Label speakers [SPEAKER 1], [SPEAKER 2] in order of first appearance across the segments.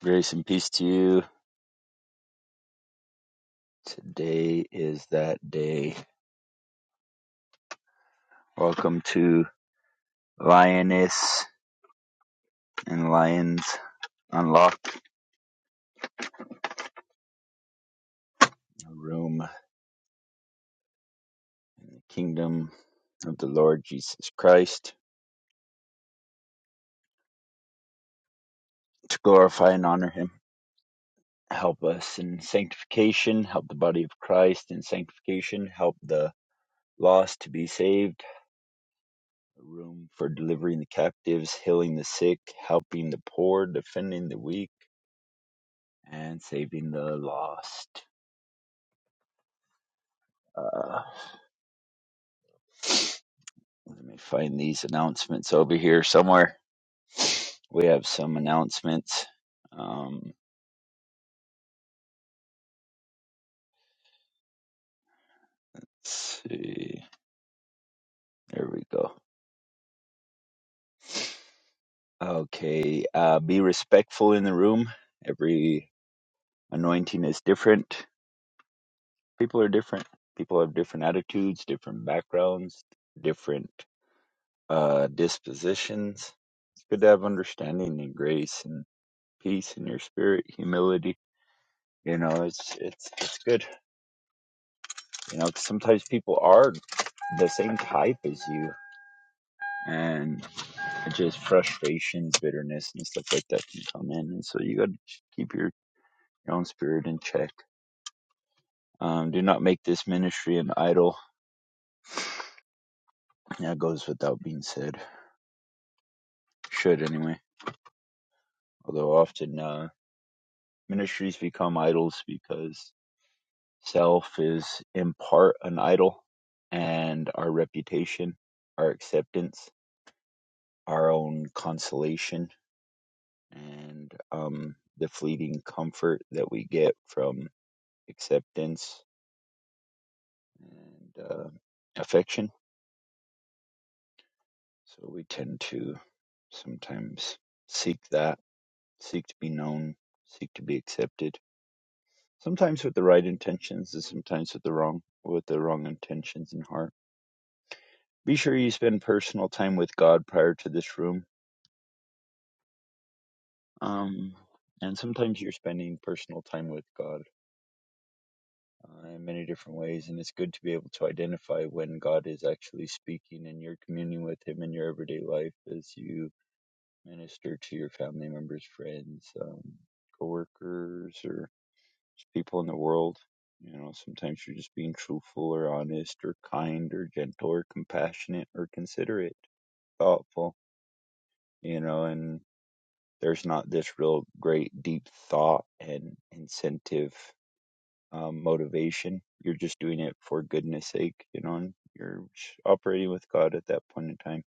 [SPEAKER 1] Grace and peace to you. Today is that day. Welcome to Lioness and Lions Unlocked, a room, in the kingdom of the Lord Jesus Christ, to glorify and honor him. Help us in sanctification, help the body of Christ in sanctification, help the lost to be saved, a room for delivering the captives, healing the sick, helping the poor, defending the weak, and saving the lost. Uh, Let me find these announcements over here somewhere. We have some announcements. Um, let's see. There we go. Okay. Uh, be respectful in the room. Every anointing is different. People are different. People have different attitudes, different backgrounds, different uh, dispositions. It's good to have understanding and grace and peace in your spirit, humility. You know, it's it's it's good You know, 'cause sometimes people are the same type as you, and just frustrations, bitterness, and stuff like that can come in. And so you got to keep your, your own spirit in check. Um, do not make this ministry an idol. That goes without being said. Should anyway. Although often uh, ministries become idols because self is in part an idol, and our reputation, our acceptance, our own consolation and um, the fleeting comfort that we get from acceptance and uh, affection. So we tend to sometimes seek that, seek to be known, seek to be accepted. Sometimes with the right intentions, and sometimes with the wrong with the wrong intentions in heart. Be sure you spend personal time with God prior to this room. Um, and sometimes you're spending personal time with God uh, in many different ways. And it's good to be able to identify when God is actually speaking and you're communing with Him in your everyday life as you minister to your family members, friends, um, coworkers, or just people in the world. You know, sometimes you're just being truthful or honest or kind or gentle or compassionate or considerate, thoughtful, you know, and there's not this real great deep thought and incentive um, motivation. You're just doing it for goodness sake, you know, and you're operating with God at that point in time.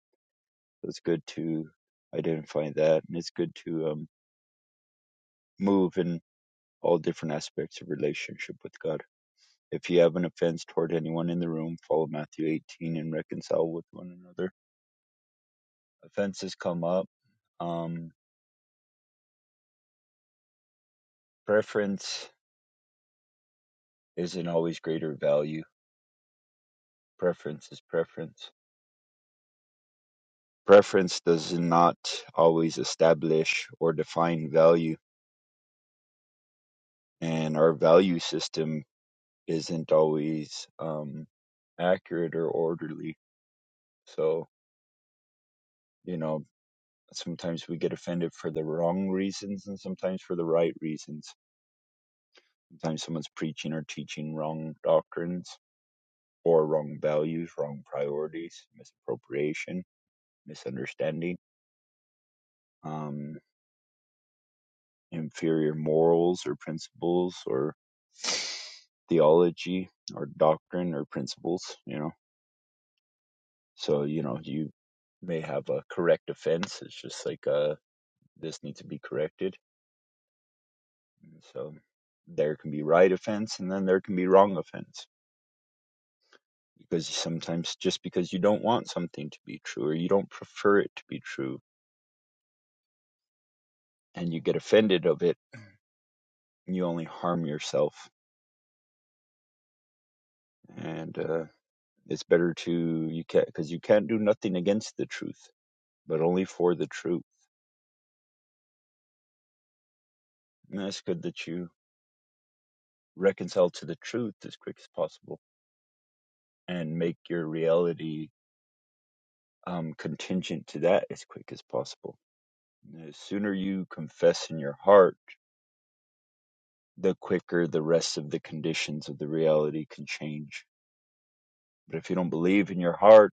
[SPEAKER 1] So it's good to identify that and it's good to um, move in all different aspects of relationship with God. If you have an offense toward anyone in the room, follow Matthew 18 and reconcile with one another. Offenses come up. Um, preference isn't always greater value. Preference is preference. Preference does not always establish or define value and our value system isn't always um, accurate or orderly. So, you know, sometimes we get offended for the wrong reasons and sometimes for the right reasons. Sometimes someone's preaching or teaching wrong doctrines or wrong values, wrong priorities, misappropriation, misunderstanding, um, inferior morals or principles or theology or doctrine or principles, you know So, you know, you may have a correct offense. It's just like, uh, this needs to be corrected. And so there can be right offense and then there can be wrong offense because sometimes just because you don't want something to be true or you don't prefer it to be true and you get offended of it, you only harm yourself. And, uh, it's better to, you can't, cause you can't do nothing against the truth, but only for the truth. And it's good that you reconcile to the truth as quick as possible and make your reality um, contingent to that as quick as possible. The sooner you confess in your heart, the quicker the rest of the conditions of the reality can change. But if you don't believe in your heart,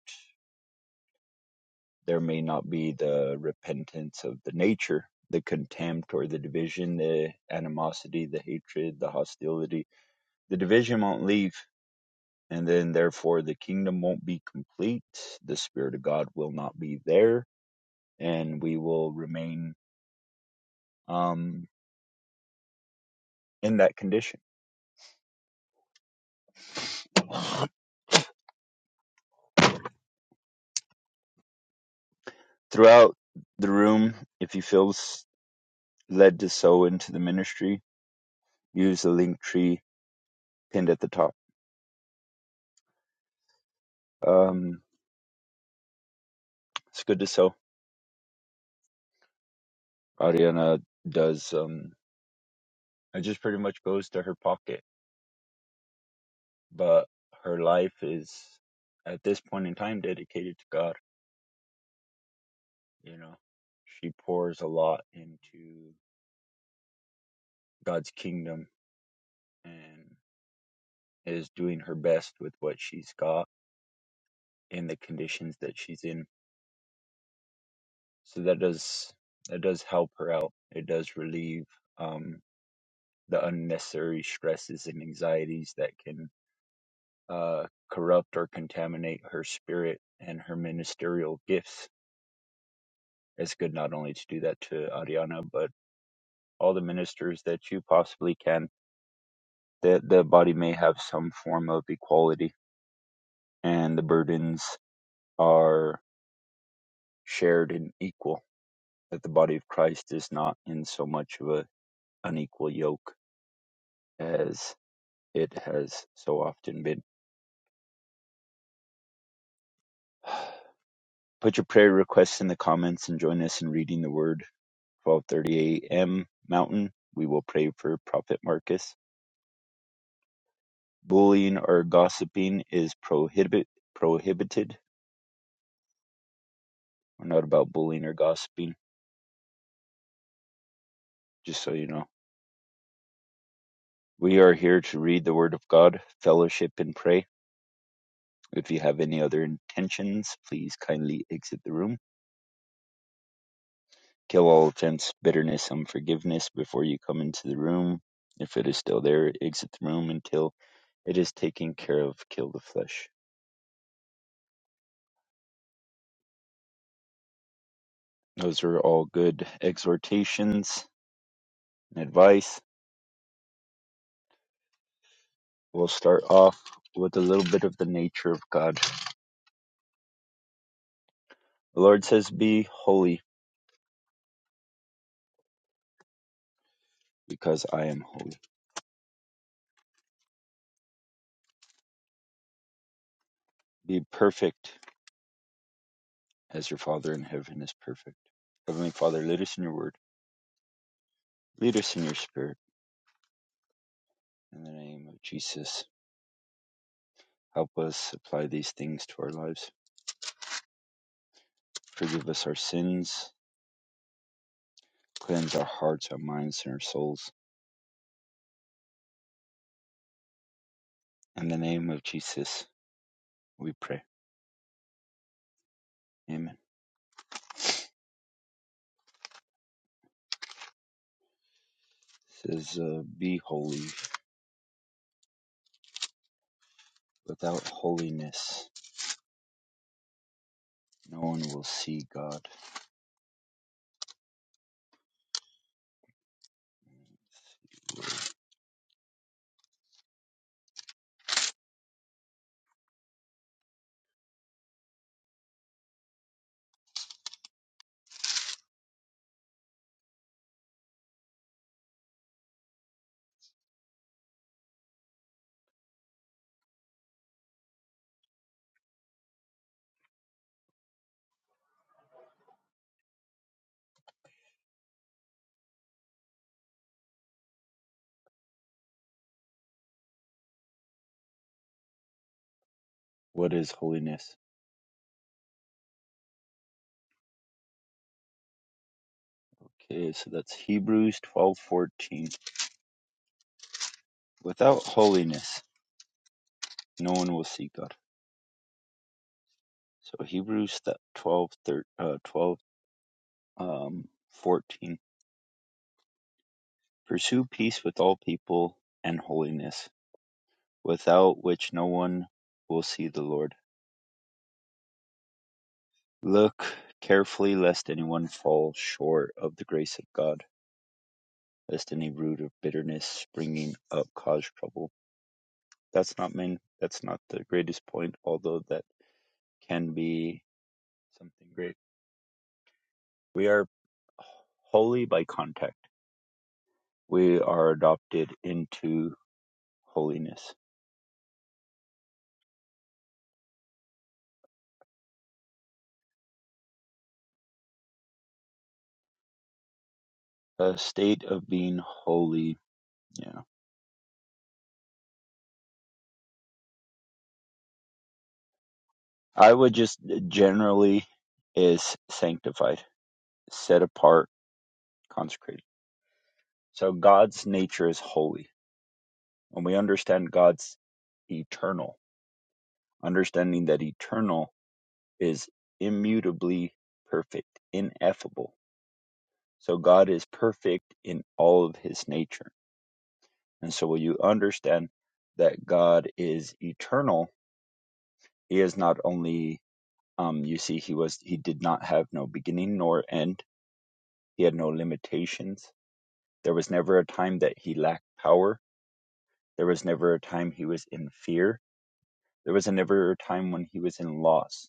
[SPEAKER 1] there may not be the repentance of the nature, the contempt or the division, the animosity, the hatred, the hostility. The division won't leave. And then, therefore, the kingdom won't be complete. The Spirit of God will not be there. And we will remain um, in that condition Throughout the room, if you feel led to sow into the ministry, use the link tree pinned at the top. Um, it's good to sow. Ariana does, um, it just pretty much goes to her pocket, but her life is at this point in time dedicated to God. You know, she pours a lot into God's kingdom and is doing her best with what she's got in the conditions that she's in so that does that does help her out it does relieve um, the unnecessary stresses and anxieties that can uh, corrupt or contaminate her spirit and her ministerial gifts it's good not only to do that to Ariana but all the ministers that you possibly can that the body may have some form of equality and the burdens are shared and equal that the body of Christ is not in so much of a unequal yoke as. It has so often been. Put your prayer requests in the comments and join us in reading the Word. 12:30 a.m. Mountain. We will pray for Prophet Marcus. Bullying or gossiping is prohibit prohibited. We're not about bullying or gossiping, just so you know. We are here to read the Word of God, fellowship, and pray. If you have any other intentions, please kindly exit the room. Kill all offense, bitterness, unforgiveness before you come into the room. If it is still there, exit the room until it is taken care of. Kill the flesh. Those are all good exhortations and advice. We'll start off with a little bit of the nature of God. The Lord says, Be holy because I am holy. Be perfect as your Father in heaven is perfect. Heavenly Father, lead us in your word, lead us in your spirit. In the name of Jesus, help us apply these things to our lives. Forgive us our sins, cleanse our hearts, our minds, and our souls. In the name of Jesus, we pray. Amen. It says, uh, "Be holy. Without holiness, no one will see God." What is holiness? Okay, so that's Hebrews twelve fourteen. Without holiness, no one will see God. So Hebrews th- twelve thirteen, uh, twelve um fourteen. Pursue peace with all people and holiness without which no one will see the Lord. Look carefully lest anyone fall short of the grace of God, lest any root of bitterness springing up cause trouble. That's not main that's not the greatest point, although that can be something great. We are holy by contact. We are adopted into holiness. A state of being holy, yeah. I would just generally is sanctified, set apart consecrated. So God's nature is holy. When we understand God's eternal, understanding that eternal is immutably perfect, ineffable. So God is perfect in all of his nature. And so when you understand that God is eternal, he is not only um you see he was he did not have no beginning nor end. He had no limitations. There was never a time that he lacked power. There was never a time he was in fear There was never a time when he was in loss.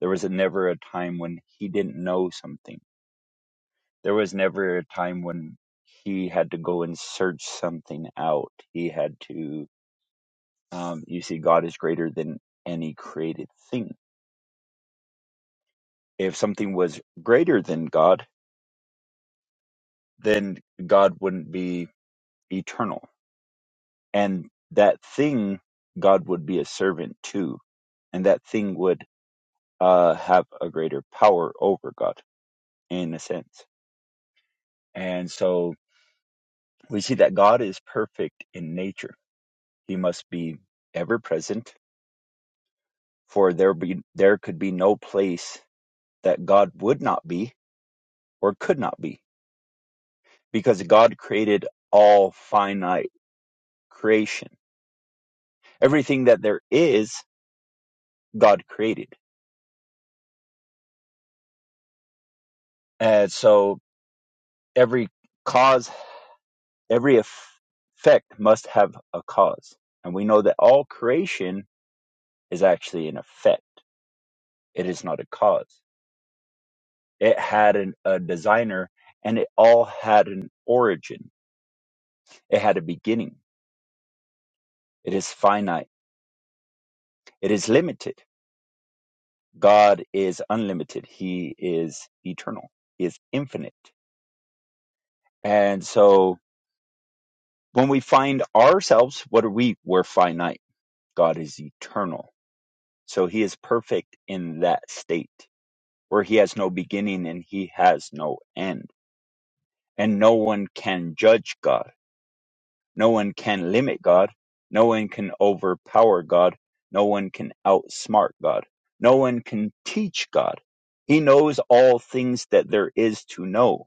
[SPEAKER 1] There was never a time when he didn't know something. There was never a time when he had to go and search something out. He had to, um, you see, God is greater than any created thing. If something was greater than God, then God wouldn't be eternal. And that thing, God would be a servant to. And that thing would uh, have a greater power over God in a sense. And so we see that God is perfect in nature. He must be ever present, for there be there could be no place that God would not be or could not be, because God created all finite creation. Everything that there is, God created. And so every cause, every effect must have a cause. And we know that all creation is actually an effect. It is not a cause. It had an, a designer and it all had an origin. It had a beginning. It is finite. It is limited. God is unlimited. He is eternal. He is infinite. And so when we find ourselves, what are we? We're finite. God is eternal. So he is perfect in that state where he has no beginning and he has no end. And no one can judge God No one can limit God. No one can overpower God. No one can outsmart God. No one can teach God. He knows all things that there is to know,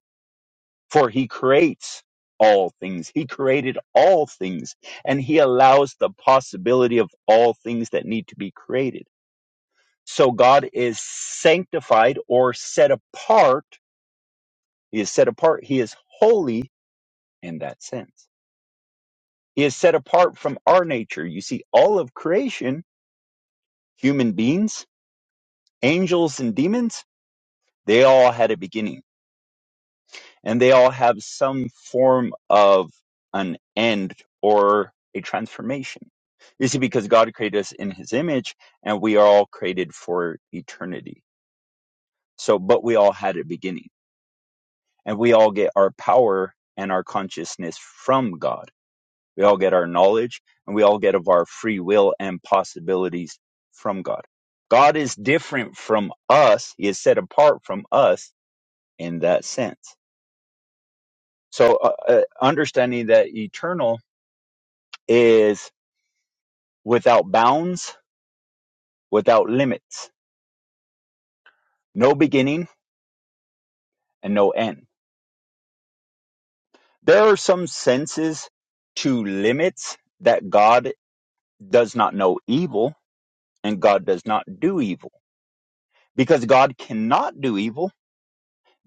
[SPEAKER 1] for he creates all things. He created all things, and he allows the possibility of all things that need to be created. So God is sanctified or set apart. He is set apart. He is holy in that sense He is set apart from our nature. You see, all of creation, human beings, angels, and demons, they all had a beginning and they all have some form of an end or a transformation. You see, because God created us in his image and we are all created for eternity. So, but we all had a beginning and we all get our power and our consciousness from God We all get our knowledge and we all get of our free will and possibilities from God. God is different from us. He is set apart from us in that sense. So uh, uh, understanding that eternal is without bounds, without limits, no beginning and no end. There are some senses to limits that God does not know evil and God does not do evil because God cannot do evil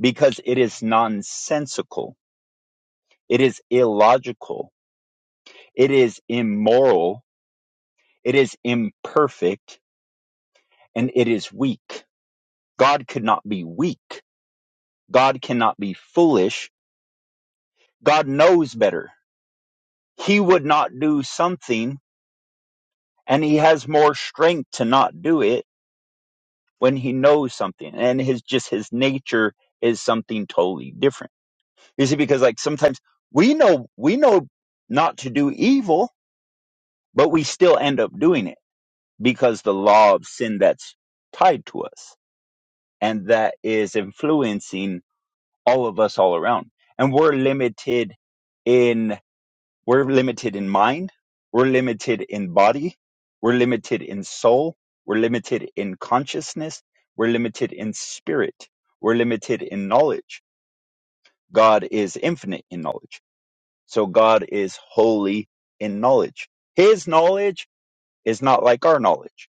[SPEAKER 1] because it is nonsensical, it is illogical, it is immoral, it is imperfect, and it is weak. God could not be weak. God cannot be foolish. God knows better. He would not do something and he has more strength to not do it when he knows something and his just his nature is something totally different. You see because like sometimes we know we know not to do evil, but we still end up doing it because the law of sin that's tied to us and that is influencing all of us all around and we're limited in we're limited in mind we're limited in body we're limited in soul we're limited in consciousness we're limited in spirit we're limited in knowledge god is infinite in knowledge so god is holy in knowledge his knowledge is not like our knowledge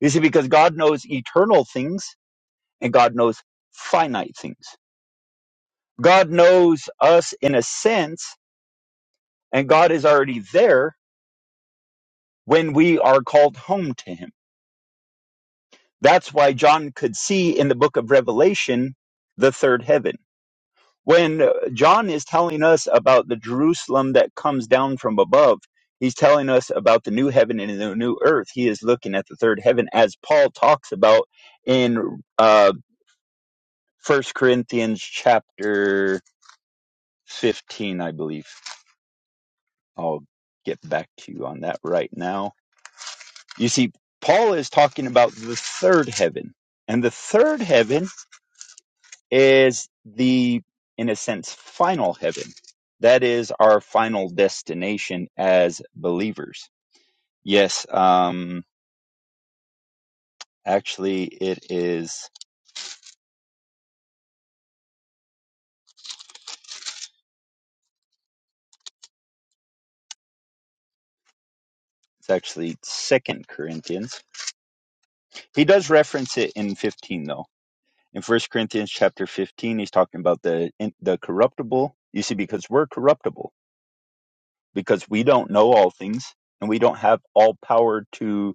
[SPEAKER 1] you see because god knows eternal things and God knows finite things. God knows us in a sense, and God is already there when we are called home to Him. That's why John could see in the book of Revelation the third heaven. When uh, John is telling us about the Jerusalem that comes down from above, he's telling us about the new heaven and the new earth. He is looking at the third heaven, as Paul talks about in uh, 1 Corinthians chapter 15, I believe. I'll get back to you on that right now. You see, Paul is talking about the third heaven, and the third heaven is the, in a sense, final heaven. That is our final destination as believers. Yes, um, actually, it is. It's actually Second Corinthians. He does reference it in fifteen, though. In First Corinthians chapter fifteen, he's talking about the in- the corruptible. You see, because we're corruptible because we don't know all things and we don't have all power to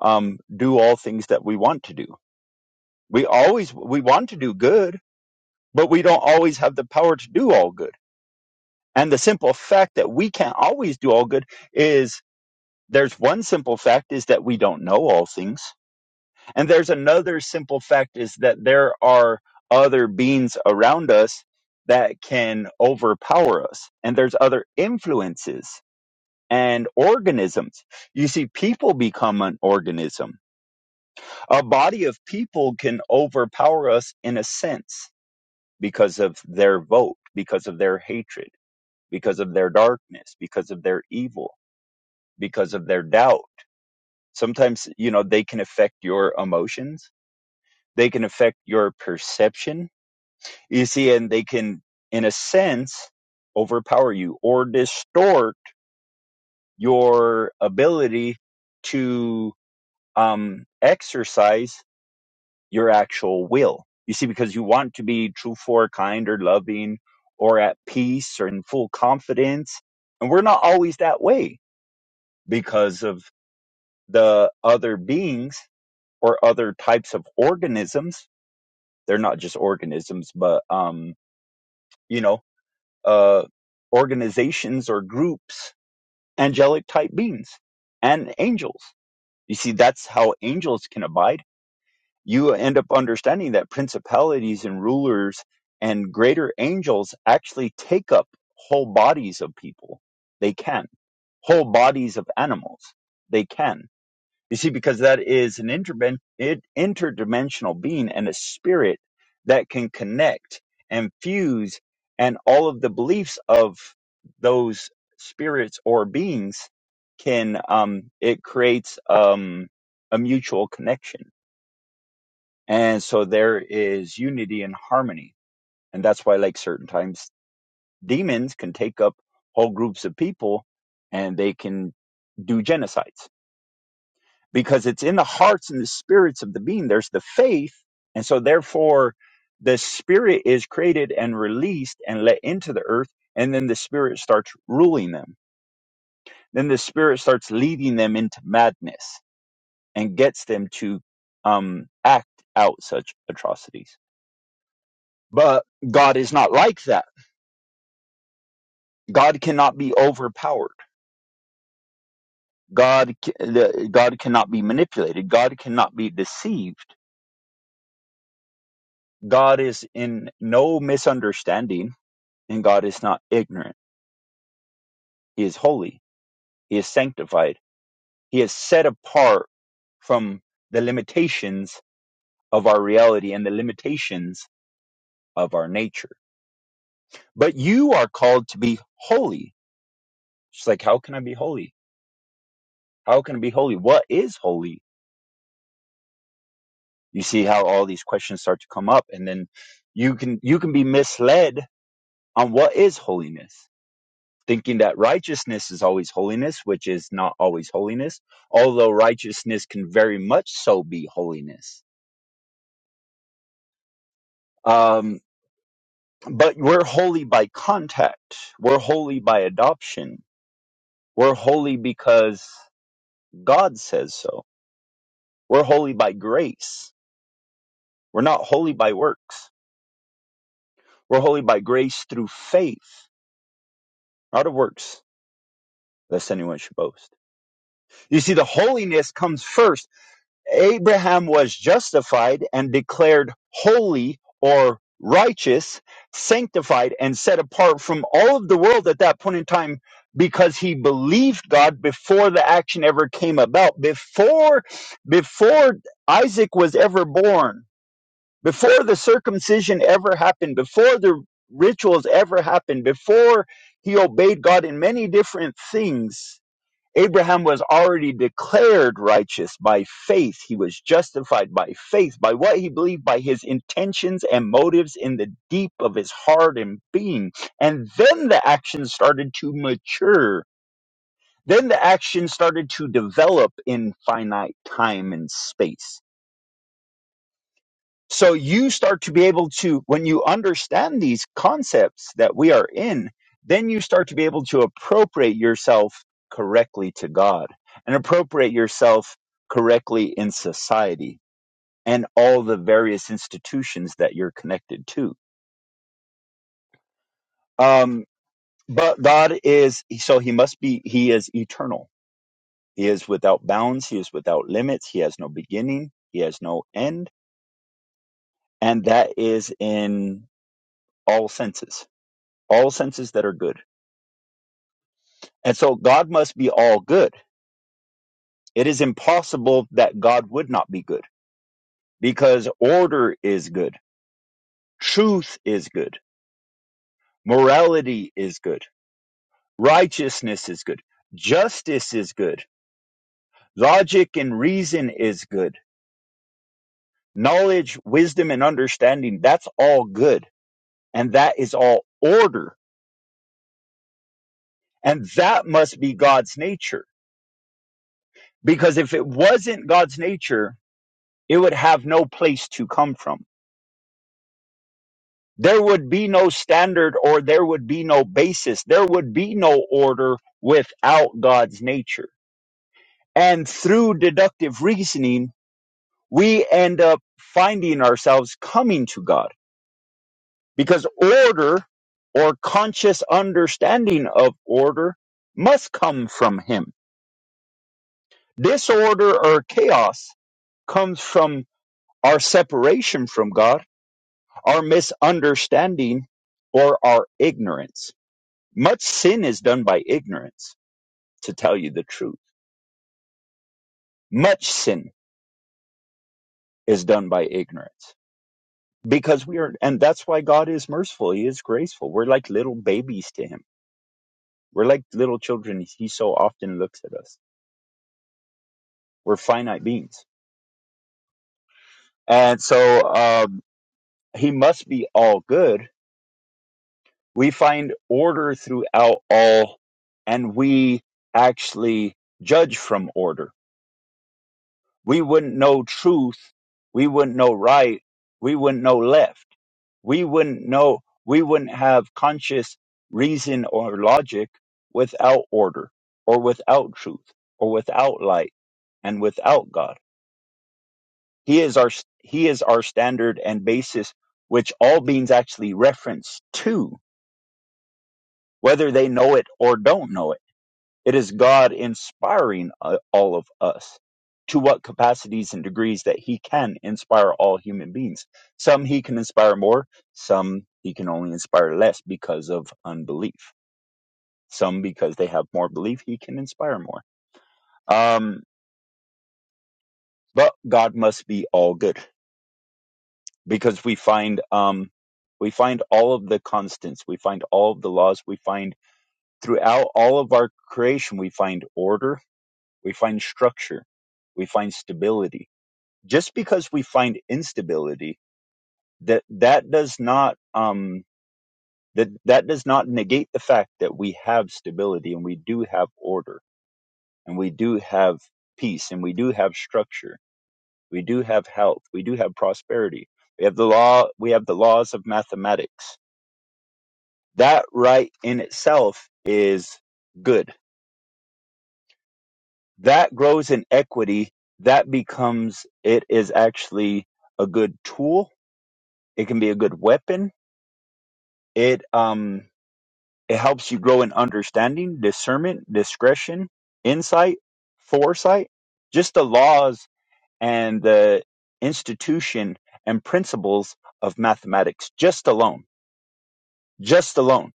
[SPEAKER 1] um, do all things that we want to do. We always we want to do good, but we don't always have the power to do all good. And the simple fact that we can't always do all good is there's one simple fact is that we don't know all things. And there's another simple fact is that there are other beings around us that can overpower us. And there's other influences and organisms. You see, people become an organism. A body of people can overpower us in a sense because of their vote, because of their hatred, because of their darkness, because of their evil, because of their doubt. Sometimes, you know, they can affect your emotions, they can affect your perception. You see, and they can, in a sense, overpower you or distort your ability to um, exercise your actual will. You see, because you want to be truthful or kind or loving or at peace or in full confidence. And we're not always that way because of the other beings or other types of organisms. They're not just organisms, but, um, you know, uh, organizations or groups, angelic type beings and angels. You see, that's how angels can abide you end up understanding that principalities and rulers and greater angels actually take up whole bodies of people. They can. Whole bodies of animals. They can. You see, because that is an interben- it- interdimensional being and a spirit that can connect and fuse and all of the beliefs of those spirits or beings can um it creates um a mutual connection and so there is unity and harmony. And that's why, like certain times, demons can take up whole groups of people and they can do genocides because it's in the hearts and the spirits of the being. There's the faith. And so, therefore, the spirit is created and released and let into the earth. And then the spirit starts ruling them. Then the spirit starts leading them into madness and gets them to um, act out such atrocities But God is not like that. God cannot be overpowered. God ca- the- God cannot be manipulated. God cannot be deceived. God is in no misunderstanding and God is not ignorant. He is holy. He is sanctified. He is set apart from the limitations of our reality and the limitations of our nature. But you are called to be holy. She's like, how can I be holy? How can I be holy? What is holy? you see how all these questions start to come up and then you can you can be misled on what is holiness thinking that righteousness is always holiness which is not always holiness although righteousness can very much so be holiness um but we're holy by contact we're holy by adoption we're holy because god says so we're holy by grace we're not holy by works we're holy by grace through faith not of works lest anyone should boast You see, the holiness comes first. Abraham was justified and declared holy or righteous, sanctified, and set apart from all of the world at that point in time because he believed God before the action ever came about, before, before Isaac was ever born, before the circumcision ever happened, before the rituals ever happened, before he obeyed God in many different things Abraham was already declared righteous by faith. He was justified by faith, by what he believed, by his intentions and motives in the deep of his heart and being. And then the action started to mature. Then the action started to develop in finite time and space so you start to be able to, when you understand these concepts that we are in, then you start to be able to appropriate yourself correctly to God and appropriate yourself correctly in society and all the various institutions that you're connected to. Um, but God is, so he must be, he is eternal. He is without bounds. He is without limits. He has no beginning. He has no end. And that is in all senses, all senses that are good And so God must be all good. It is impossible that God would not be good because order is good, truth is good, morality is good, righteousness is good, justice is good, logic and reason is good, knowledge, wisdom, and understanding. That's all good. And that is all order. And that must be God's nature because if it wasn't God's nature, it would have no place to come from there would be no standard or there would be no basis. There would be no order without God's nature. And through deductive reasoning, we end up finding ourselves coming to God because order or conscious understanding of order must come from Him. Disorder or chaos comes from our separation from God, our misunderstanding, or our ignorance. Much sin is done by ignorance, to tell you the truth. Much sin is done by ignorance because we are, and that's why God is merciful. He is graceful. We're like little babies to Him. We're like little children. He so often looks at us. We're finite beings. And so um, He must be all good. We find order throughout all, and we actually judge from order. We wouldn't know truth. We wouldn't know right. We wouldn't know left we wouldn't know we wouldn't have conscious reason or logic without order or without truth or without light and without god he is our he is our standard and basis which all beings actually reference to whether they know it or don't know it It is God inspiring uh, all of us to what capacities and degrees that He can inspire all human beings. Some He can inspire more, some He can only inspire less because of unbelief. Some, because they have more belief, He can inspire more. Um, but God must be all good because we find. Um, we find all of the constants. We find all of the laws. We find throughout all of our creation, we find order. We find structure. We find stability just because we find instability that that does not um that that does not negate the fact that we have stability and we do have order and we do have peace and we do have structure we do have health we do have prosperity we have the law we have the laws of mathematics that right in itself is good that grows in equity that becomes it is actually a good tool it can be a good weapon it um It helps you grow in understanding, discernment, discretion, insight, foresight, just the laws and the institution and principles of mathematics, just alone, just alone.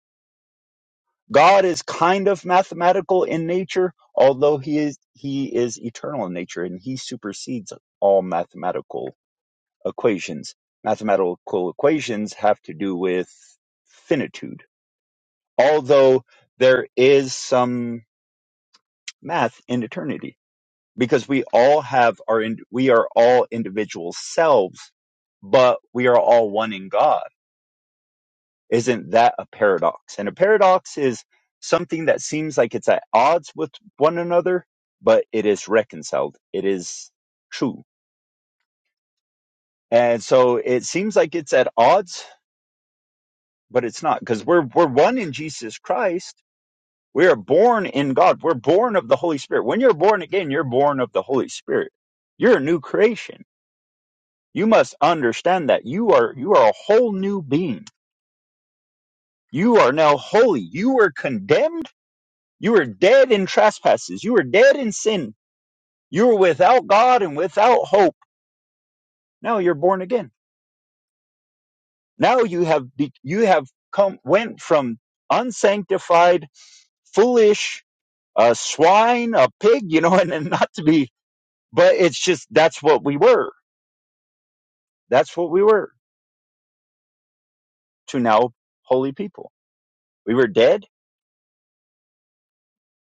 [SPEAKER 1] God is kind of mathematical in nature, although he is, he is eternal in nature and he supersedes all mathematical equations. Mathematical equations have to do with finitude, although there is some math in eternity because we all have our in, we are all individual selves but we are all one in god isn't that a paradox and a paradox is something that seems like it's at odds with one another but it is reconciled it is true and so it seems like it's at odds but it's not because we're we're one in jesus christ we are born in god we're born of the holy spirit when you're born again you're born of the holy spirit you're a new creation You must understand that you are you are a whole new being. You are now holy. You were condemned. You were dead in trespasses. You were dead in sin. You were without God and without hope. Now you're born again. Now you have be- you have come went from unsanctified, foolish, a swine, a pig, you know, and, and not to be, but it's just that's what we were. That's what we were to now holy people. We were dead,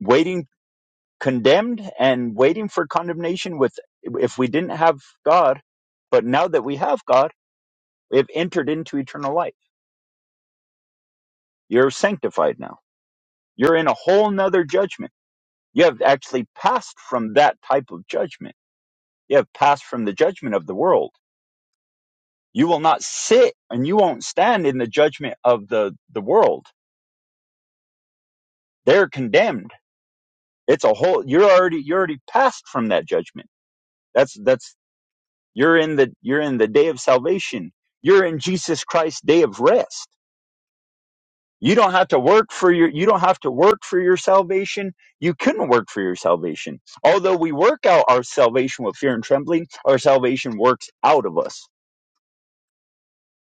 [SPEAKER 1] waiting condemned and waiting for condemnation with if we didn't have God, but now that we have God, we have entered into eternal life. You're sanctified now. You're in a whole nother judgment. You have actually passed from that type of judgment. You have passed from the judgment of the world. You will not sit and you won't stand in the judgment of the, the world. They're condemned. It's a whole you're already you're already passed from that judgment. That's that's You're in the you're in the day of salvation. You're in Jesus Christ's day of rest. You don't have to work for your you don't have to work for your salvation. You couldn't work for your salvation. Although we work out our salvation with fear and trembling, our salvation works out of us.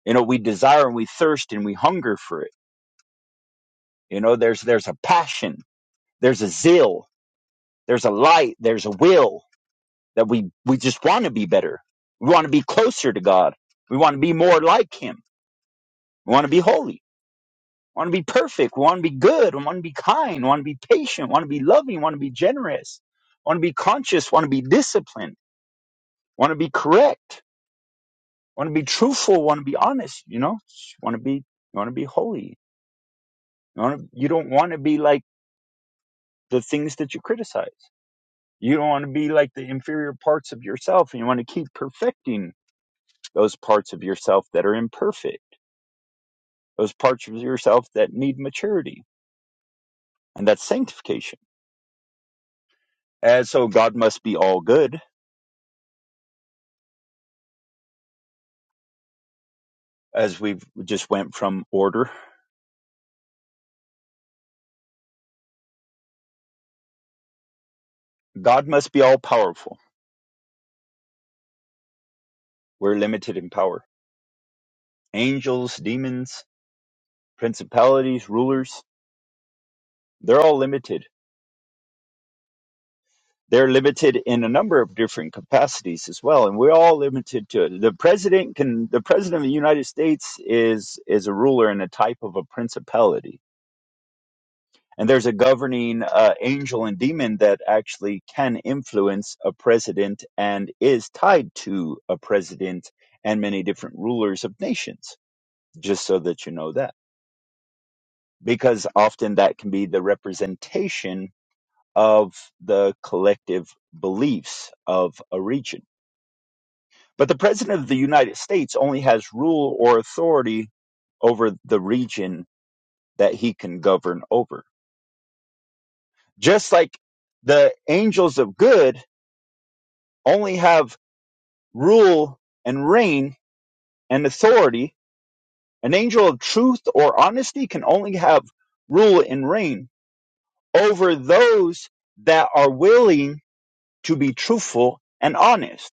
[SPEAKER 1] You know, we desire and we thirst and we hunger for it. You know, there's there's a passion, there's a zeal, there's a light, there's a will that we we just want to be better. We want to be closer to God. We want to be more like him. We want to be holy want to be perfect, want to be good, want to be kind, want to be patient, want to be loving, want to be generous, want to be conscious, want to be disciplined, want to be correct, want to be truthful, want to be honest, you know? Want to be you want to be holy. You want to, you don't want to be like the things that you criticize. You don't want to be like the inferior parts of yourself and you want to keep perfecting those parts of yourself that are imperfect, those parts of yourself that need maturity. And that's sanctification. And so God must be all good as we've just went from order. God must be all powerful. We're limited in power. Angels, demons, principalities, rulers, they're all limited. They're limited in a number of different capacities as well, and we're all limited to it. The president can the president of the United States is is a ruler and a type of a principality And there's a governing uh, angel and demon that actually can influence a president and is tied to a president and many different rulers of nations, just so that you know that. Because often that can be the representation of the collective beliefs of a region. But the president of the United States only has rule or authority over the region that he can govern over. Just like the angels of good only have rule and reign and authority. An angel of truth or honesty can only have rule and reign over those that are willing to be truthful and honest.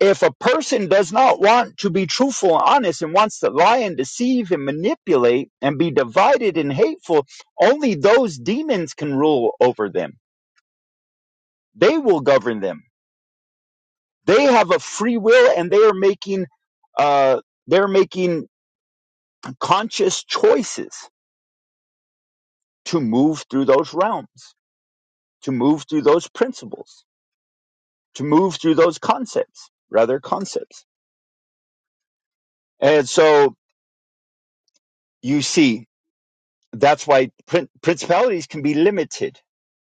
[SPEAKER 1] If a person does not want to be truthful and honest and wants to lie and deceive and manipulate and be divided and hateful, only those demons can rule over them. They will govern them. They have a free will and they are making uh, they're making conscious choices to move through those realms, to move through those principles, to move through those concepts, rather concepts. And so you see, that's why prin- principalities can be limited.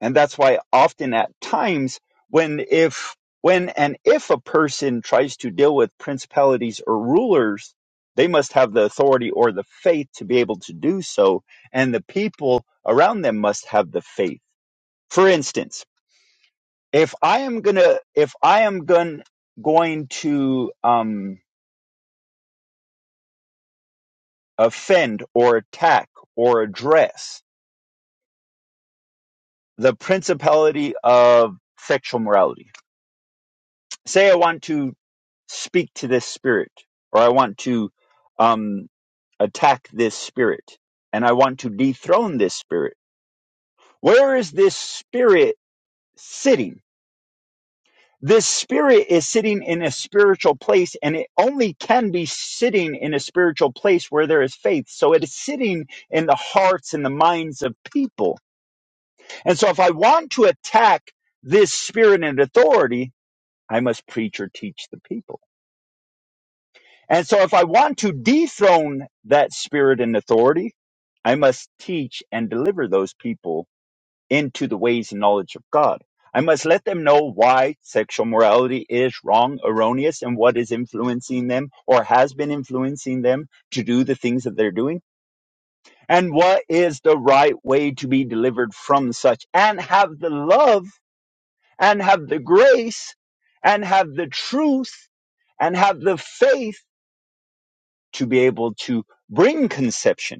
[SPEAKER 1] And that's why often at times when if when and if a person tries to deal with principalities or rulers, they must have the authority or the faith to be able to do so. And the people around them must have the faith. For instance, if I am gonna if I am going going to um, offend or attack or address the principality of sexual morality, say I want to speak to this spirit or I want to um, attack this spirit and I want to dethrone this spirit, where is this spirit sitting? This spirit is sitting in a spiritual place, and it only can be sitting in a spiritual place where there is faith. So it is sitting in the hearts and the minds of people. And so, if I want to attack this spirit and authority, I must preach or teach the people. And so, if I want to dethrone that spirit and authority, I must teach and deliver those people into the ways and knowledge of God. I must let them know why sexual morality is wrong, erroneous, and what is influencing them or has been influencing them to do the things that they're doing, and what is the right way to be delivered from such, and have the love, and have the grace, and have the truth, and have the faith to be able to bring conception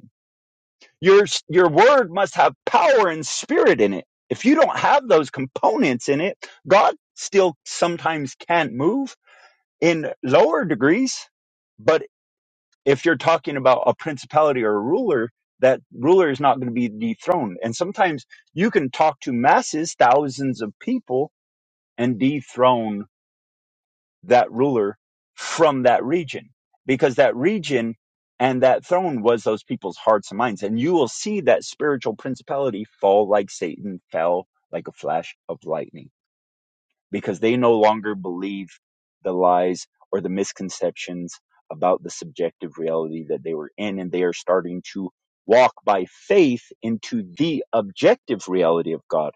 [SPEAKER 1] Your your word must have power and spirit in it. If you don't have those components in it, God still sometimes can't move in lower degrees. But if you're talking about a principality or a ruler, that ruler is not going to be dethroned. And sometimes you can talk to masses, thousands of people, and dethrone that ruler from that region because that region and that throne was those people's hearts and minds. And you will see that spiritual principality fall like Satan fell like a flash of lightning because they no longer believe the lies or the misconceptions about the subjective reality that they were in. And they are starting to walk by faith into the objective reality of God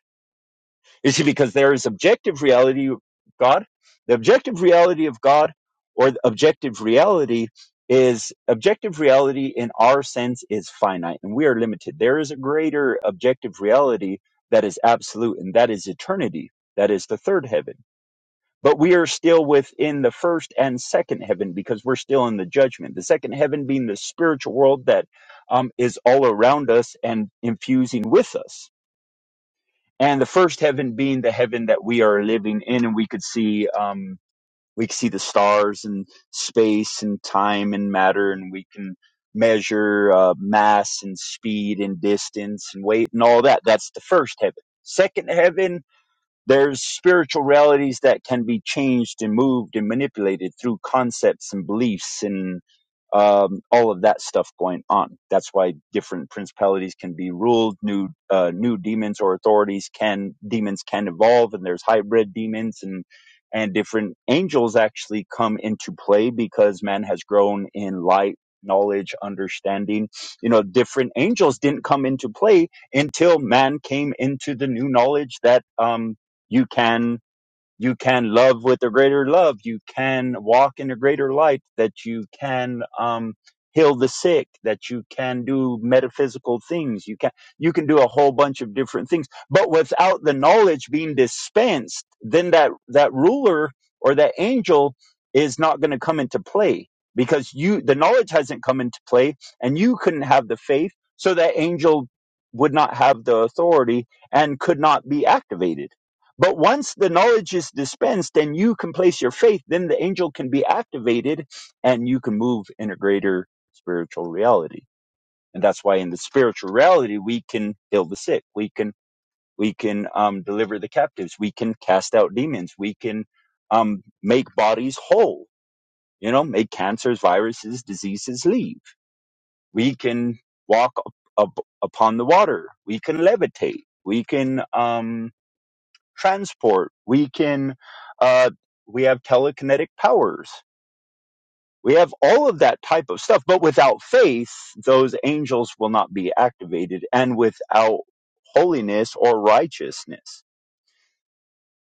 [SPEAKER 1] you see, because there is objective reality, of God, the objective reality of God, or the objective reality is objective reality in our sense is finite and we are limited. There is a greater objective reality that is absolute, and that is eternity. That is the third heaven. But we are still within the first and second heaven because we're still in the judgment. The second heaven being the spiritual world that um, is all around us and infusing with us and the first heaven being the heaven that we are living in and we could see um we could see the stars and space and time and matter and we can measure uh, mass and speed and distance and weight and all that that's the first heaven second heaven there's spiritual realities that can be changed and moved and manipulated through concepts and beliefs and um, all of that stuff going on. That's why different principalities can be ruled. New uh, new demons or authorities can demons can evolve, and there's hybrid demons and and different angels actually come into play because man has grown in light knowledge understanding you know different angels didn't come into play until man came into the new knowledge that um you can you can love with a greater love. You can walk in a greater light. That you can um, heal the sick. That you can do metaphysical things. You can you can do a whole bunch of different things. But without the knowledge being dispensed, then that that ruler or that angel is not going to come into play because you the knowledge hasn't come into play, and you couldn't have the faith, so that angel would not have the authority and could not be activated but once the knowledge is dispensed and you can place your faith, then the angel can be activated and you can move in a greater spiritual reality. And that's why in the spiritual reality, we can heal the sick. We can, we can um, deliver the captives. We can cast out demons. We can um, make bodies whole, you know, make cancers, viruses, diseases leave. We can walk up, up, upon the water. We can levitate. We can, um, transport. We can, uh, we have telekinetic powers. We have all of that type of stuff. But without faith, those angels will not be activated and without holiness or righteousness.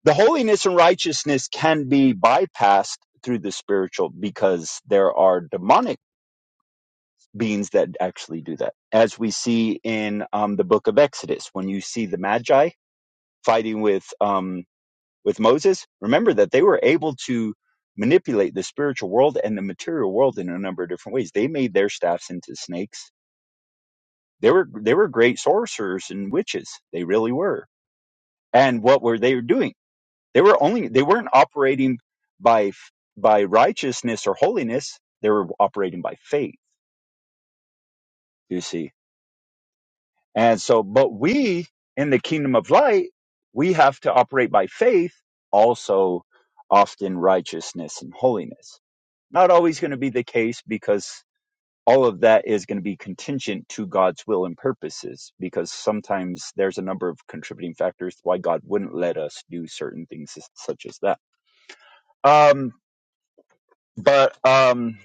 [SPEAKER 1] The holiness and righteousness can be bypassed through the spiritual because there are demonic beings that actually do that. As we see in um, the book of Exodus, when you see the Magi fighting with, um, with Moses, remember that they were able to manipulate the spiritual world and the material world in a number of different ways. They made their staffs into snakes. They were they were great sorcerers and witches. They really were. And what were they doing? They were only they weren't operating by by righteousness or holiness. They were operating by faith. You see. And so, but we in the kingdom of light, we have to operate by faith, also often righteousness and holiness Not always going to be the case because all of that is going to be contingent to God's will and purposes because sometimes there's a number of contributing factors why God wouldn't let us do certain things as- such as that. Um, but um,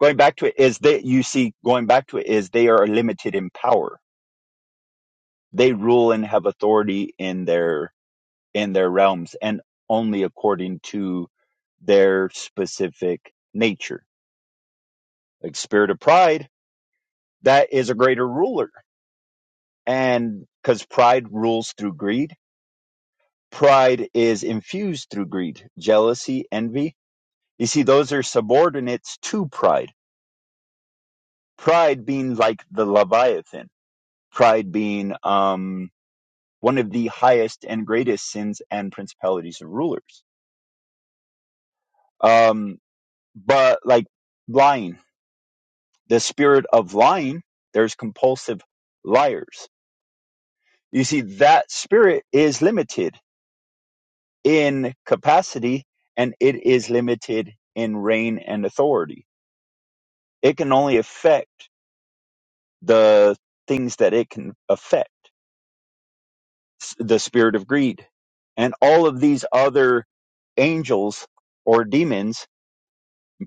[SPEAKER 1] going back to it is that you see, going back to it is they are limited in power. They rule and have authority in their in their realms and only according to their specific nature. Like spirit of pride, that is a greater ruler And because pride rules through greed, pride is infused through greed, jealousy, envy. You see, those are subordinates to pride. Pride being like the Leviathan, pride being um, one of the highest and greatest sins and principalities of rulers. Um, but like lying, the spirit of lying, there's compulsive liars. You see, that spirit is limited in capacity and it is limited in reign and authority. It can only affect the things that it can affect S- the spirit of greed and all of these other angels or demons,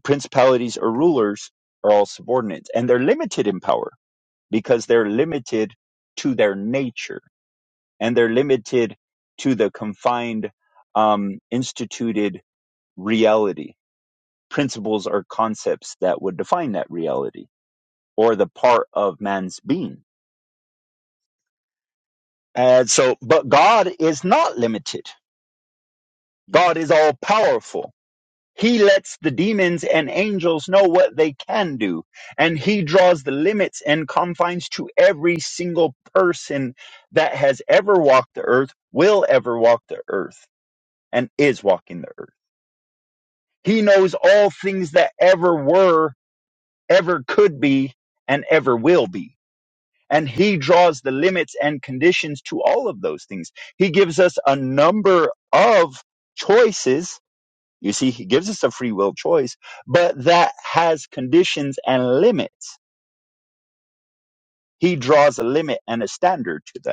[SPEAKER 1] principalities or rulers are all subordinates and they're limited in power because they're limited to their nature and they're limited to the confined, um, instituted reality principles or concepts that would define that reality or the part of man's being. And so, but God is not limited. God is all powerful. He lets the demons and angels know what they can do, and He draws the limits and confines to every single person that has ever walked the earth, will ever walk the earth, and is walking the earth. He knows all things that ever were, ever could be, and ever will be And he draws the limits and conditions to all of those things. He gives us a number of choices. You see, he gives us a free will choice, but that has conditions and limits. He draws a limit and a standard to that.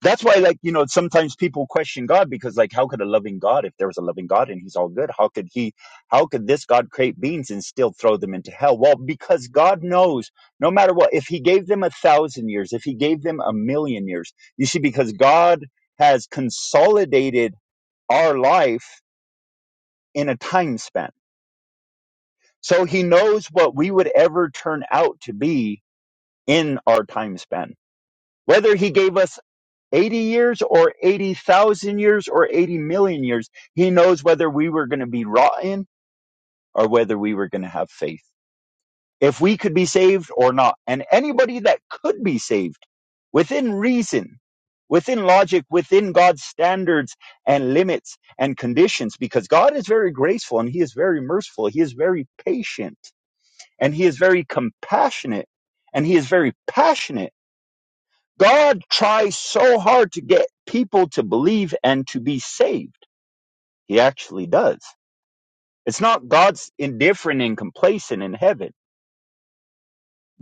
[SPEAKER 1] That's why, like, you know, sometimes people question God because, like, how could a loving God, if there was a loving God and he's all good, how could he, how could this God create beings and still throw them into hell? Well, because God knows no matter what, if he gave them a thousand years, if he gave them a million years, you see, because God has consolidated our life in a time span. So he knows what we would ever turn out to be in our time span. Whether he gave us 80 years or 80,000 years or 80 million years. He knows whether we were going to be rotten or whether we were going to have faith, if we could be saved or not. And anybody that could be saved within reason, within logic, within God's standards and limits and conditions, because God is very graceful and He is very merciful, He is very patient and He is very compassionate and He is very passionate God tries so hard to get people to believe and to be saved. He actually does. It's not God's indifferent and complacent in heaven.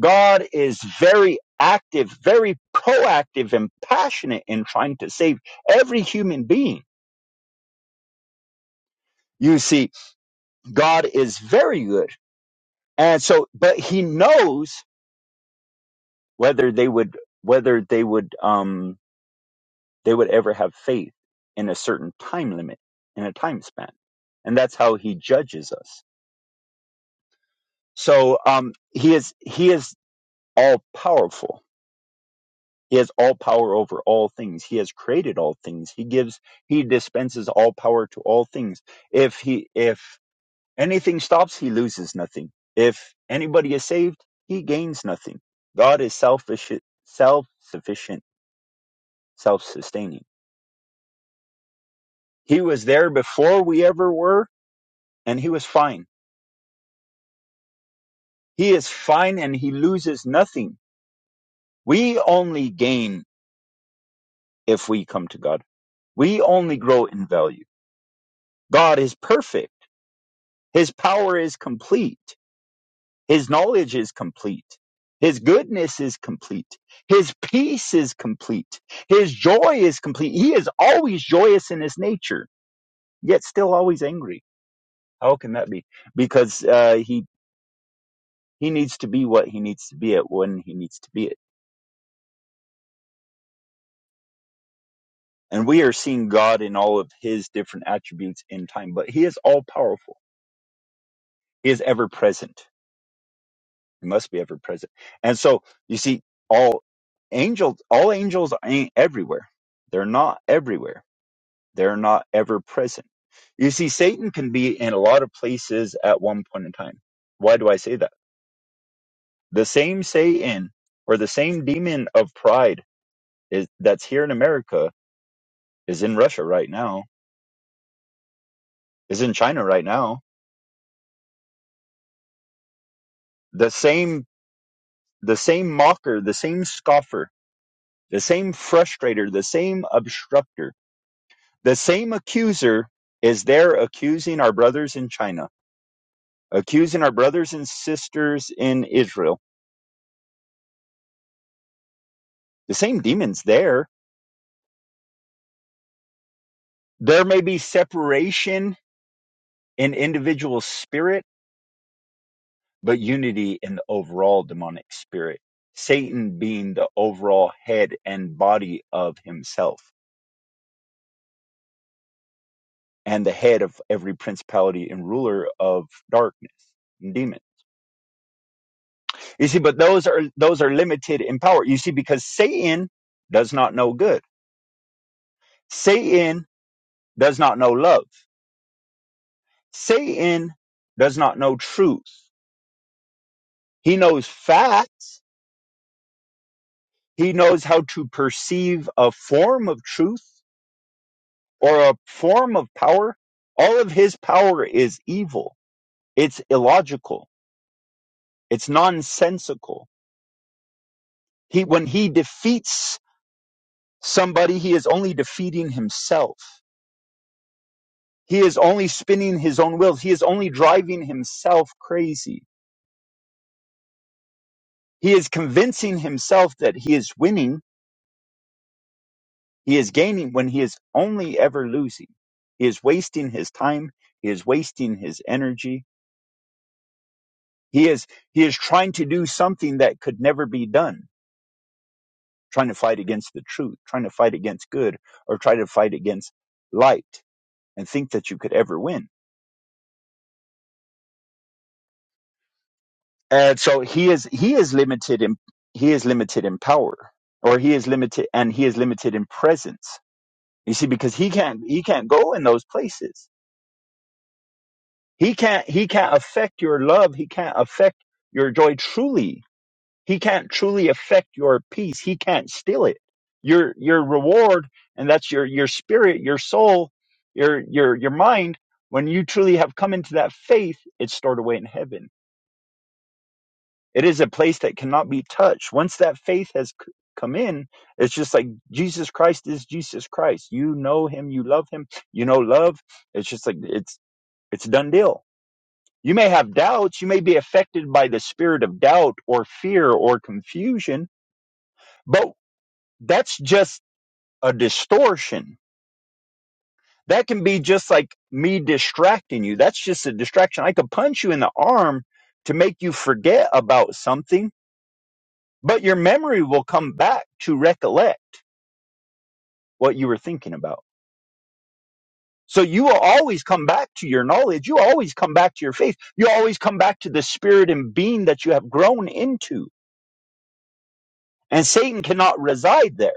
[SPEAKER 1] God is very active, very proactive and passionate in trying to save every human being. You see, God is very good. And so, but he knows whether they would, whether they would, um, they would ever have faith in a certain time limit in a time span and that's how he judges us so um he is he is all powerful he has all power over all things he has created all things he gives he dispenses all power to all things if he if anything stops he loses nothing if anybody is saved he gains nothing god is selfish self-sufficient self-sustaining he was there before we ever were and he was fine He is fine and he loses nothing. We only gain if we come to God. We only grow in value. God is perfect. His power is complete. His knowledge is complete. His goodness is complete. His peace is complete. His joy is complete. He is always joyous in his nature, yet still always angry. How can that be? Because uh, he he needs to be what he needs to be at when he needs to be it And we are seeing God in all of his different attributes in time, but he is all powerful. He is ever present. He must be ever present. And so you see, all angels, all angels ain't everywhere. They're not everywhere. They're not ever present. You see, Satan can be in a lot of places at one point in time. Why do I say that? The same Satan or the same demon of pride is that's here in America is in Russia right now, is in China right now. The same the same mocker, the same scoffer, the same frustrator, the same obstructor, the same accuser is there accusing our brothers in China, accusing our brothers and sisters in Israel. The same demons there. There may be separation in individual spirit, but unity in the overall demonic spirit. Satan being the overall head and body of himself and the head of every principality and ruler of darkness and demons. You see, but those are those are limited in power. You see, because Satan does not know good. Satan does not know love. Satan does not know truth. He knows facts. He knows how to perceive a form of truth or a form of power. All of his power is evil. It's illogical. It's nonsensical. He when he defeats somebody, he is only defeating himself. He is only spinning his own wheels. He is only driving himself crazy. He is convincing himself that he is winning, he is gaining when he is only ever losing. He is wasting his time, he is wasting his energy. He is he is trying to do something that could never be done, trying to fight against the truth, trying to fight against good or try to fight against light and think that you could ever win and so he is he is limited in he is limited in power or he is limited and he is limited in presence you see because he can't he can't go in those places he can't he can't affect your love he can't affect your joy truly he can't truly affect your peace he can't steal it your your reward and that's your your spirit your soul your your your mind when you truly have come into that faith it's stored away in heaven It is a place that cannot be touched. Once that faith has c- come in, it's just like Jesus Christ is Jesus Christ. You know him, you love him, you know love. It's just like it's it's a done deal. You may have doubts, you may be affected by the spirit of doubt or fear or confusion, but that's just a distortion. That can be just like me distracting you. That's just a distraction. I could punch you in the arm to make you forget about something but your memory will come back to recollect what you were thinking about. So you will always come back to your knowledge. You always come back to your faith. You always come back to the spirit and being that you have grown into. And Satan cannot reside there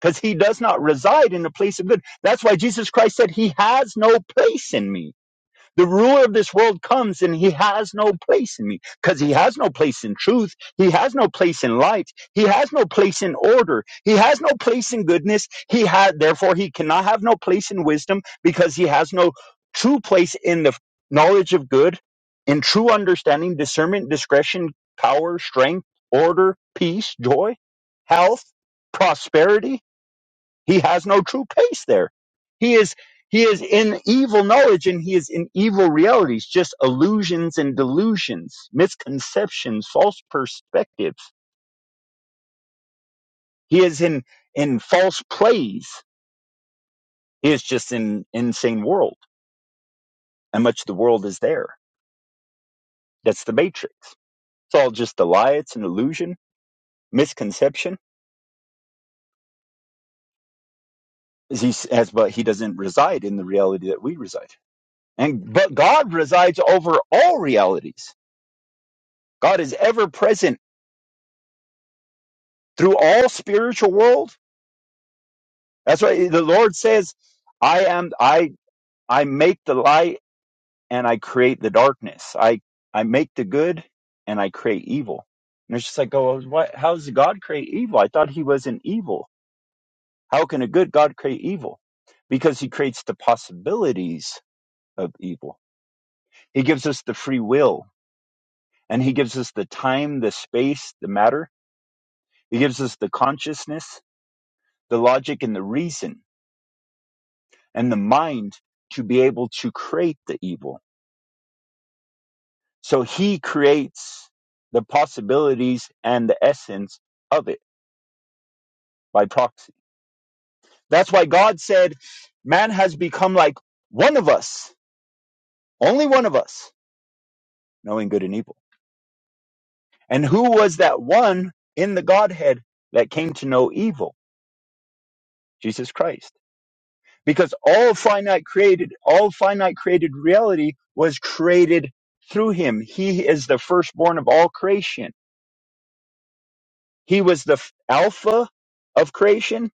[SPEAKER 1] because he does not reside in the place of good. That's why Jesus Christ said, He has no place in me The ruler of this world comes and he has no place in me because he has no place in truth. He has no place in light. He has no place in order. He has no place in goodness. He had, therefore, he cannot have no place in wisdom because he has no true place in the knowledge of good, in true understanding, discernment, discretion, power, strength, order, peace, joy, health, prosperity. He has no true peace there. He is he is in evil knowledge and he is in evil realities, just illusions and delusions, misconceptions, false perspectives. He is in in false plays. He is just in insane world. And much of the world is there. That's the matrix. It's all just a lie, it's an illusion, misconception. As he as but he doesn't reside in the reality that we reside. And but God resides over all realities. God is ever present through all spiritual world. That's why the Lord says, I am I I make the light and I create the darkness. I I make the good and I create evil. And it's just like, oh, what how does God create evil? I thought he was an evil. How can a good God create evil? Because he creates the possibilities of evil. He gives us the free will and he gives us the time, the space, the matter. He gives us the consciousness, the logic and the reason and the mind to be able to create the evil. So he creates the possibilities and the essence of it by proxy. That's why God said, Man has become like one of us, only one of us, knowing good and evil. And who was that one in the Godhead that came to know evil? Jesus Christ. Because all finite created, all finite created reality was created through him. He is the firstborn of all creation He was the f- Alpha of creation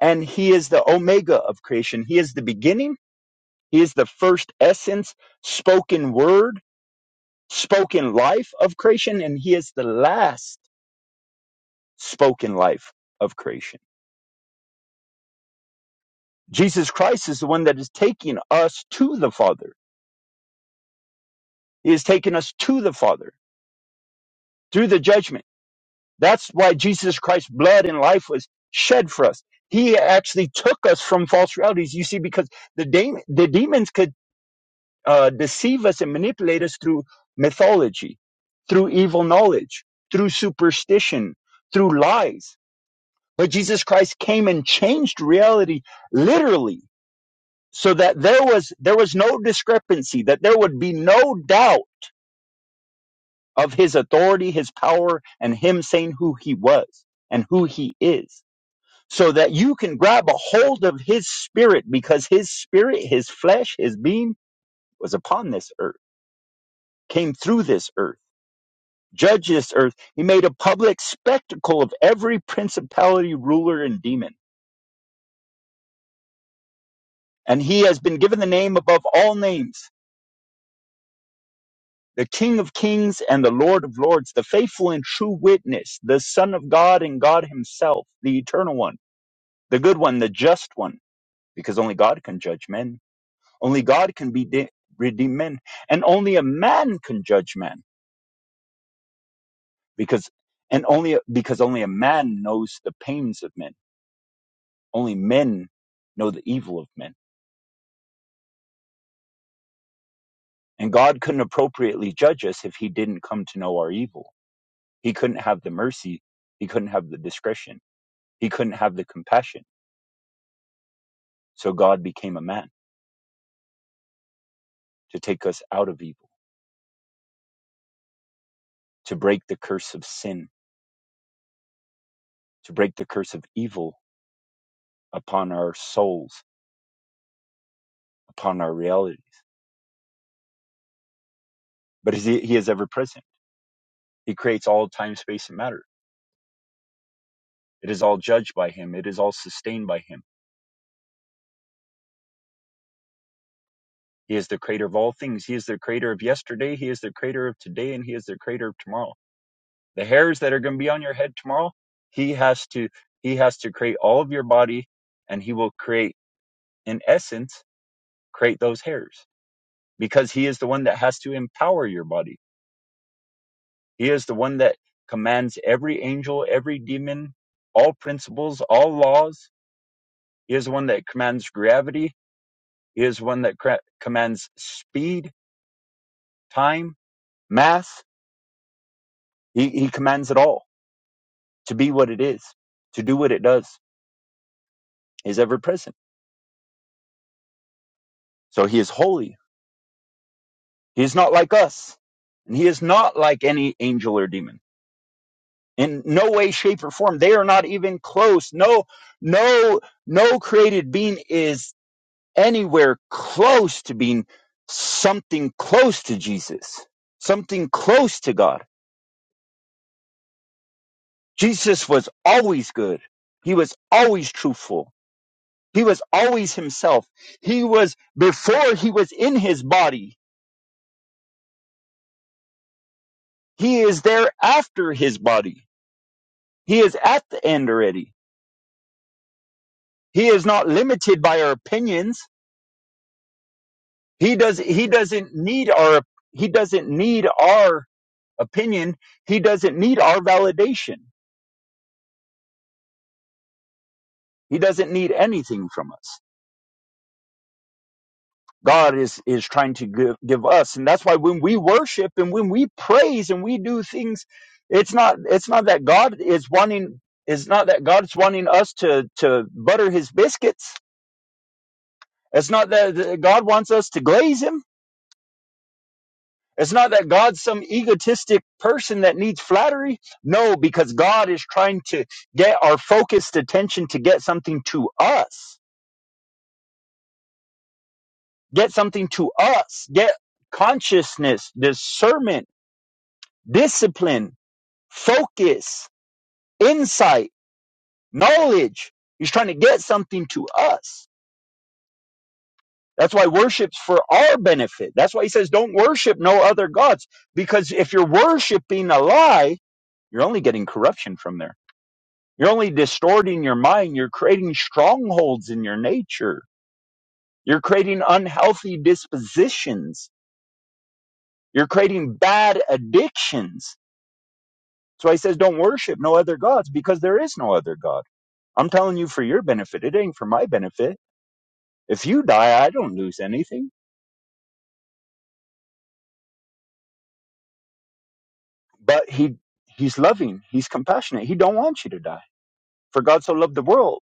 [SPEAKER 1] and he is the Omega of creation. He is the beginning. He is the first essence, spoken word, spoken life of creation, and he is the last spoken life of creation. Jesus Christ is the one that is taking us to the Father. He is taking us to the Father through the judgment. That's why Jesus Christ's blood and life was shed for us. He actually took us from false realities. You see, because the, da- the demons could uh, deceive us and manipulate us through mythology, through evil knowledge, through superstition, through lies. But Jesus Christ came and changed reality literally so that there was, there was no discrepancy, that there would be no doubt of his authority, his power, and him saying who he was and who he is. So that you can grab a hold of his spirit because his spirit, his flesh, his being was upon this earth, came through this earth judge this earth. He made a public spectacle of every principality, ruler, and demon. And he has been given the name above all names, the King of kings and the Lord of lords, the faithful and true witness, the Son of God and God himself, the eternal one, the good one, the just one, because only God can judge men. Only God can be de- redeem men. And only a man can judge men because and only because only a man knows the pains of men. Only men know the evil of men And God couldn't appropriately judge us if he didn't come to know our evil. He couldn't have the mercy. He couldn't have the discretion. He couldn't have the compassion. So God became a man to take us out of evil, to break the curse of sin, to break the curse of evil upon our souls, upon our realities. But he he is ever present. He creates all time, space, and matter. It is all judged by him. It is all sustained by him. He is the creator of all things. He is the creator of yesterday. He is the creator of today, and he is the creator of tomorrow. the hairs that are going to be on your head tomorrow he has to he has to create all of your body and he will create in essence create those hairs because he is the one that has to empower your body he is the one that commands every angel every demon all principles all laws he is the one that commands gravity he is one that cra- commands speed time mass he, he commands it all to be what it is to do what it does He is ever present so he is holy He's not like us. And he is not like any angel or demon. In no way, shape, or form. They are not even close. No, no, no created being is anywhere close to being something close to Jesus, something close to God. Jesus was always good. He was always truthful. He was always himself. He was before he was in his body. He is there after his body. He is at the end already He is not limited by our opinions. He does he doesn't need our he doesn't need our opinion. He doesn't need our validation. He doesn't need anything from us. God is is trying to give, give us and that's why when we worship and when we praise and we do things it's not it's not that God is wanting it's not that God's wanting us to to butter his biscuits. It's not that that God wants us to glaze him It's not that God's some egotistic person that needs flattery. No, because God is trying to get our focused attention to get something to us, get something to us, get consciousness, discernment, discipline, focus, insight, knowledge. He's trying to get something to us. That's why worship's for our benefit. That's why he says, don't worship no other gods. Because if you're worshiping a lie, you're only getting corruption from there You're only distorting your mind. You're creating strongholds in your nature. You're creating unhealthy dispositions. You're creating bad addictions. So he says, don't worship no other gods because there is no other God. I'm telling you for your benefit. It ain't for my benefit. If you die, I don't lose anything. But he, he's loving. He's compassionate. He don't want you to die. For God so loved the world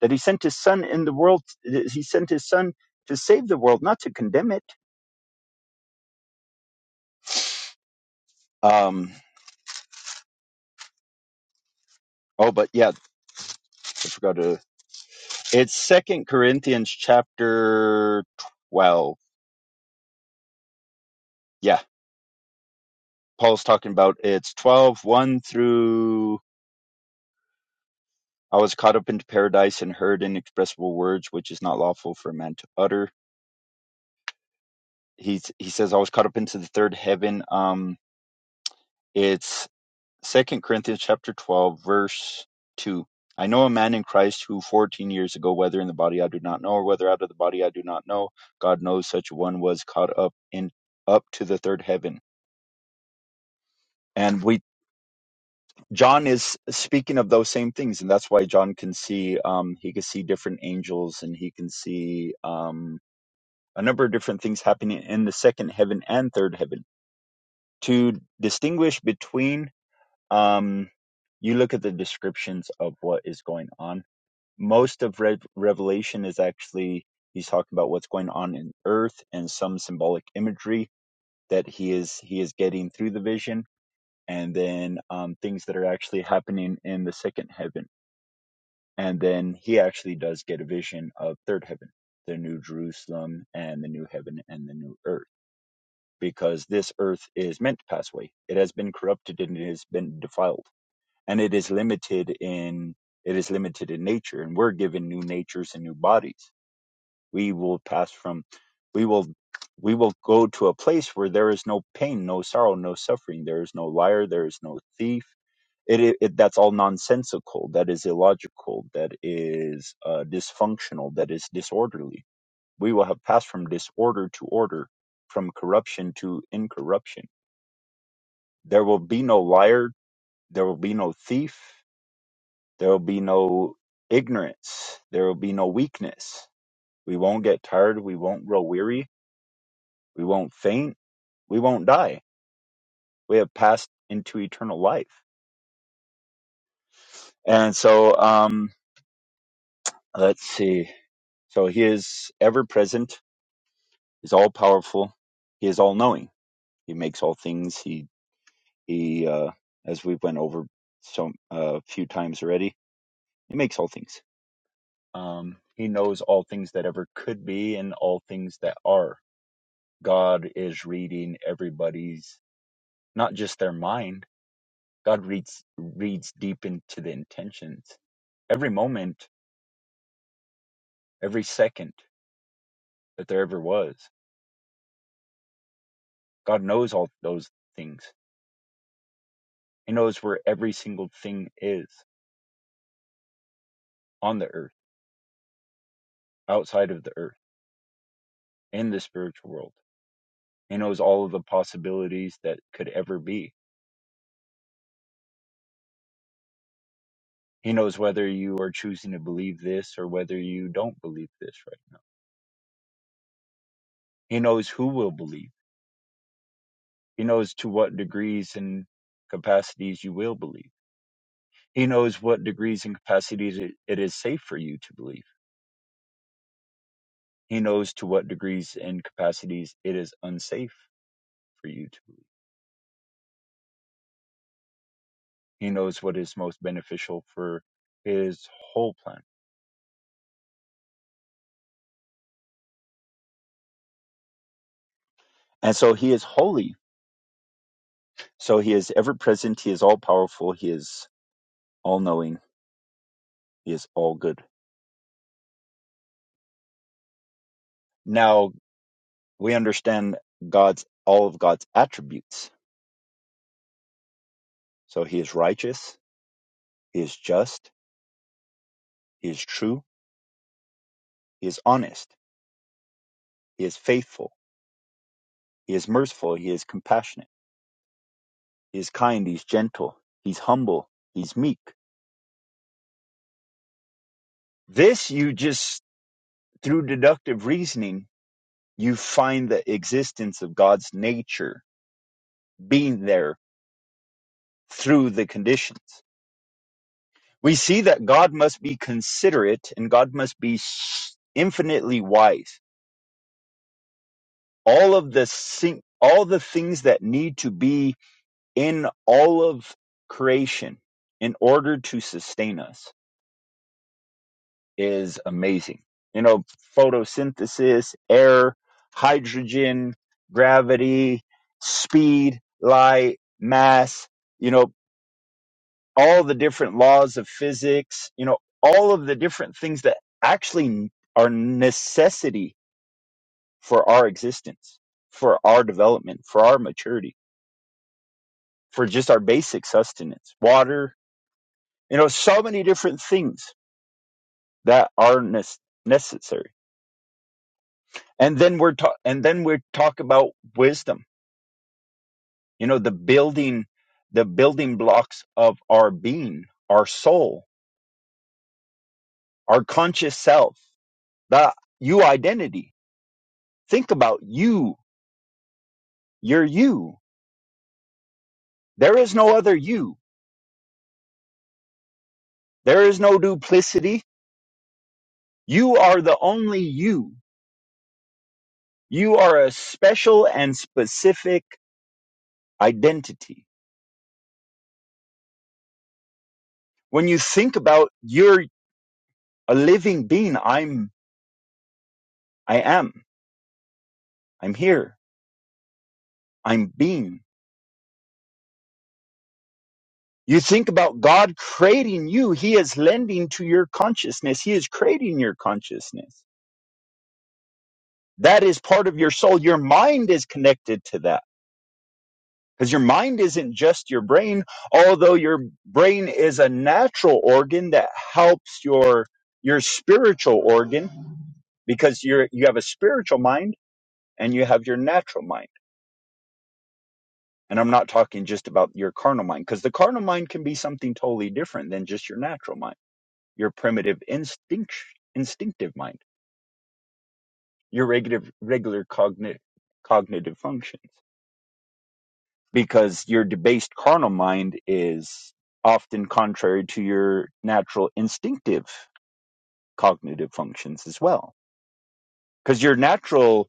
[SPEAKER 1] that he sent his son in the world. He sent his son to save the world, not to condemn it. Um, Oh, but yeah, I forgot to. It's Second Corinthians chapter twelve. Yeah, Paul's talking about it's twelve one through. I was caught up into paradise and heard inexpressible words, which is not lawful for a man to utter. He he says I was caught up into the third heaven. Um, it's Second Corinthians chapter twelve verse two. I know a man in Christ who 14 years ago, whether in the body I do not know, or whether out of the body I do not know, God knows such a one was caught up in up to the third heaven and we john is speaking of those same things and that's why john can see um he can see different angels and he can see um a number of different things happening in the second heaven and third heaven to distinguish between um you look at the descriptions of what is going on most of Rev revelation is actually he's talking about what's going on in earth and some symbolic imagery that he is he is getting through the vision and then um, things that are actually happening in the second heaven. And then he actually does get a vision of third heaven, the new Jerusalem and the new heaven and the new earth, because this earth is meant to pass away. It has been corrupted and it has been defiled, and it is limited in it is limited in nature, and we're given new natures and new bodies. We will pass from, we will. We will go to a place where there is no pain, no sorrow, no suffering. There is no liar. There is no thief it, it, it that's all nonsensical that is illogical that is uh, dysfunctional that is disorderly we will have passed from disorder to order from corruption to incorruption there will be no liar there will be no thief there will be no ignorance there will be no weakness we won't get tired we won't grow weary we won't faint we won't die we have passed into eternal life and so um Let's see. So he is ever present, he's all powerful, he is all knowing. He makes all things. He he uh as we have went over so a uh, few times already, he makes all things. Um he knows all things that ever could be and all things that are. God is reading everybody's not just their mind. God reads reads deep into the intentions. Every moment, every second that there ever was. God knows all those things He knows where every single thing is on the earth, outside of the earth, in the spiritual world. He knows all of the possibilities that could ever be. He knows whether you are choosing to believe this or whether you don't believe this right now. He knows who will believe. He knows to what degrees and capacities you will believe. He knows what degrees and capacities it it is safe for you to believe. He knows to what degrees and capacities it is unsafe for you to believe He knows what is most beneficial for his whole plan. And so he is holy. So he is ever present. He is all powerful. He is all knowing. He is all good. Now we understand God's, all of God's attributes. So he is righteous. He is just. He is true. He is honest. He is faithful. He is merciful. He is compassionate. He is kind. He's gentle. He's humble. He's meek. This you just through deductive reasoning you find the existence of God's nature being there through the conditions. We see that God must be considerate and God must be s- infinitely wise. All of the sing- all the things that need to be in all of creation in order to sustain us is amazing. You know, photosynthesis, air, hydrogen, gravity, speed, light, mass, you know all the different laws of physics, you know, all of the different things that actually are necessity for our existence, for our development, for our maturity, for just our basic sustenance, water, you know, so many different things that are nes- necessary. And then we're ta- and then we talk about wisdom, you know, the building, the building blocks of our being, our soul, our conscious self, that you identity. Think about you You're you. There is no other you. There is no duplicity. You are the only you. You are a special and specific identity. When you think about you're a living being, I'm, I am, I'm here, I'm being. You think about God creating you, He is lending to your consciousness. He is creating your consciousness. That is part of your soul. Your mind is connected to that Because your mind isn't just your brain, although your brain is a natural organ that helps your your spiritual organ because you're you have a spiritual mind and you have your natural mind. And I'm not talking just about your carnal mind, because the carnal mind can be something totally different than just your natural mind, your primitive instinct instinctive mind, your regular regular cognitive cognitive functions. because your debased carnal mind is often contrary to your natural instinctive cognitive functions as well. Because your natural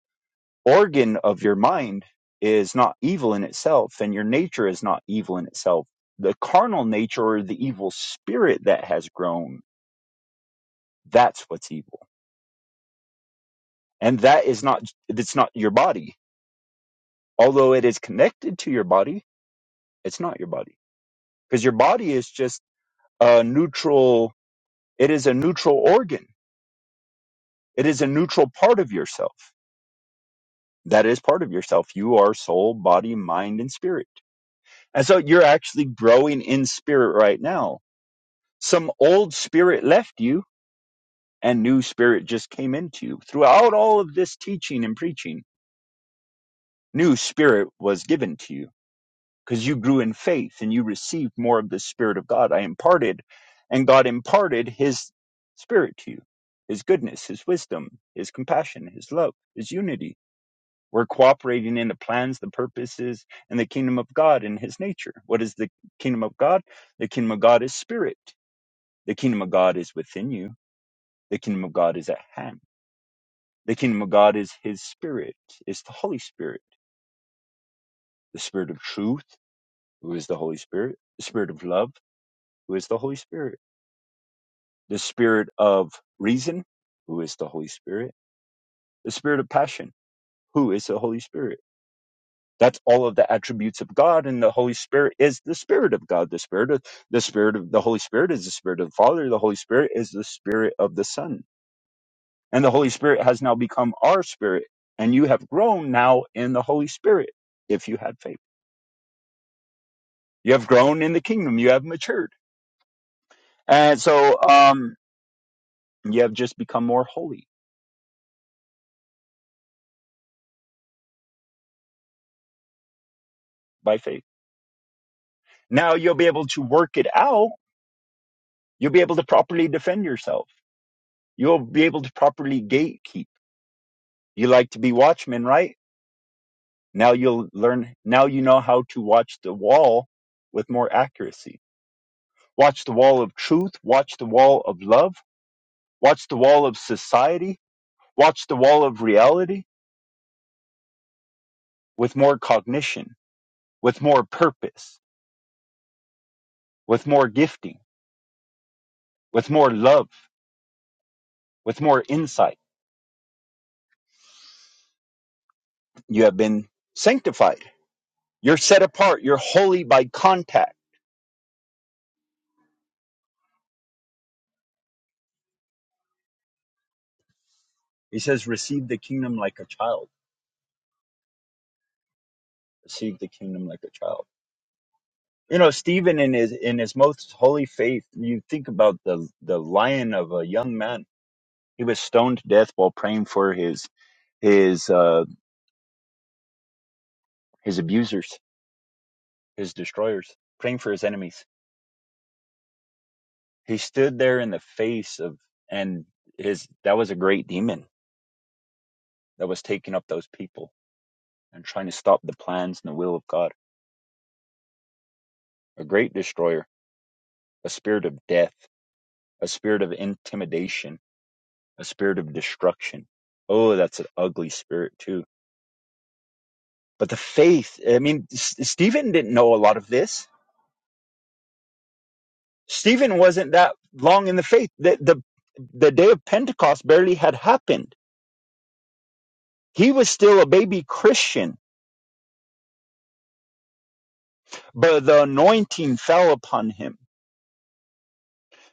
[SPEAKER 1] organ of your mind is not evil in itself, and your nature is not evil in itself. The carnal nature or the evil spirit that has grown, that's what's evil. And that is not, it's not your body. Although it is connected to your body, it's not your body. Because your body is just a neutral It is a neutral organ. It is a neutral part of yourself. That is part of yourself. You are soul, body, mind, and spirit. And so you're actually growing in spirit right now. Some old spirit left you and new spirit just came into you. Throughout all of this teaching and preaching, new spirit was given to you because you grew in faith and you received more of the spirit of God. I imparted and God imparted his spirit to you, his goodness, his wisdom, his compassion, his love, his unity We're cooperating in the plans, the purposes, and the kingdom of God and his nature. What is the kingdom of God? The kingdom of God is spirit. The kingdom of God is within you. The kingdom of God is at hand. The kingdom of God is his spirit, is the Holy Spirit, the spirit of truth, who is the Holy Spirit, the spirit of love, who is the Holy Spirit, the spirit of reason, who is the Holy Spirit, the spirit of passion, who is the Holy Spirit That's all of the attributes of God, and the Holy Spirit is the Spirit of God. The Spirit of the Spirit of the Holy Spirit is the Spirit of the Father. The Holy Spirit is the Spirit of the Son, and the Holy Spirit has now become our Spirit, and you have grown now in the Holy Spirit. If you had faith, you have grown in the kingdom. You have matured, and so um, you have just become more holy by faith. Now you'll be able to work it out. You'll be able to properly defend yourself. You'll be able to properly gatekeep. You like to be watchmen, right? Now you'll learn, now you know how to watch the wall with more accuracy. Watch the wall of truth, watch the wall of love, watch the wall of society, watch the wall of reality with more cognition, with more purpose, with more gifting, with more love, with more insight. You have been sanctified. You're set apart. You're holy by contact. He says, receive the kingdom like a child. Receive the kingdom like a child you know stephen in his in his most holy faith you think about the the lion of a young man he was stoned to death while praying for his his uh his abusers his destroyers praying for his enemies he stood there in the face of and his that was a great demon that was taking up those people and trying to stop the plans and the will of god a great destroyer a spirit of death a spirit of intimidation a spirit of destruction oh that's an ugly spirit too But the faith, I mean, S- Stephen didn't know a lot of this. Stephen wasn't that long in the faith. The, the, the day of Pentecost barely had happened. He was still a baby Christian, but the anointing fell upon him.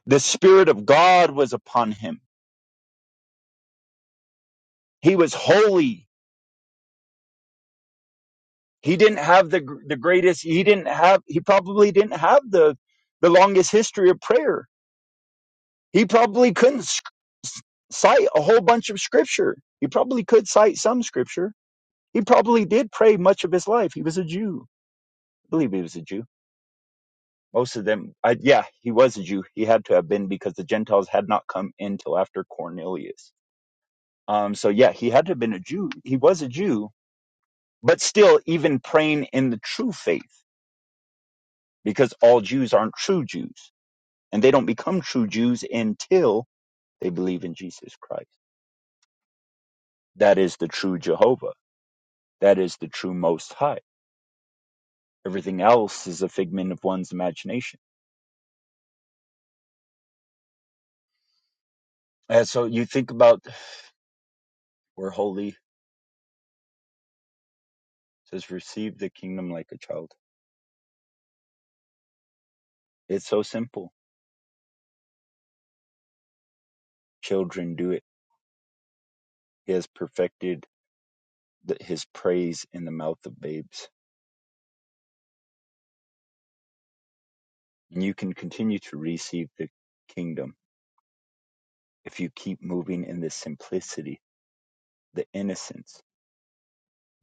[SPEAKER 1] The Spirit of God was upon him. He was holy. He didn't have the, gr- the greatest, he didn't have, he probably didn't have the, the longest history of prayer. He probably couldn't s- cite a whole bunch of scripture. He probably could cite some scripture He probably did pray much of his life. He was a Jew. I believe he was a Jew. Most of them, I, yeah, he was a Jew. He had to have been because the Gentiles had not come in till after Cornelius. Um, so yeah, he had to have been a Jew. He was a Jew, but still, even praying in the true faith, because all Jews aren't true Jews, and they don't become true Jews until they believe in Jesus Christ. That is the true Jehovah. That is the true Most High. Everything else is a figment of one's imagination. And so you think about We're holy. says, receive the kingdom like a child. It's so simple. Children do it. He has perfected the, his praise in the mouth of babes. And you can continue to receive the kingdom if you keep moving in the simplicity, the innocence,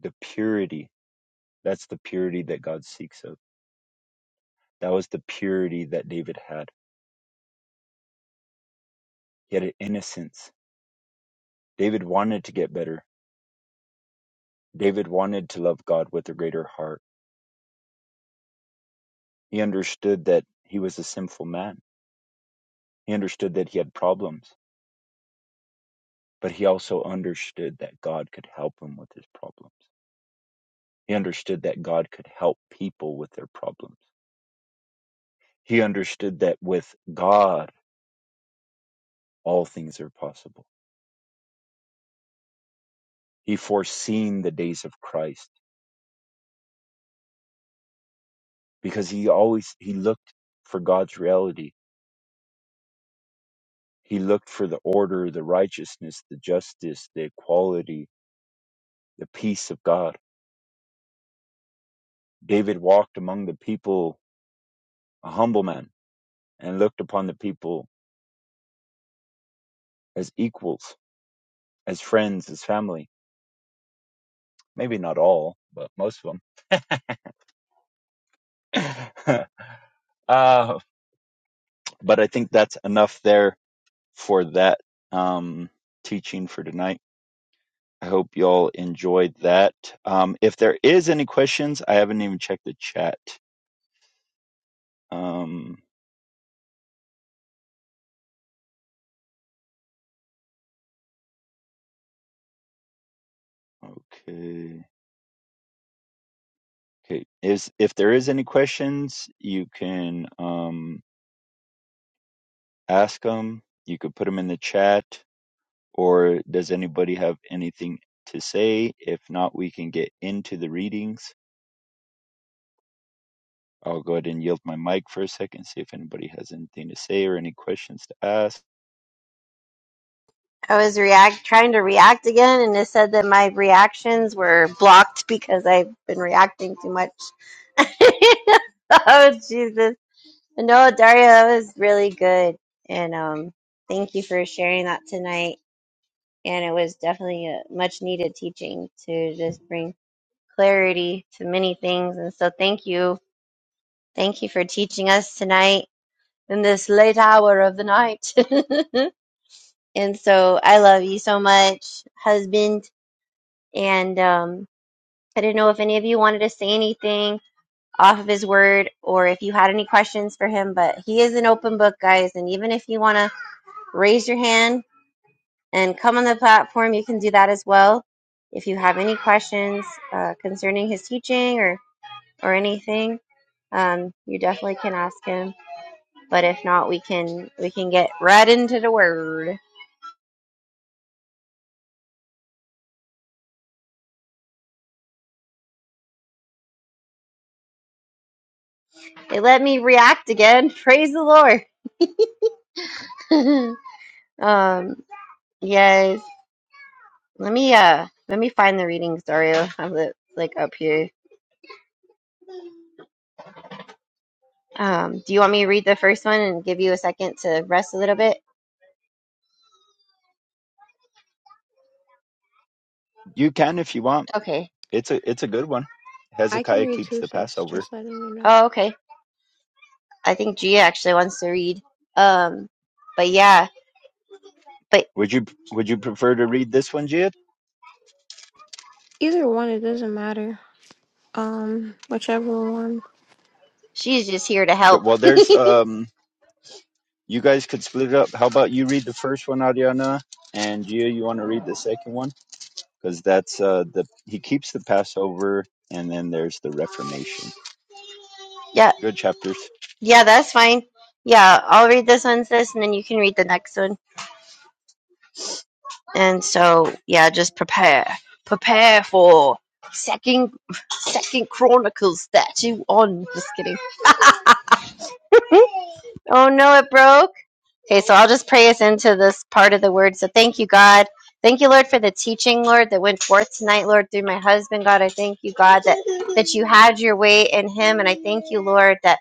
[SPEAKER 1] the purity. That's the purity that God seeks of. That was the purity that David had. He had an innocence. David wanted to get better. David wanted to love God with a greater heart. He understood that he was a sinful man He understood that he had problems, but he also understood that God could help him with his problems. He understood that God could help people with their problems. He understood that with God, all things are possible. He foreseen the days of Christ because he always he looked for God's reality. He looked for the order, the righteousness, the justice, the equality, the peace of God. David walked among the people, a humble man, and looked upon the people as equals as friends, as family. Maybe not all, but most of them. uh, but I think that's enough there for that um, teaching for tonight. I hope y'all enjoyed that. Um, if there is any questions, I haven't even checked the chat. Um, okay. Okay. Is if there is any questions, you can um, ask them. You could put them in the chat. Or does anybody have anything to say? If not, we can get into the readings. I'll go ahead and yield my mic for a second, see if anybody has anything to say or any questions to ask.
[SPEAKER 2] I was react trying to react again, and it said that my reactions were blocked because I've been reacting too much. oh Jesus! No, Daria, that was really good, and um, thank you for sharing that tonight. And it was definitely a much needed teaching to just bring clarity to many things. And so, thank you, thank you for teaching us tonight in this late hour of the night. And so I love you so much, husband. And um, I didn't know if any of you wanted to say anything off of his word or if you had any questions for him, but he is an open book, guys. And even if you want to raise your hand and come on the platform, you can do that as well. If you have any questions uh, concerning his teaching or, or anything, um, you definitely can ask him. But if not, we can we can get right into the word. They let me react again. Praise the Lord. um, yes. Let me uh let me find the readings, Dario. I'm li- like up here. Um, do you want me to read the first one and give you a second to rest a little bit?
[SPEAKER 1] You can if you want.
[SPEAKER 2] Okay.
[SPEAKER 1] It's a it's a good one.
[SPEAKER 3] I can
[SPEAKER 1] Hezekiah
[SPEAKER 3] read
[SPEAKER 1] keeps
[SPEAKER 3] two
[SPEAKER 1] the
[SPEAKER 3] sis,
[SPEAKER 1] Passover.
[SPEAKER 3] just letting you know.
[SPEAKER 2] Oh, okay. I think Gia actually wants to read. Um, but yeah, but
[SPEAKER 1] Would you would you prefer to read this one, Jid?
[SPEAKER 3] Either one, it doesn't matter. Um, whichever one.
[SPEAKER 2] she's just here to
[SPEAKER 1] Th-
[SPEAKER 2] help.
[SPEAKER 1] Well, there's um. You guys could split it up. How about you read the first one, Ariana, and Gia, you want to read the second one because that's uh the he keeps the Passover, and then there's the Reformation.
[SPEAKER 2] yeah,
[SPEAKER 1] Good chapters.
[SPEAKER 2] yeah, that's fine. Yeah, I'll read this one, sis, and then you can read the next one. And so, yeah, just prepare, prepare for second, second Chronicles statue on. Just kidding. Oh no, it broke. Okay, so I'll just pray us into this part of the word. So thank you, God. Thank you, Lord, for the teaching, Lord, that went forth tonight, Lord, through my husband, God. I thank you, God, that that you had your way in him, and I thank you, Lord, that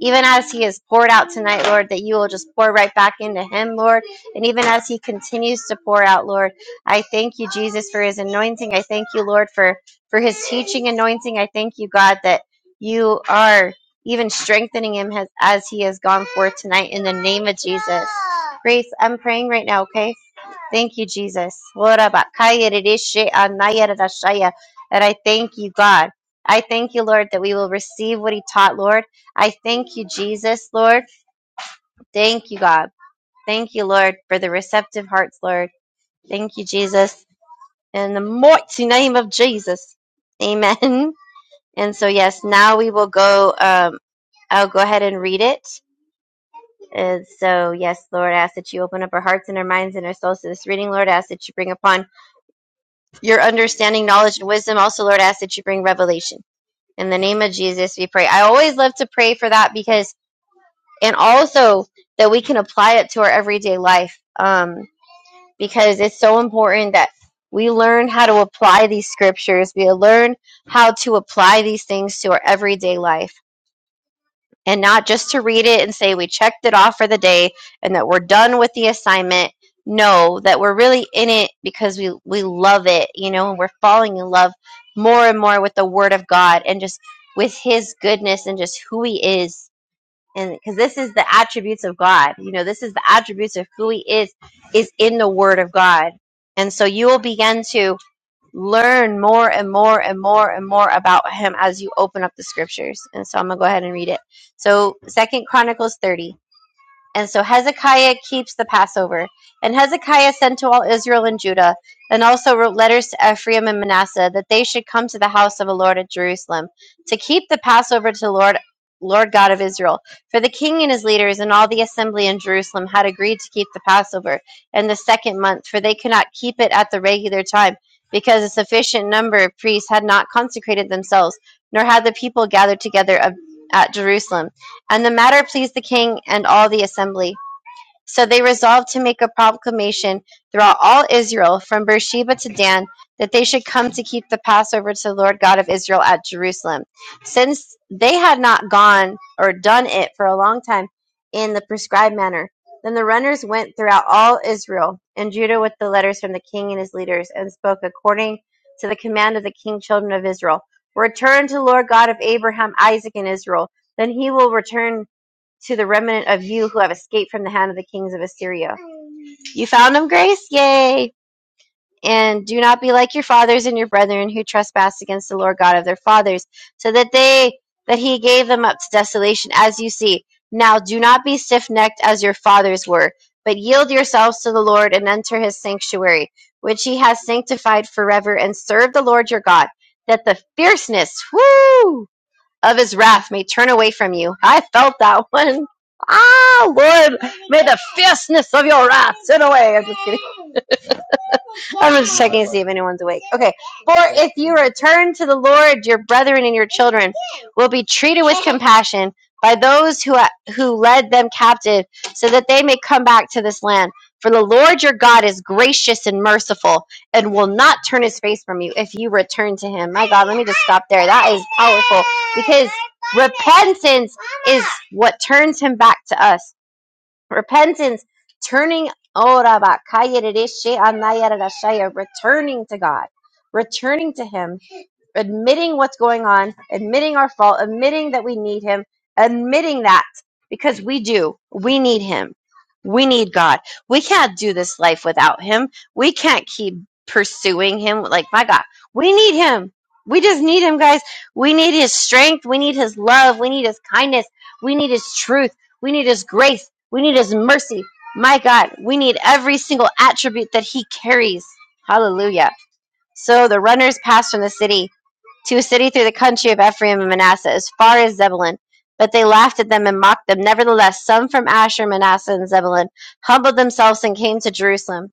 [SPEAKER 2] even as he is poured out tonight, Lord, that you will just pour right back into him, Lord. And even as he continues to pour out, Lord, I thank you, Jesus, for his anointing. I thank you, Lord, for for his teaching anointing. I thank you, God, that you are even strengthening him has, as he has gone forth tonight in the name of Jesus. Grace, I'm praying right now, okay? Thank you, Jesus. And I thank you, God. I thank you, Lord, that we will receive what he taught, Lord. I thank you, Jesus, Lord. Thank you, God. Thank you, Lord, for the receptive hearts, Lord. Thank you, Jesus. In the mighty name of Jesus. Amen. And so, yes, now we will go. Um, I'll go ahead and read it. And so, yes, Lord, I ask that you open up our hearts and our minds and our souls to this reading. Lord, I ask that you bring upon your understanding, knowledge, and wisdom. Also, Lord, I ask that you bring revelation. In the name of Jesus, we pray. I always love to pray for that because, and also that we can apply it to our everyday life um, because it's so important that we learn how to apply these scriptures. We learn how to apply these things to our everyday life and not just to read it and say we checked it off for the day and that we're done with the assignment. No, that we're really in it because we we love it, you know, and we're falling in love more and more with the Word of God and just with His goodness and just who He is, and because this is the attributes of God, you know, this is the attributes of who He is is in the Word of God, and so you will begin to learn more and more and more and more about him as you open up the scriptures. And so I'm going to go ahead and read it. So, Second Chronicles 30. And so Hezekiah keeps the Passover. And Hezekiah sent to all Israel and Judah, and also wrote letters to Ephraim and Manasseh, that they should come to the house of the Lord at Jerusalem to keep the Passover to the Lord, Lord God of Israel. For the king and his leaders and all the assembly in Jerusalem had agreed to keep the Passover in the second month, for they could not keep it at the regular time, because a sufficient number of priests had not consecrated themselves, nor had the people gathered together of, at Jerusalem. And the matter pleased the king and all the assembly. So they resolved to make a proclamation throughout all Israel, from Beersheba to Dan, that they should come to keep the Passover to the Lord God of Israel at Jerusalem. Since they had not gone or done it for a long time in the prescribed manner, then the runners went throughout all Israel and Judah with the letters from the king and his leaders, and spoke according to the command of the king, children of Israel. Return to the Lord God of Abraham, Isaac, and Israel. Then he will return to the remnant of you who have escaped from the hand of the kings of Assyria. You found them, Grace? Yay! And do not be like your fathers and your brethren who trespassed against the Lord God of their fathers, so that they that he gave them up to desolation, as you see. Now do not be stiff necked as your fathers were, but yield yourselves to the Lord and enter his sanctuary, which he has sanctified forever, and serve the Lord your God, that the fierceness, whoo! of his wrath may turn away from you. I felt that one. Ah, Lord, may the fierceness of your wrath turn away. I'm just kidding. I'm just checking to see if anyone's awake. Okay. For if you return to the Lord, your brethren and your children will be treated with compassion by those who who led them captive, so that they may come back to this land. For the Lord your God is gracious and merciful, and will not turn his face from you if you return to him. My God, let me just stop there. That is powerful because repentance is what turns him back to us. Repentance, turning ora bakaya rere she returning to God, returning to Him admitting what's going on, admitting our fault, admitting that we need Him, admitting that because we do. We need Him. We need God. We can't do this life without Him. We can't keep pursuing Him. Like, my God, we need Him. We just need Him, guys. We need His strength. We need His love. We need His kindness. We need His truth. We need His grace. We need His mercy. My God, we need every single attribute that He carries. Hallelujah. So the runners passed from the city to a city through the country of Ephraim and Manasseh, as far as Zebulun. But they laughed at them and mocked them. Nevertheless, some from Asher, Manasseh, and Zebulun humbled themselves and came to Jerusalem.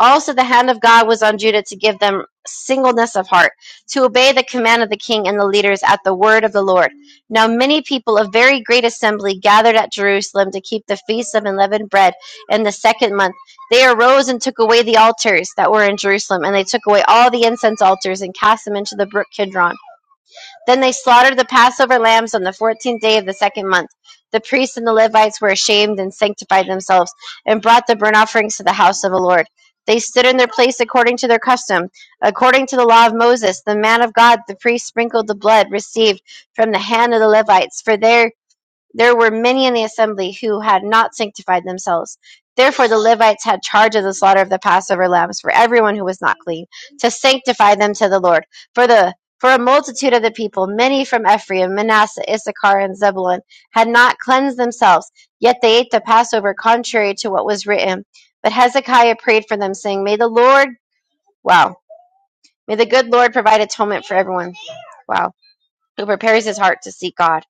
[SPEAKER 2] Also, the hand of God was on Judah to give them singleness of heart, to obey the command of the king and the leaders at the word of the Lord. Now, many people of very great assembly gathered at Jerusalem to keep the feast of unleavened bread in the second month. They arose and took away the altars that were in Jerusalem, and they took away all the incense altars and cast them into the brook Kidron then they slaughtered the Passover lambs on the fourteenth day of the second month. The priests and the Levites were ashamed and sanctified themselves, and brought the burnt offerings to the house of the Lord. They stood in their place according to their custom. According to the law of Moses, the man of God, the priest sprinkled the blood received from the hand of the Levites for their there were many in the assembly who had not sanctified themselves. Therefore, the Levites had charge of the slaughter of the Passover lambs for everyone who was not clean, to sanctify them to the Lord. For the for a multitude of the people, many from Ephraim, Manasseh, Issachar, and Zebulun, had not cleansed themselves, yet they ate the Passover contrary to what was written. But Hezekiah prayed for them, saying, May the Lord, wow, may the good Lord provide atonement for everyone, wow, who prepares his heart to seek God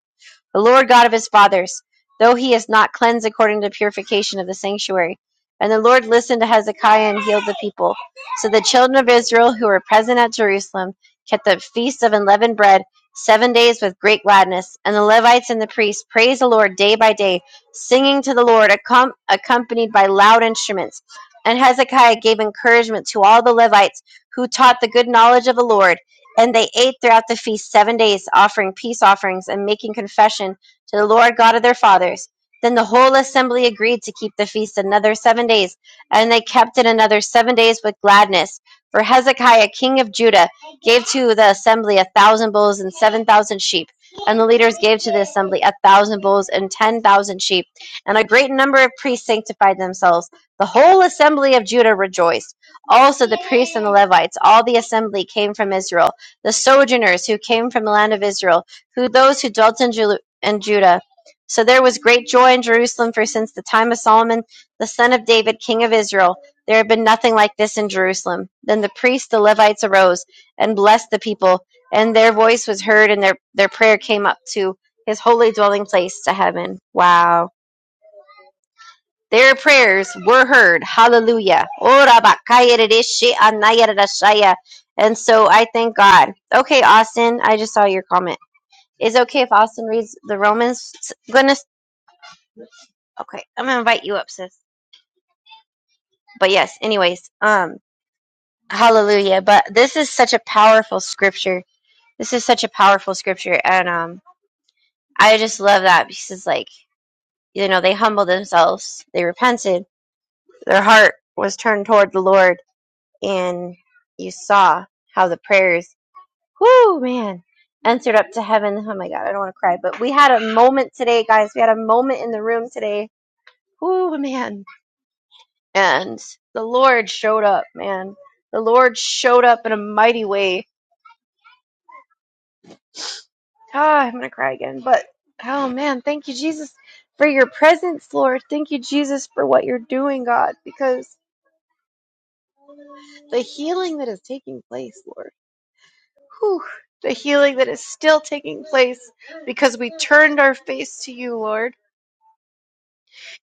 [SPEAKER 2] the Lord God of his fathers, though he is not cleansed according to the purification of the sanctuary. And the Lord listened to Hezekiah and healed the people. So the children of Israel who were present at Jerusalem kept the feast of unleavened bread seven days with great gladness. And the Levites and the priests praised the Lord day by day, singing to the Lord, accom- accompanied by loud instruments. And Hezekiah gave encouragement to all the Levites who taught the good knowledge of the Lord and they ate throughout the feast seven days, offering peace offerings and making confession to the Lord God of their fathers. Then the whole assembly agreed to keep the feast another seven days, and they kept it another seven days with gladness. For Hezekiah, king of Judah, gave to the assembly a thousand bulls and seven thousand sheep. And the leaders gave to the assembly a thousand bulls and ten thousand sheep. And a great number of priests sanctified themselves. The whole assembly of Judah rejoiced. Also, the priests and the Levites, all the assembly came from Israel the sojourners who came from the land of Israel, who those who dwelt in, Ju- in Judah. So there was great joy in Jerusalem, for since the time of Solomon, the son of David, king of Israel, there had been nothing like this in Jerusalem. Then the priests, the Levites, arose and blessed the people, and their voice was heard, and their, their prayer came up to his holy dwelling place to heaven. Wow. Their prayers were heard. Hallelujah. And so I thank God. Okay, Austin, I just saw your comment. Is it okay if Austin reads the Romans? Goodness. Okay, I'm going to invite you up, sis. But yes, anyways, um, hallelujah. But this is such a powerful scripture. This is such a powerful scripture. And um, I just love that because, like, you know, they humbled themselves, they repented, their heart was turned toward the Lord and you saw how the prayers, whoo, man, answered up to heaven. Oh my God, I don't want to cry, but we had a moment today, guys. We had a moment in the room today. Whoo, man. And the Lord showed up, man. The Lord showed up in a mighty way. Ah, I'm going to cry again, but oh man, thank you, Jesus, for your presence, Lord. Thank you, Jesus, for what you're doing, God, because the healing that is taking place, Lord Whew, the healing that is still taking place because we turned our face to you, Lord.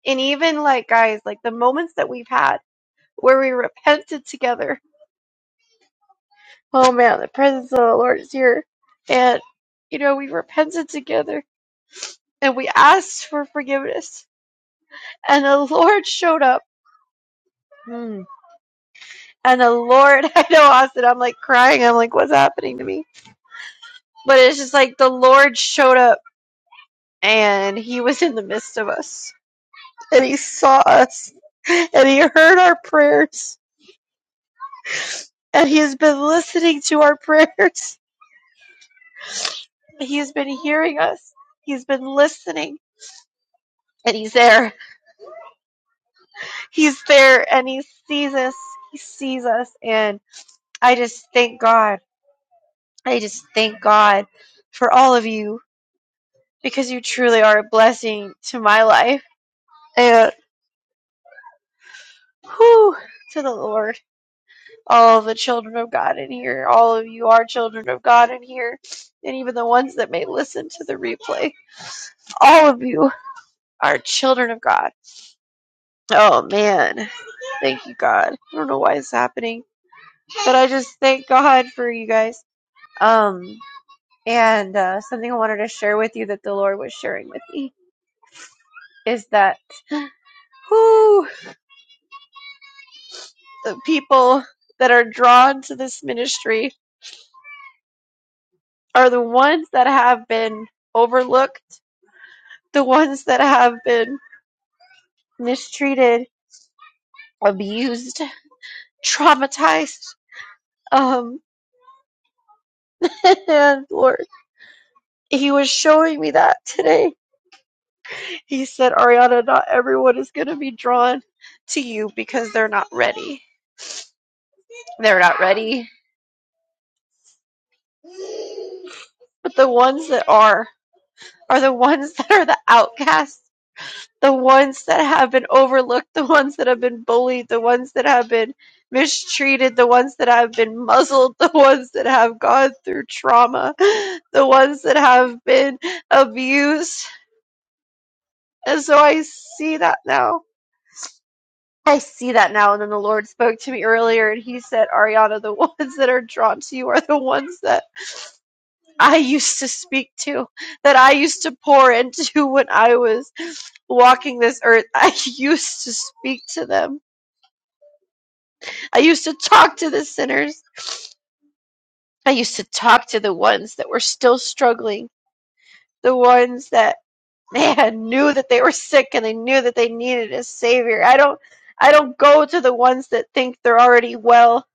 [SPEAKER 2] And even like, guys, like the moments that we've had where we repented together. Oh man, the presence of the Lord is here. And, you know, we repented together and we asked for forgiveness. And the Lord showed up. Hmm. And the Lord, I know, Austin, I'm like crying. I'm like, what's happening to me? But it's just like the Lord showed up and he was in the midst of us and he saw us and he heard our prayers and he has been listening to our prayers. He has been hearing us. He's been listening and he's there. He's there and he sees us. He sees us. And I just thank God. I just thank God for all of you because you truly are a blessing to my life and whew, to the Lord. all of the children of God in here. All of you are children of God in here. And even the ones that may listen to the replay, all of you are children of God. Oh man, thank you God. I don't know why it's happening, but I just thank God for you guys. Um, and uh, something I wanted to share with you that the Lord was sharing with me is that who the people that are drawn to this ministry are the ones that have been overlooked, the ones that have been mistreated, abused, traumatized. Um, and Lord, He was showing me that today. He said, Ariana, not everyone is going to be drawn to you because they're not ready. They're not ready. But the ones that are, are the ones that are the outcasts the ones that have been overlooked, the ones that have been bullied, the ones that have been mistreated, the ones that have been muzzled, the ones that have gone through trauma, the ones that have been abused. And so I see that now. I see that now. And then the Lord spoke to me earlier and he said, Ariana, the ones that are drawn to you are the ones that I used to speak to, that I used to pour into when I was walking this earth. I used to speak to them I used to talk to the sinners. I used to talk to the ones that were still struggling, the ones that man knew that they were sick and they knew that they needed a savior. I don't I don't go to the ones that think they're already well.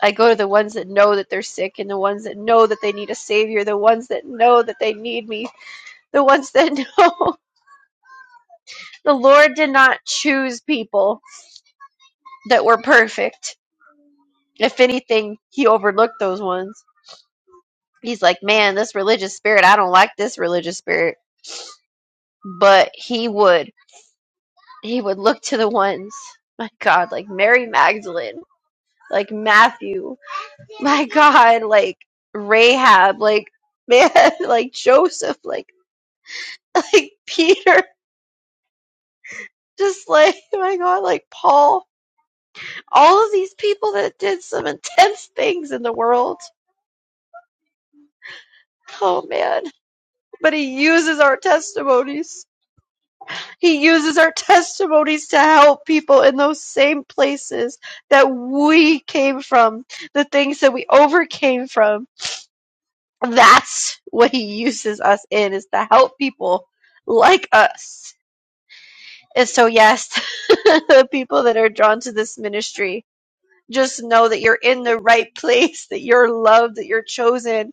[SPEAKER 2] I go to the ones that know that they're sick and the ones that know that they need a savior, the ones that know that they need me, the ones that know the Lord did not choose people that were perfect. If anything, he overlooked those ones he's like, man, this religious spirit, I don't like this religious spirit. But he would, he would look to the ones, my God, like Mary Magdalene, like Matthew, my God, like Rahab, like man, like Joseph, like like Peter, just like my God, like Paul, all of these people that did some intense things in the world. Oh man, but he uses our testimonies He uses our testimonies to help people in those same places that we came from, the things that we overcame from. That's what he uses us in is to help people like us. And so yes, the people that are drawn to this ministry just know that you're in the right place, that you're loved, that you're chosen,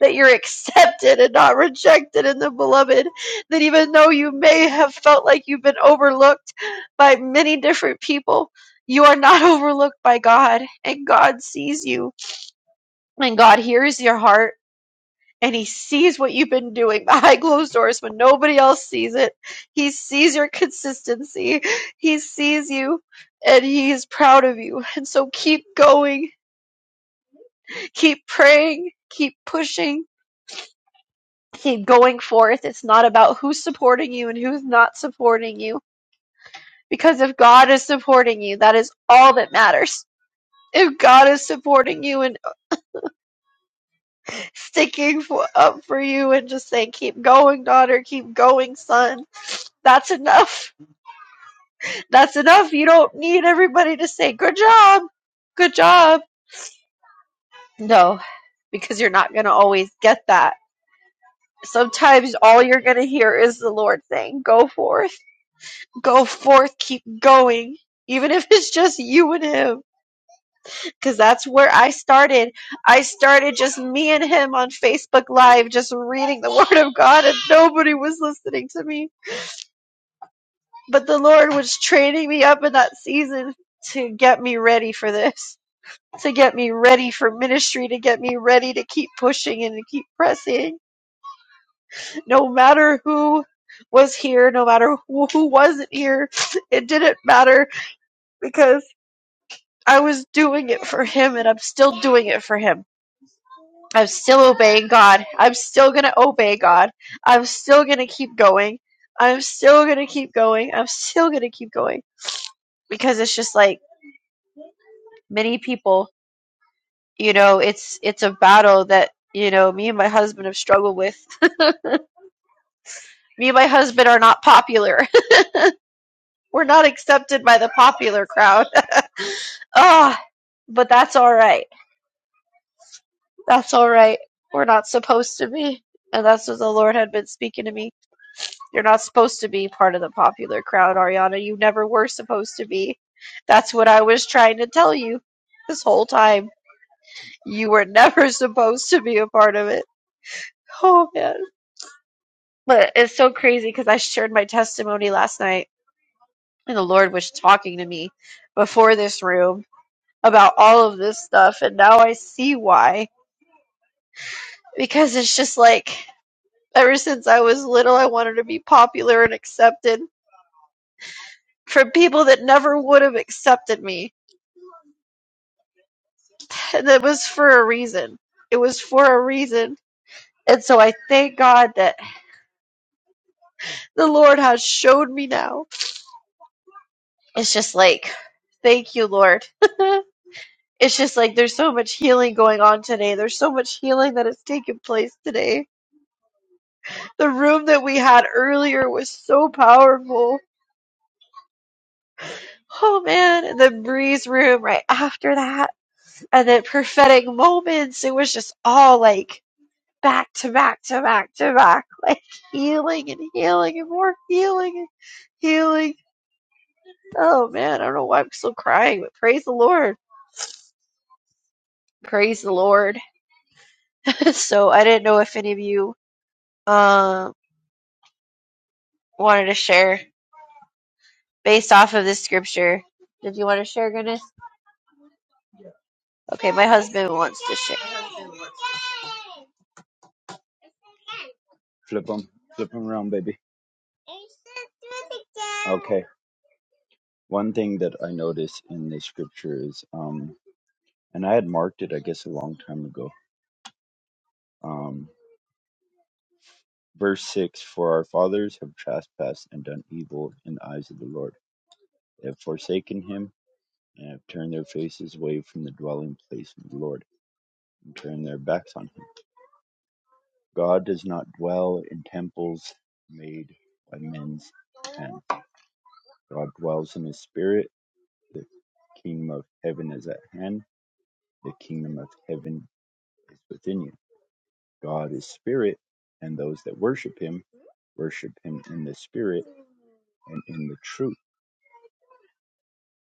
[SPEAKER 2] that you're accepted and not rejected in the beloved. That even though you may have felt like you've been overlooked by many different people, you are not overlooked by God, and God sees you, and God hears your heart. And he sees what you've been doing behind closed doors when nobody else sees it. He sees your consistency. He sees you and he is proud of you. And so keep going keep praying, keep pushing, keep going forth. It's not about who's supporting you and who's not supporting you. Because if God is supporting you, that is all that matters. If God is supporting you and sticking for, up for you and just saying, keep going, daughter, keep going, son, that's enough. That's enough. You don't need everybody to say, good job, good job. No, because you're not going to always get that. Sometimes all you're going to hear is the Lord saying, go forth Go forth, keep going. Even if it's just you and him, because that's where I started. I started just me and him on Facebook Live, just reading the Word of God, and nobody was listening to me. But the Lord was training me up in that season to get me ready for this, to get me ready for ministry, to get me ready to keep pushing and to keep pressing, no matter who was here, no matter who who wasn't here. It didn't matter because I was doing it for him and I'm still doing it for him. I'm still obeying God. I'm still going to obey God. I'm still going to keep going. I'm still going to keep going. I'm still going to keep going because it's just like many people, you know, it's it's a battle that, you know, me and my husband have struggled with. me and my husband are not popular. We're not accepted by the popular crowd. Ah, but that's all right. That's all right. We're not supposed to be. And that's what the Lord had been speaking to me You're not supposed to be part of the popular crowd, Ariana. You never were supposed to be. That's what I was trying to tell you this whole time. You were never supposed to be a part of it. Oh, man. But it's so crazy because I shared my testimony last night, and the Lord was talking to me before this room about all of this stuff, and now I see why. Because it's just like, ever since I was little, I wanted to be popular and accepted from people that never would have accepted me And that was for a reason. It was for a reason. And so I thank God that the Lord has showed me now. It's just like, thank you, Lord. it's just like there's so much healing going on today. There's so much healing that has taken place today. The room that we had earlier was so powerful. Oh man, and then Bree's room right after that. And then prophetic moments. It was just all like back to back to back to back, like healing and healing and more healing and healing. Oh man, I don't know why I'm still crying, but praise the Lord. Praise the Lord. so I didn't know if any of you um wanted to share based off of this scripture. Did you want to share, goodness? Okay, my husband wants to share.
[SPEAKER 1] Flip them. Flip them around, baby. Okay. One thing that I notice in the scripture is, um, and I had marked it, I guess, a long time ago. Um, verse 6 For our fathers have trespassed and done evil in the eyes of the Lord. They have forsaken him and have turned their faces away from the dwelling place of the Lord and turned their backs on him. God does not dwell in temples made by men's hands. God dwells in his spirit The kingdom of heaven is at hand. The kingdom of heaven is within you. God is spirit, and those that worship him worship him in the spirit and in the truth.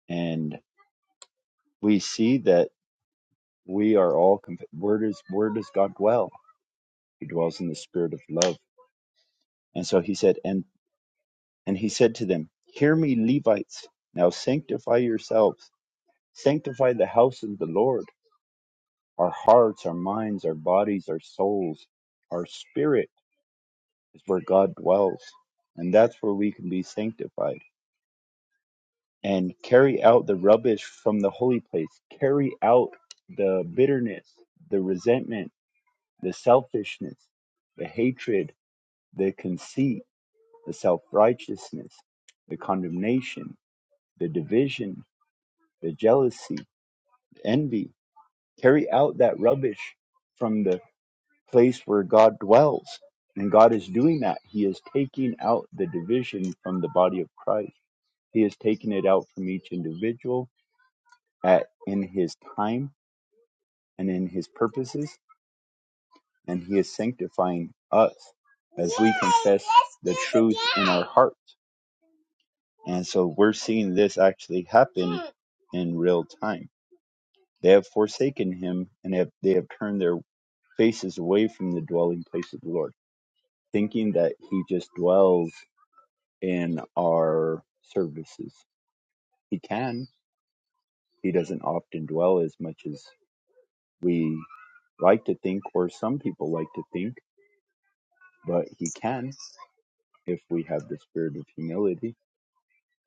[SPEAKER 1] And we see that we are all comp- where does where does God dwell? He dwells in the spirit of love. And so he said, and and he said to them, Hear me, Levites, now sanctify yourselves, sanctify the house of the Lord, our hearts, our minds, our bodies, our souls, our spirit. is where God dwells. And that's where we can be sanctified and carry out the rubbish from the holy place, carry out the bitterness, the resentment, the selfishness, the hatred, the conceit, the self righteousness, the condemnation, the division, the jealousy, the envy. Carry out that rubbish from the place where God dwells. And God is doing that. He is taking out the division from the body of Christ He has taken it out from each individual at, in his time and in his purposes, and he is sanctifying us as we confess the truth in our hearts. And so we're seeing this actually happen in real time. They have forsaken him and have, they have turned their faces away from the dwelling place of the Lord, thinking that he just dwells in our services. He can, he doesn't often dwell as much as we like to think, or some people like to think, but he can if we have the spirit of humility,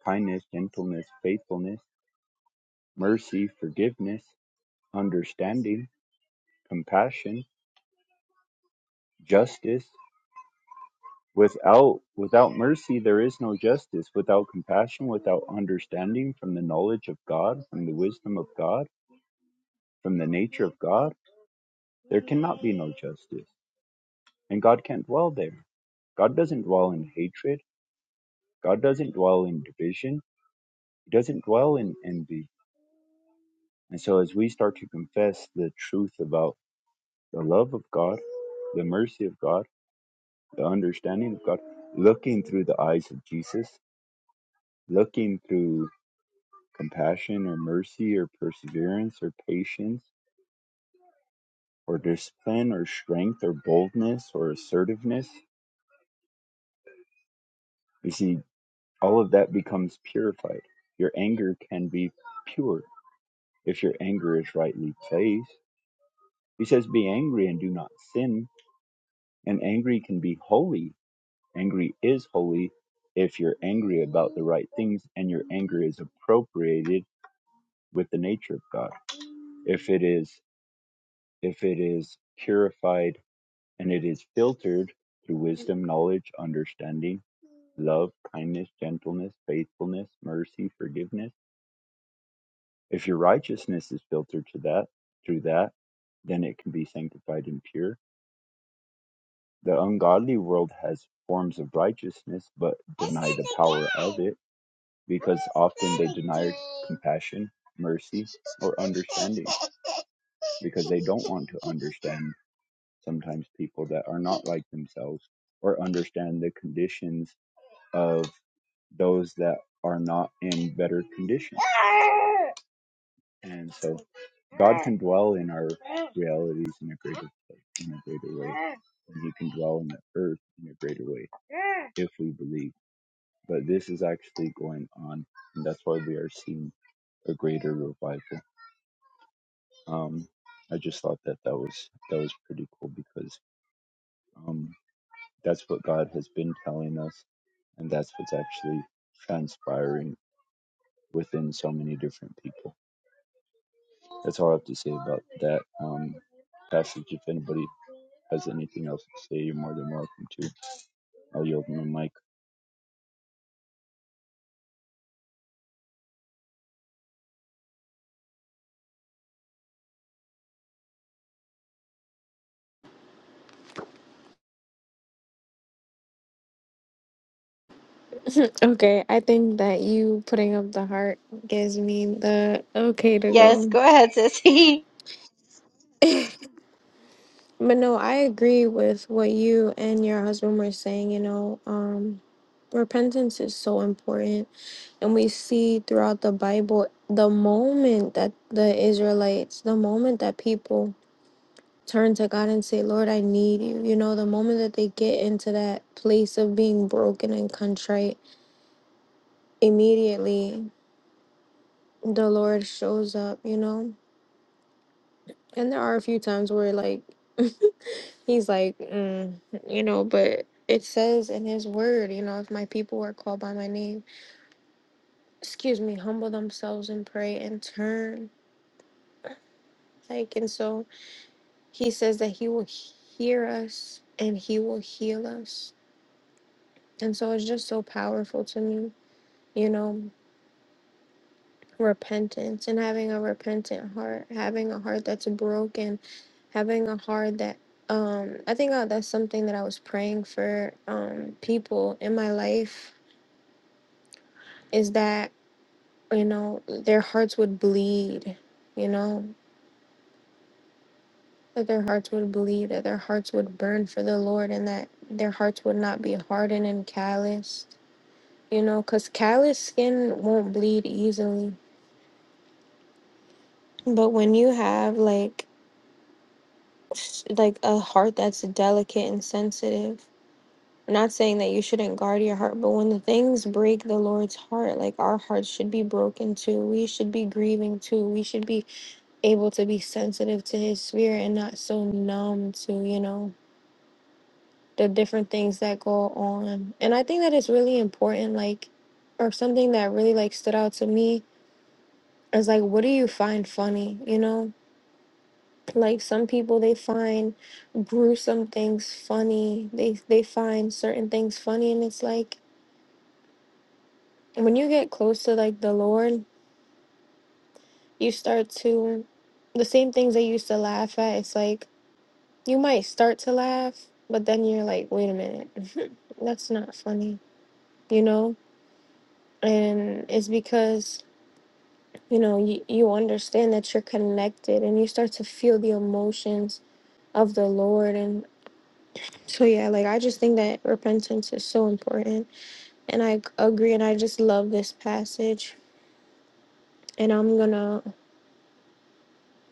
[SPEAKER 1] kindness, gentleness, faithfulness, mercy, forgiveness, understanding, compassion, justice. Without without mercy there is no justice. Without compassion, without understanding from the knowledge of God, from the wisdom of God, from the nature of God, there cannot be no justice. And God can't dwell there. God doesn't dwell in hatred. God doesn't dwell in division. He doesn't dwell in envy. And so, as we start to confess the truth about the love of God, the mercy of God, the understanding of God, looking through the eyes of Jesus, looking through compassion or mercy or perseverance or patience or discipline or strength or boldness or assertiveness, you see, all of that becomes purified. Your anger can be pure if your anger is rightly placed. He says, Be angry and do not sin And angry can be holy. Angry is holy if you're angry about the right things and your anger is appropriated with the nature of God. If it is if it is purified and it is filtered through wisdom, knowledge, understanding, love, kindness, gentleness, faithfulness, mercy, forgiveness. If your righteousness is filtered to that through that, then it can be sanctified and pure. The ungodly world has forms of righteousness but deny the power of it because often they deny compassion, mercy, or understanding because they don't want to understand sometimes people that are not like themselves or understand the conditions of those that are not in better condition. And so God can dwell in our realities in a greater place, in a greater way. And he can dwell in the earth in a greater way if we believe. But this is actually going on and that's why we are seeing a greater revival. Um, I just thought that that was that was pretty cool because um, that's what God has been telling us, and that's what's actually transpiring within so many different people. That's all I have to say about that um, passage. If anybody has anything else to say, you're more than welcome to. I'll yield my mic.
[SPEAKER 3] Okay, I think that you putting up the heart gives me the okay to
[SPEAKER 2] Yes,
[SPEAKER 3] go.
[SPEAKER 2] go ahead, sissy.
[SPEAKER 3] But no, I agree with what you and your husband were saying, you know, um, repentance is so important. And we see throughout the Bible the moment that the Israelites, the moment that people turn to God and say, Lord, I need you. You know, the moment that they get into that place of being broken and contrite, immediately the Lord shows up, you know? And there are a few times where, like, he's like, mm, you know, but it says in his word, you know, if my people are called by my name, excuse me, humble themselves and pray and turn. Like, and so he says that he will hear us and he will heal us. And so it's just so powerful to me, you know, repentance and having a repentant heart, having a heart that's broken, having a heart that um I think uh, that's something that I was praying for um people in my life is that you know their hearts would bleed, you know, that their hearts would bleed, that their hearts would burn for the Lord and that their hearts would not be hardened and calloused. You know, cuz callous skin won't bleed easily. But when you have like s- like a heart that's delicate and sensitive. I'm not saying that you shouldn't guard your heart, but when the things break the Lord's heart, like our hearts should be broken too. We should be grieving too. We should be able to be sensitive to His spirit and not so numb to, you know, the different things that go on. And I think that it's really important, like, or something that really like stood out to me is like, what do you find funny, you know? like some people they find gruesome things funny they they find certain things funny and it's like when you get close to like the lord you start to the same things they used to laugh at it's like you might start to laugh but then you're like wait a minute that's not funny you know and it's because you know you, you understand that you're connected and you start to feel the emotions of the lord and. So yeah, like I just think that repentance is so important, and I agree, and I just love this passage. And I'm gonna,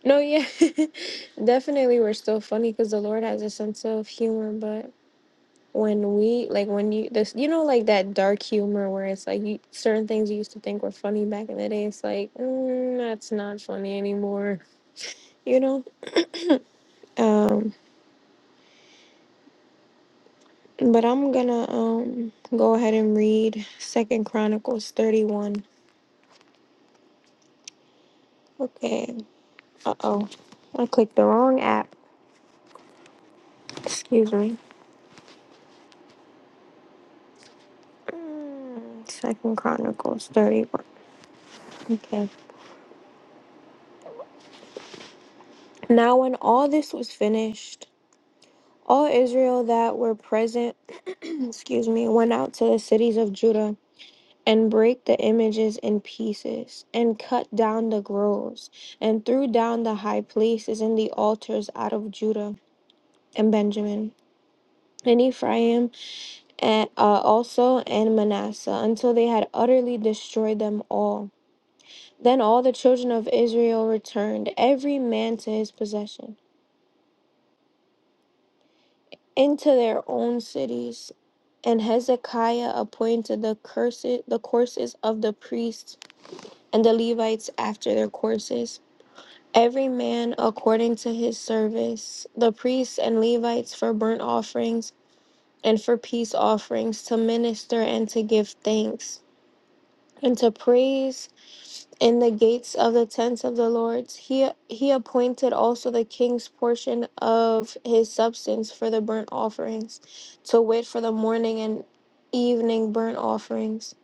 [SPEAKER 3] no, yeah, definitely, we're still funny because the Lord has a sense of humor. But when we, like, when you this, you know, like that dark humor where it's like you, certain things you used to think were funny back in the day, it's like mm, that's not funny anymore, you know. Um, but I'm gonna um go ahead and read Second Chronicles thirty one. Okay, Uh oh, I clicked the wrong app. Excuse me. Mm, Second Chronicles 31. Okay. Now, when all this was finished, all Israel that were present, excuse me, went out to the cities of Judah and brake the images in pieces and cut down the groves and threw down the high places and the altars out of Judah and Benjamin and Ephraim and uh, also and Manasseh until they had utterly destroyed them all Then all the children of Israel returned, every man to his possession, into their own cities. And Hezekiah appointed the curses, the courses of the priests and the Levites after their courses, every man according to his service, the priests and Levites for burnt offerings and for peace offerings, to minister and to give thanks, and to praise in the gates of the tents of the lords he he appointed also the king's portion of his substance for the burnt offerings to wit for the morning and evening burnt offerings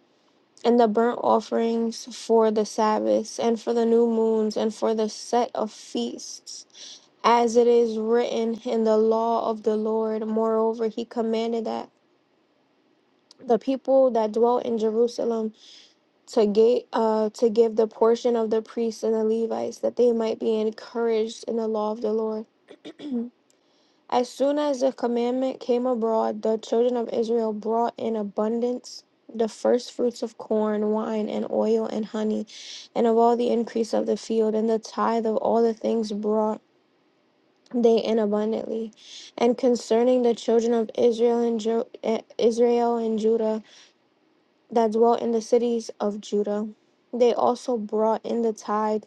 [SPEAKER 3] and the burnt offerings for the sabbaths and for the new moons and for the set of feasts as it is written in the law of the lord moreover he commanded that the people that dwelt in jerusalem to give, uh to give the portion of the priests and the Levites that they might be encouraged in the law of the Lord. As soon as the commandment came abroad, the children of Israel brought in abundance the first fruits of corn, wine, and oil, and honey, and of all the increase of the field, and the tithe of all the things brought they in abundantly. And concerning the children of Israel and Ju- eh, Israel and Judah, that dwell in the cities of Judah. They also brought in the tithe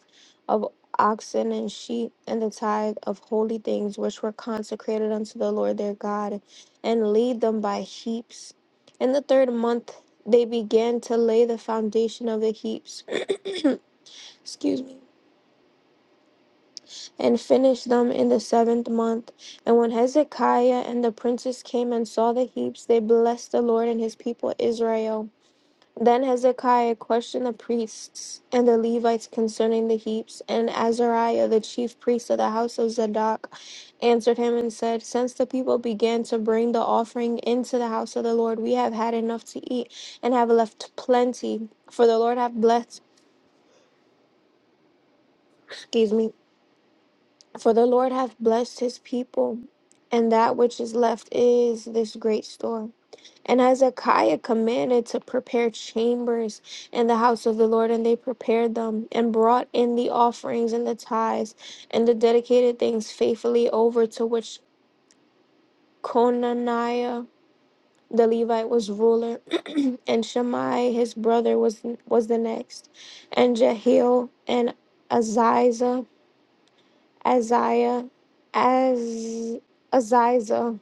[SPEAKER 3] of oxen and sheep, and the tithe of holy things which were consecrated unto the Lord their God, and laid them by heaps. In the third month they began to lay the foundation of the heaps. Excuse me. And finished them in the seventh month. And when Hezekiah and the princes came and saw the heaps, they blessed the Lord and his people Israel. Then Hezekiah questioned the priests and the Levites concerning the heaps, and Azariah, the chief priest of the house of Zadok, answered him and said, Since the people began to bring the offering into the house of the Lord, we have had enough to eat and have left plenty, for the Lord hath blessed, excuse me, for the Lord hath blessed his people, and that which is left is this great store. And Hezekiah commanded to prepare chambers in the house of the Lord, and they prepared them and brought in the offerings and the tithes and the dedicated things faithfully over to which Conaniah the Levite was ruler, and Shammai his brother was was the next, and Jehiel and Aziza, Aziah, Az, Aziza,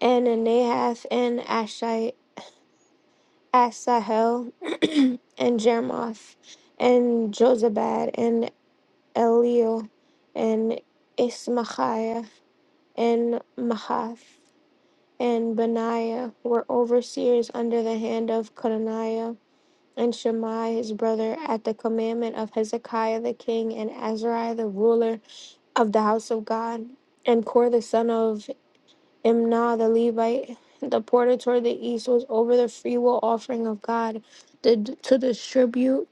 [SPEAKER 3] and Nahath and Ashai Asahel and Jermoth and Jozabad and Eliel and Ismachiah and Mahath and Benaiah were overseers under the hand of Conaniah and Shammai his brother at the commandment of Hezekiah the king and Azariah the ruler of the house of God and Kor the son of Imnah the Levite, the porter toward the east, was over the freewill offering of God to, to distribute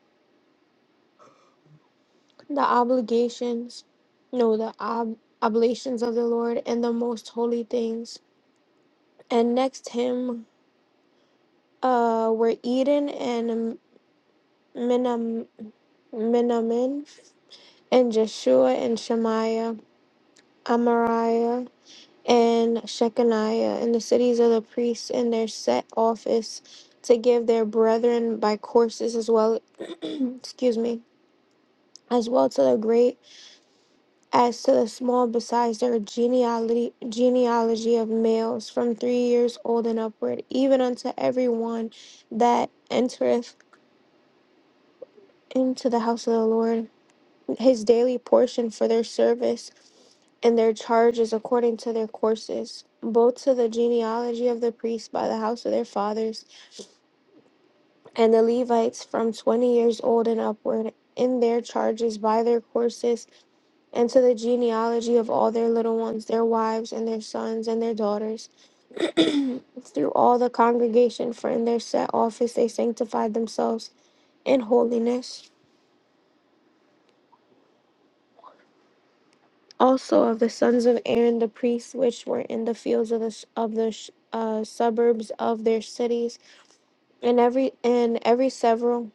[SPEAKER 3] the obligations, no, the ob, oblations of the Lord and the most holy things. And next him uh, were Eden and Minam, Minamin and Jeshua and Shemaiah, Amariah. and Shechaniah in the cities of the priests in their set office to give their brethren by courses as well excuse me as well to the great as to the small besides their genealogy genealogy of males from three years old and upward even unto every one that entereth into the house of the Lord his daily portion for their service and their charges according to their courses, both to the genealogy of the priests by the house of their fathers, and the Levites from twenty years old and upward, in their charges by their courses, and to the genealogy of all their little ones, their wives, and their sons, and their daughters. Through all the congregation, for in their set office they sanctified themselves in holiness. also of the sons of Aaron the priests which were in the fields of the s- of the sh- uh, suburbs of their cities and every and every several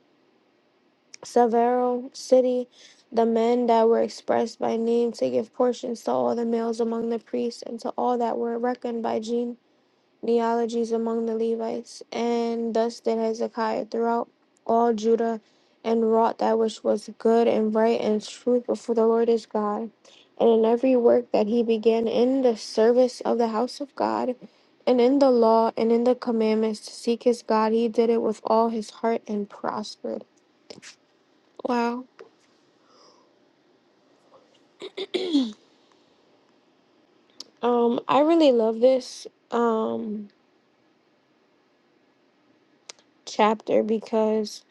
[SPEAKER 3] several city the men that were expressed by name to give portions to all the males among the priests and to all that were reckoned by Gene neologies among the Levites, and thus did Hezekiah throughout all Judah, and wrought that which was good and right and true before the Lord his God, and in every work that he began in the service of the house of God, and in the law and in the commandments to seek his God, he did it with all his heart and prospered. Wow. Um, I really love this um chapter because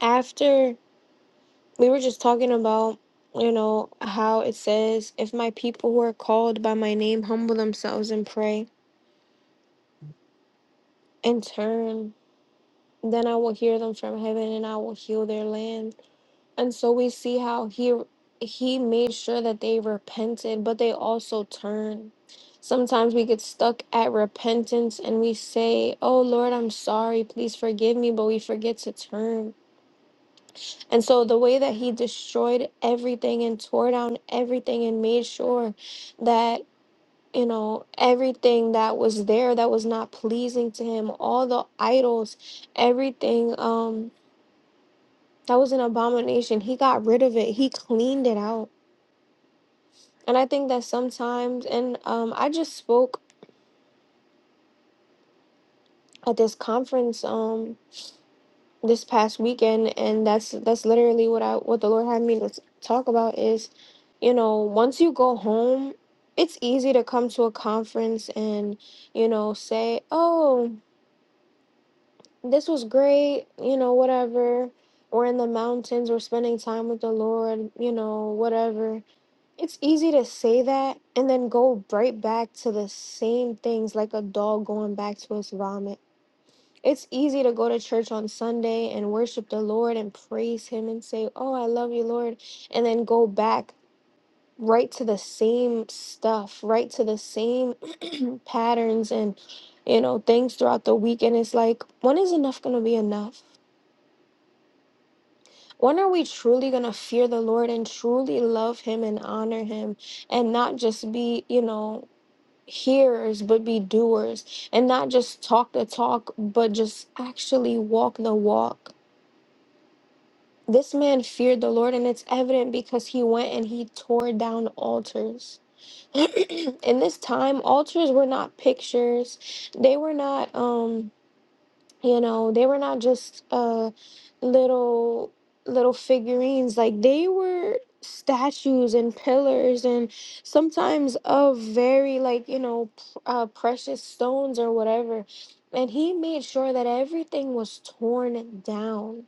[SPEAKER 3] after we were just talking about you know how it says if my people who are called by my name humble themselves and pray and turn then i will hear them from heaven and i will heal their land and so we see how he he made sure that they repented but they also turned sometimes we get stuck at repentance and we say oh lord i'm sorry please forgive me but we forget to turn And so the way that he destroyed everything and tore down everything and made sure that you know everything that was there that was not pleasing to him, all the idols, everything um that was an abomination, he got rid of it. He cleaned it out. And I think that sometimes and um I just spoke at this conference um this past weekend and that's that's literally what I what the Lord had me to s- talk about is you know once you go home it's easy to come to a conference and you know say oh this was great you know whatever we're in the mountains we're spending time with the Lord you know whatever it's easy to say that and then go right back to the same things like a dog going back to its vomit it's easy to go to church on Sunday and worship the Lord and praise Him and say, Oh, I love you, Lord, and then go back right to the same stuff, right to the same patterns and, you know, things throughout the week. And it's like, when is enough going to be enough? When are we truly going to fear the Lord and truly love Him and honor Him and not just be, you know, hearers, but be doers and not just talk the talk, but just actually walk the walk? This man feared the Lord, and it's evident because he went and he tore down altars. In this time, altars were not pictures. They were not, um, you know, they were not just uh, little little figurines. Like they were statues and pillars, and sometimes of very like you know p- uh, precious stones or whatever. And he made sure that everything was torn down.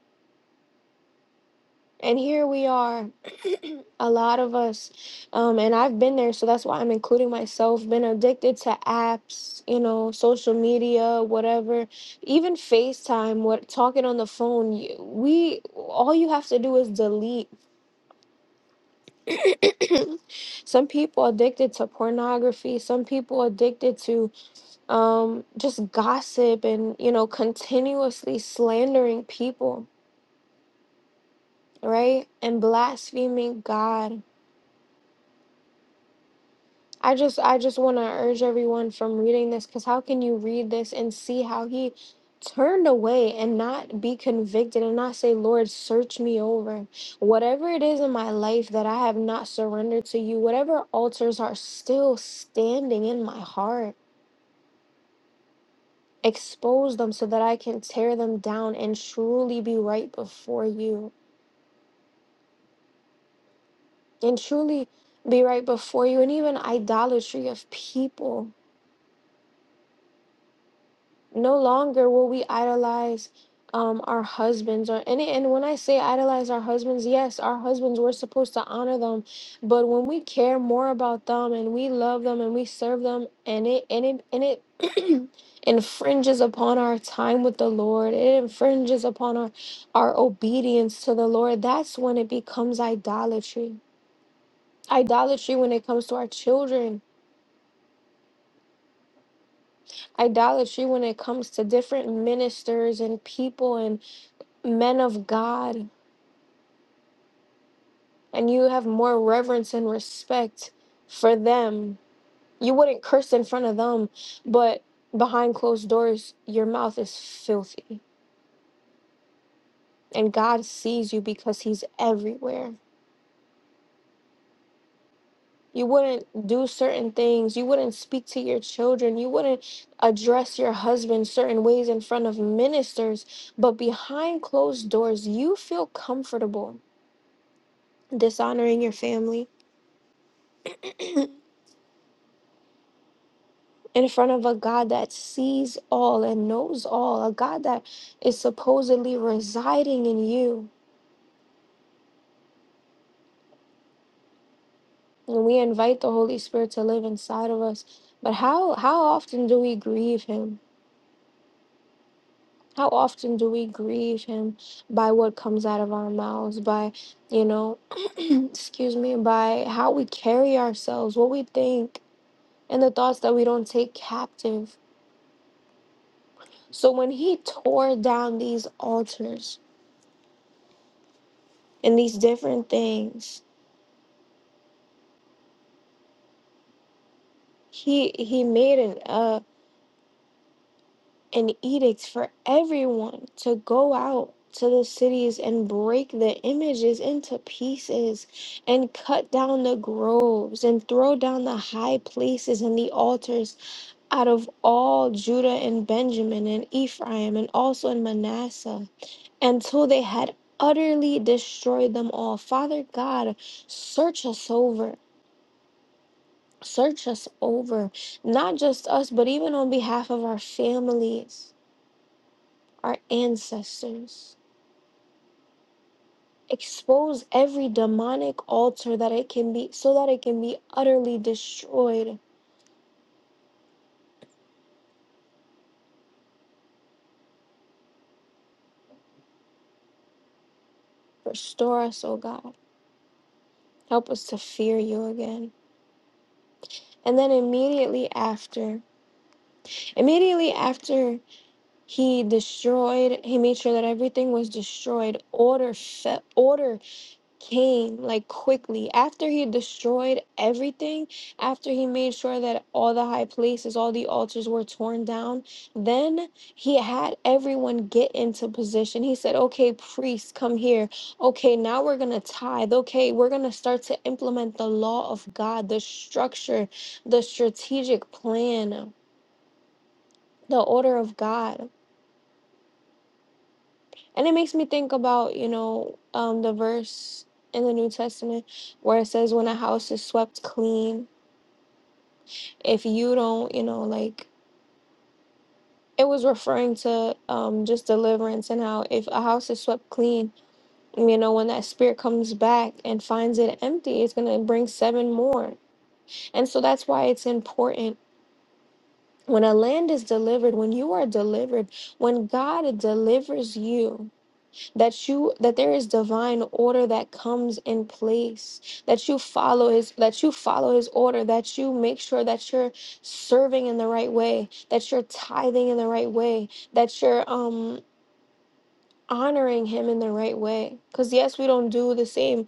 [SPEAKER 3] And here we are. A lot of us, um, and I've been there, so that's why I'm including myself. Been addicted to apps, you know, social media, whatever, even FaceTime. What talking on the phone? You, we all you have to do is delete. some people addicted to pornography. Some people addicted to um, just gossip and you know continuously slandering people, right? And blaspheming God I just I just want to urge everyone from reading this cuz how can you read this and see how he turned away and not be convicted and not say lord search me over whatever it is in my life that I have not surrendered to you whatever altars are still standing in my heart expose them so that I can tear them down and truly be right before you and truly be right before you and even idolatry of people no longer will we idolize um, our husbands or any and when i say idolize our husbands yes our husbands we're supposed to honor them but when we care more about them and we love them and we serve them and it and it and it infringes upon our time with the lord it infringes upon our our obedience to the lord that's when it becomes idolatry idolatry when it comes to our children idolatry when it comes to different ministers and people and. men of God and you have more reverence and respect for them. You wouldn't curse in front of them, but behind closed doors, your mouth is filthy. And God sees you because He's everywhere. You wouldn't do certain things. You wouldn't speak to your children. You wouldn't address your husband certain ways in front of ministers. But behind closed doors, you feel comfortable dishonoring your family. in front of a God that sees all and knows all, a God that is supposedly residing in you. And we invite the Holy Spirit to live inside of us. But how how often do we grieve him? How often do we grieve him by what comes out of our mouths, by, you know, excuse me, by how we carry ourselves, what we think, and the thoughts that we don't take captive. So when he tore down these altars and these different things, he he made an uh an edict for everyone to go out to the cities and break the images into pieces and cut down the groves and throw down the high places and the altars out of all Judah and Benjamin and Ephraim and also in Manasseh until they had utterly destroyed them all. Father God, search us over. Search us over, not just us, but even on behalf of our families, our ancestors. Expose every demonic altar that it can be, so that it can be utterly destroyed. Restore us, O God. Help us to fear you again. And then immediately after, immediately after he destroyed, he made sure that everything was destroyed. Order, fe- order came like quickly after he destroyed everything after he made sure that all the high places all the altars were torn down then he had everyone get into position he said okay priests come here okay now we're gonna tithe okay we're gonna start to implement the law of god the structure the strategic plan the order of god And it makes me think about, you know, um, the verse in the New Testament where it says, when a house is swept clean, if you don't, you know, like it was referring to um, just deliverance and how if a house is swept clean, you know, when that spirit comes back and finds it empty, it's going to bring seven more. And so that's why it's important. When a land is delivered, when you are delivered, when God delivers you, that you that there is divine order that comes in place that you follow his that you follow his order that you make sure that you're serving in the right way that you're tithing in the right way that you're um honoring him in the right way cuz yes we don't do the same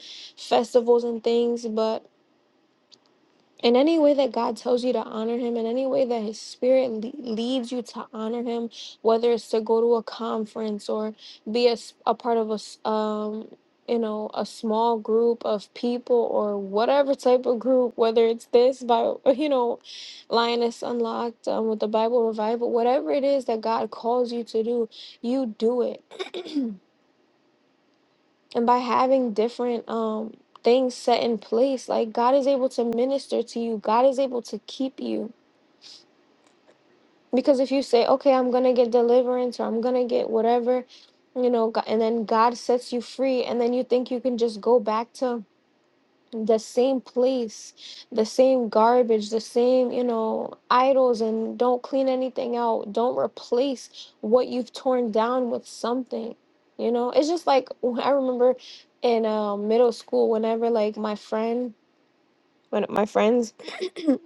[SPEAKER 3] festivals and things but in any way that God tells you to honor him, in any way that his spirit le- leads you to honor him, whether it's to go to a conference or be a, s- a part of a, s- um, you know, a small group of people or whatever type of group, whether it's this by, you know, Lioness Unlocked um, with the Bible Revival, whatever it is that God calls you to do, you do it. And by having different, um, things set in place like god is able to minister to you god is able to keep you Because if you say, okay, I'm going to get deliverance or I'm going to get whatever, you know, Go- and then God sets you free, and then you think you can just go back to the same place, the same garbage, the same, you know, idols, and don't clean anything out. Don't replace what you've torn down with something. You know, it's just like I remember in um, middle school, whenever like my friend, when my friends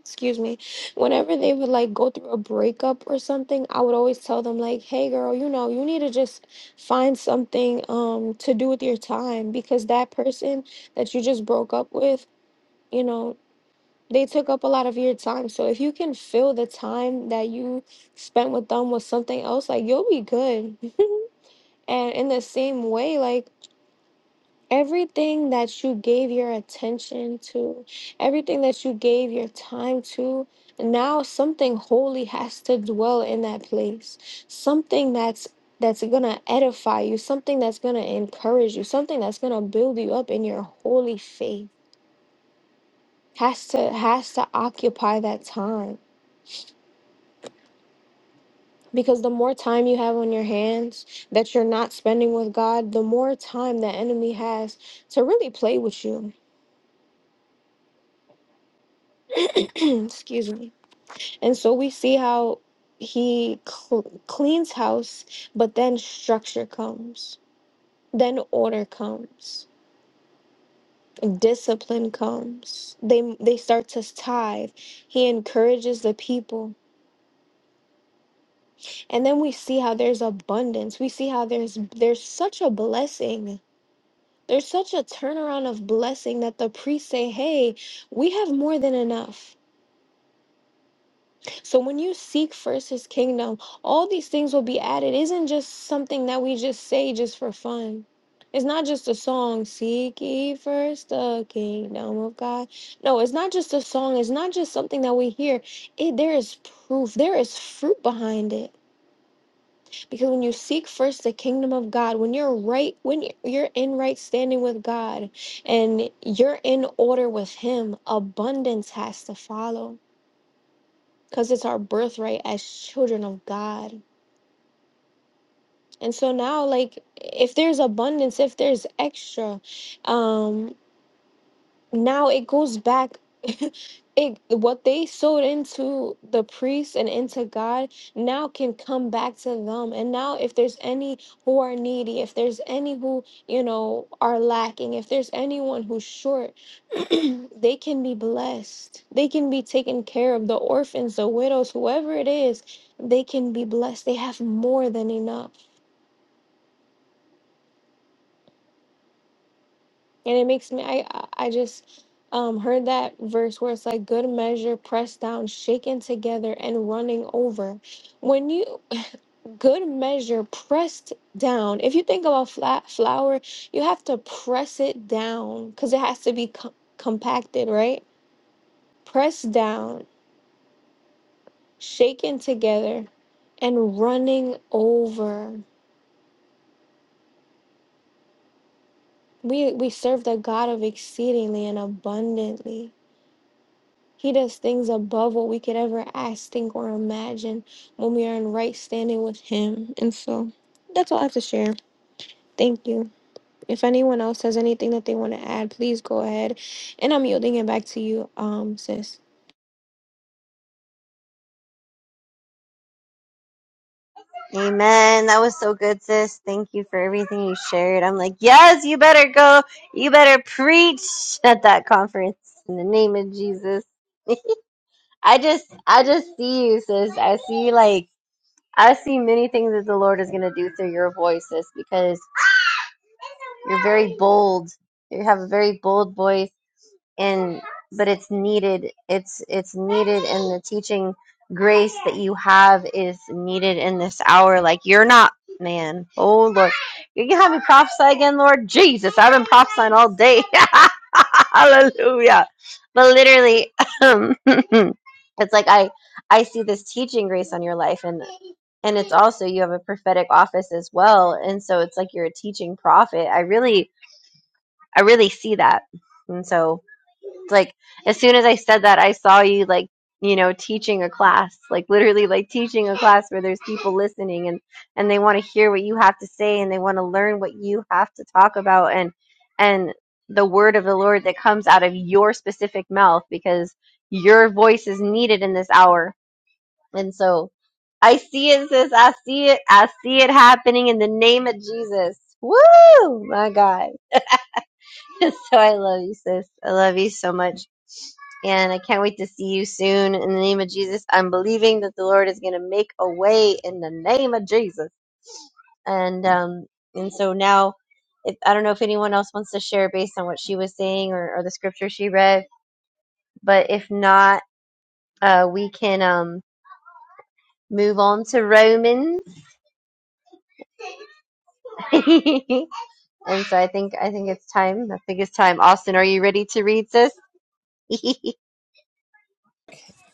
[SPEAKER 3] excuse me, whenever they would like go through a breakup or something, I would always tell them like, "Hey girl, you know, you need to just find something um to do with your time because that person that you just broke up with, you know, they took up a lot of your time. So if you can fill the time that you spent with them with something else, like you'll be good." and in the same way, like everything that you gave your attention to, everything that you gave your time to, now something holy has to dwell in that place. Something that's that's going to edify you, something that's going to encourage you, something that's going to build you up in your holy faith. Has to has to occupy that time. Because the more time you have on your hands that you're not spending with God, the more time the enemy has to really play with you. Excuse me And so we see how he cl- cleans house, but then structure comes. Then order comes. Discipline comes. They they start to tithe. He encourages the people. And then we see how there's abundance. We see how there's there's such a blessing. There's such a turnaround of blessing that the priests say, "Hey, we have more than enough." So when you seek first his kingdom, all these things will be added. Isn't just something that we just say just for fun. It's not just a song, seek ye first the kingdom of God. No, it's not just a song. It's not just something that we hear. It there is proof, there is fruit behind it. Because when you seek first the kingdom of God, when you're right, when you're in right standing with God and you're in order with him, abundance has to follow because it's our birthright as children of God. And so now, like, if there's abundance, if there's extra, um, now it goes back it what they sowed into the priests and into God now can come back to them and now if there's any who are needy if there's any who you know are lacking if there's anyone who's short they can be blessed they can be taken care of the orphans the widows whoever it is they can be blessed they have more than enough And it makes me I I I just um heard that verse where it's like good measure pressed down, shaken together and running over. When you good measure pressed down, if you think about flat flour, you have to press it down cuz it has to be co- compacted, right? Pressed down, shaken together and running over. We we serve the God of exceedingly and abundantly. He does things above what we could ever ask, think, or imagine when we are in right standing with Him. And so that's all I have to share. Thank you. If anyone else has anything that they want to add, please go ahead. And I'm yielding it back to you, um, sis.
[SPEAKER 2] Amen. That was so good, sis. Thank you for everything you shared. I'm like, yes, you better go. You better preach at that conference in the name of Jesus. I just, I just see you, sis. I see like, I see many things that the Lord is going to do through your voice, sis, because you're very bold. You have a very bold voice and but it's needed it's it's needed and the teaching grace that you have is needed in this hour like you're not man oh lord you can have me prophesy again lord jesus i've been prophesying all day hallelujah but literally it's like i i see this teaching grace on your life and and it's also you have a prophetic office as well and so it's like you're a teaching prophet i really i really see that and so like as soon as I said that, I saw you like you know teaching a class, like literally like teaching a class where there's people listening and and they want to hear what you have to say and they want to learn what you have to talk about and and the word of the Lord that comes out of your specific mouth because your voice is needed in this hour. And so I see it, sis. I see it. I see it happening in the name of Jesus. Woo! My God. so I love you, sis. I love you so much. And I can't wait to see you soon. In the name of Jesus, I'm believing that the Lord is going to make a way in the name of Jesus. And um, and so now, if I don't know if anyone else wants to share based on what she was saying or, or the scripture she read, but if not, uh, we can um move on to Romans. and so I think I think it's time. I think it's time. Austin, are you ready to read this?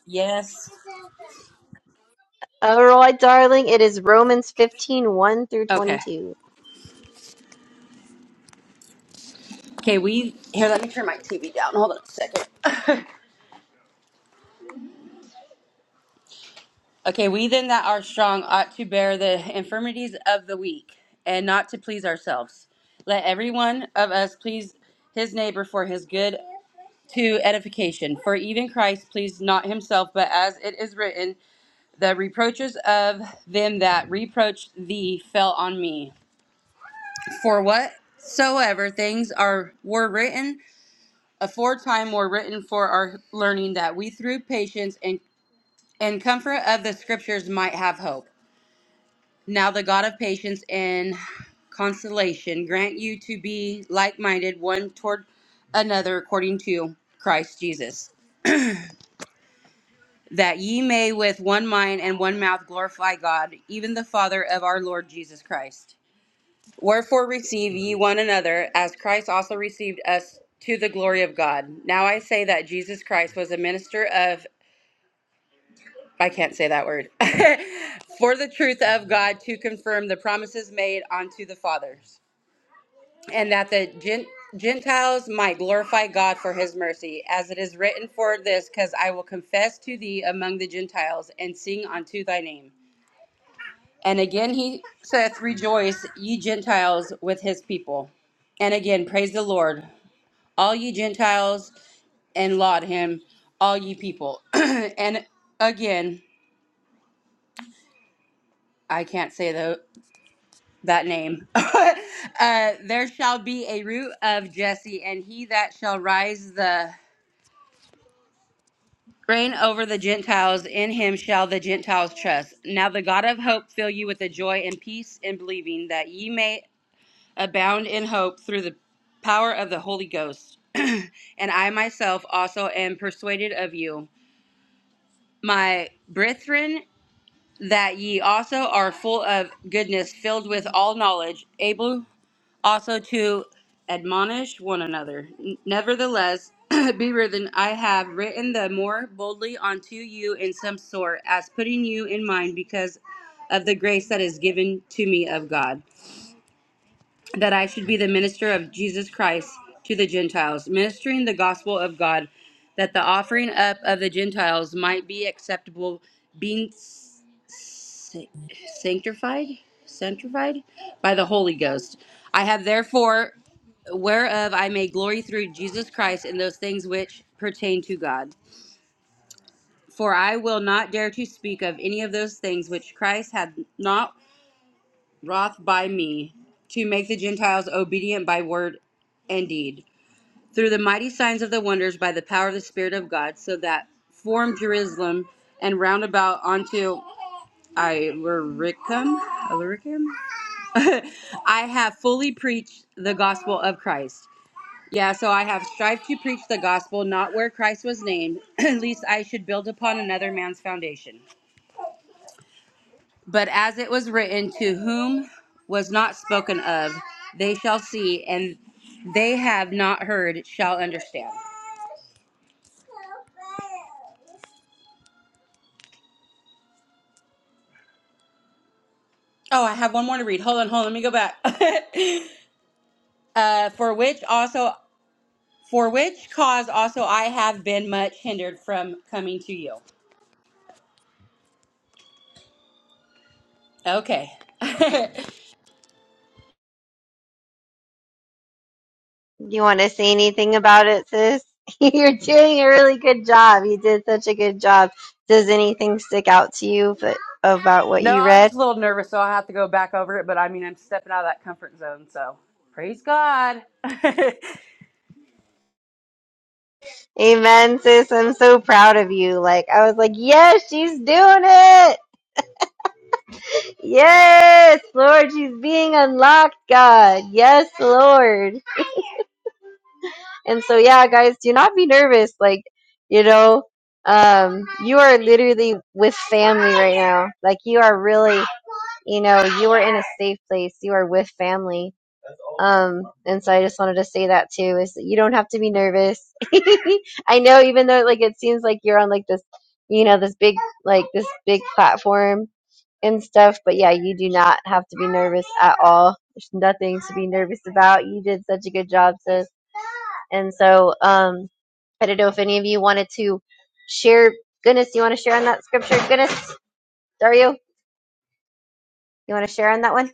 [SPEAKER 4] Yes.
[SPEAKER 2] All right, darling. It is Romans 15, one through
[SPEAKER 4] Okay.
[SPEAKER 2] 22.
[SPEAKER 4] Okay, we here. Let me turn my TV down. Hold on a second. Okay, we then that are strong ought to bear the infirmities of the weak and not to please ourselves. Let every one of us please his neighbor for his good to edification. For even Christ pleased not himself, but as it is written, the reproaches of them that reproached thee fell on me. For whatsoever things are were written aforetime were written for our learning that we through patience and, and comfort of the scriptures might have hope. Now the God of patience and consolation grant you to be like minded one toward another according to Christ Jesus, that ye may with one mind and one mouth glorify God, even the Father of our Lord Jesus Christ. Wherefore receive ye one another, as Christ also received us to the glory of God. Now I say that Jesus Christ was a minister of I can't say that word. For the truth of God to confirm the promises made unto the fathers, and that the Gen- Gentiles might glorify God for his mercy, as it is written for this, because I will confess to thee among the Gentiles and sing unto thy name. And again he saith, Rejoice, ye Gentiles, with his people. And again, praise the Lord, all ye Gentiles, and laud him, all ye people. and again, I can't say the. that name. uh, there shall be a root of Jesse, and he that shall rise the reign over the Gentiles, in him shall the Gentiles trust. Now the God of hope fill you with the joy and peace in believing, that ye may abound in hope through the power of the Holy Ghost. and I myself also am persuaded of you, my brethren, that ye also are full of goodness, filled with all knowledge, able also to admonish one another. Nevertheless, be written, I have written the more boldly unto you in some sort, as putting you in mind because of the grace that is given to me of God, that I should be the minister of Jesus Christ to the Gentiles, ministering the gospel of God, that the offering up of the Gentiles might be acceptable, being sanctified sanctified by the holy ghost i have therefore whereof i may glory through jesus christ in those things which pertain to god for i will not dare to speak of any of those things which christ hath not wrought by me to make the gentiles obedient by word and deed through the mighty signs of the wonders by the power of the spirit of god so that formed jerusalem and round about unto Illyricum, Illyricum, I have fully preached the gospel of Christ. Yeah, so I have strived to preach the gospel not where Christ was named, least I should build upon another man's foundation. But as it was written, to whom was not spoken of, they shall see, and they have not heard shall understand. Oh, I have one more to read. Hold on, hold on. Let me go back. uh, for which also, for which cause also I have been much hindered from coming to you. Okay.
[SPEAKER 2] you want to say anything about it, sis? You're doing a really good job. You did such a good job. Does anything stick out to you but about what
[SPEAKER 4] No,
[SPEAKER 2] you
[SPEAKER 4] I was
[SPEAKER 2] read?
[SPEAKER 4] just a little nervous, so I have to go back over it. But I mean, I'm stepping out of that comfort zone, so praise God. I
[SPEAKER 2] Amen, sis. I'm so proud of you. Like, I was like, yes, she's doing it. Yes, Lord, she's being unlocked, God. Yes, Lord. And so, yeah, guys, do not be nervous. Like, you know, um, you are literally with family right now. Like, you are really you know, you are in a safe place. You are with family. Um, and so I just wanted to say that too, is that you don't have to be nervous. I know even though like it seems like you're on like this, you know, this big like this big platform and stuff, but yeah, you do not have to be nervous at all. There's nothing to be nervous about. You did such a good job, sis. And so, um, I don't know if any of you wanted to share goodness, you want to share on that scripture? Goodness, Dario, you want to share on that one?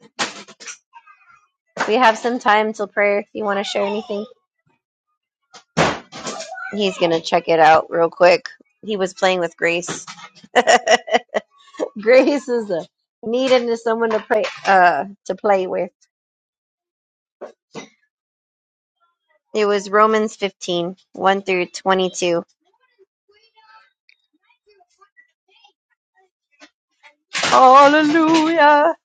[SPEAKER 2] We have some time till prayer if you want to share anything. He's going to check it out real quick. He was playing with Grace. Grace is a needed to someone to pray uh to play with. It was Romans fifteen one through 22. Hallelujah.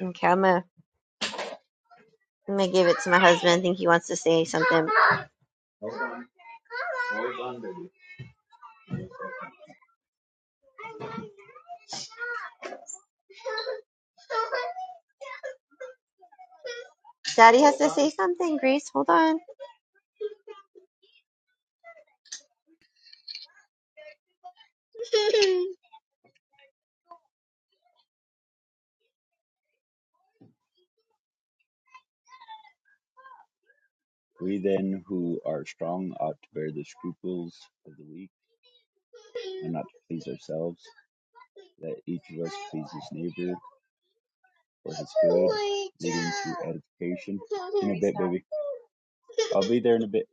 [SPEAKER 2] Okay, I'm gonna, I'm gonna give it to my husband. I think he wants to say something. Daddy has to say something. Grace, hold on.
[SPEAKER 1] We then who are strong ought to bear the scruples of the weak and not to please ourselves. Let each of us please his neighbor for his good, leading to edification. In a bit, baby. I'll be there in a bit.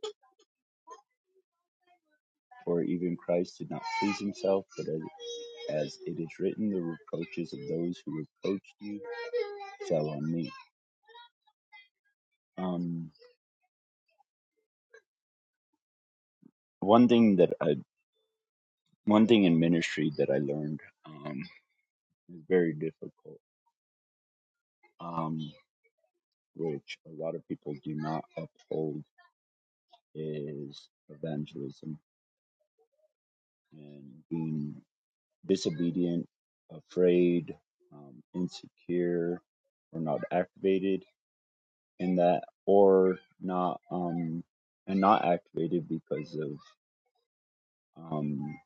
[SPEAKER 1] For even Christ did not please himself, but as, as it is written, the reproaches of those who reproached you fell on me. Um, one thing that I, one thing in ministry that I learned um, is very difficult, um, which a lot of people do not uphold, is evangelism and being disobedient, afraid, um, insecure, or not activated in that, or not um, and not activated because of um,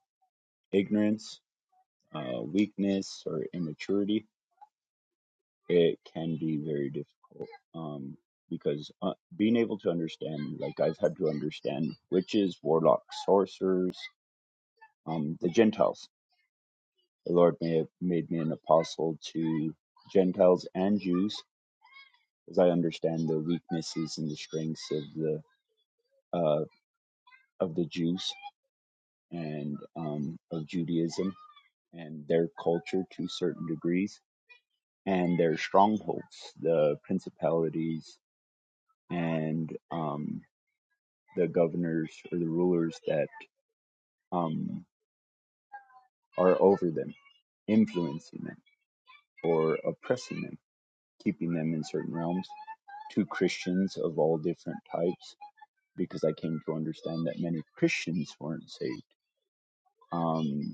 [SPEAKER 1] ignorance, uh, weakness, or immaturity. It can be very difficult um, because uh, being able to understand, like I've had to understand, witches, warlocks, sorcerers, um, the Gentiles. The Lord may have made me an apostle to Gentiles and Jews because I understand the weaknesses and the strengths of the uh, of the Jews and um, of Judaism and their culture to certain degrees and their strongholds, the principalities and um, the governors or the rulers that um, are over them, influencing them or oppressing them, keeping them in certain realms. To Christians of all different types, because I came to understand that many Christians weren't saved. Um,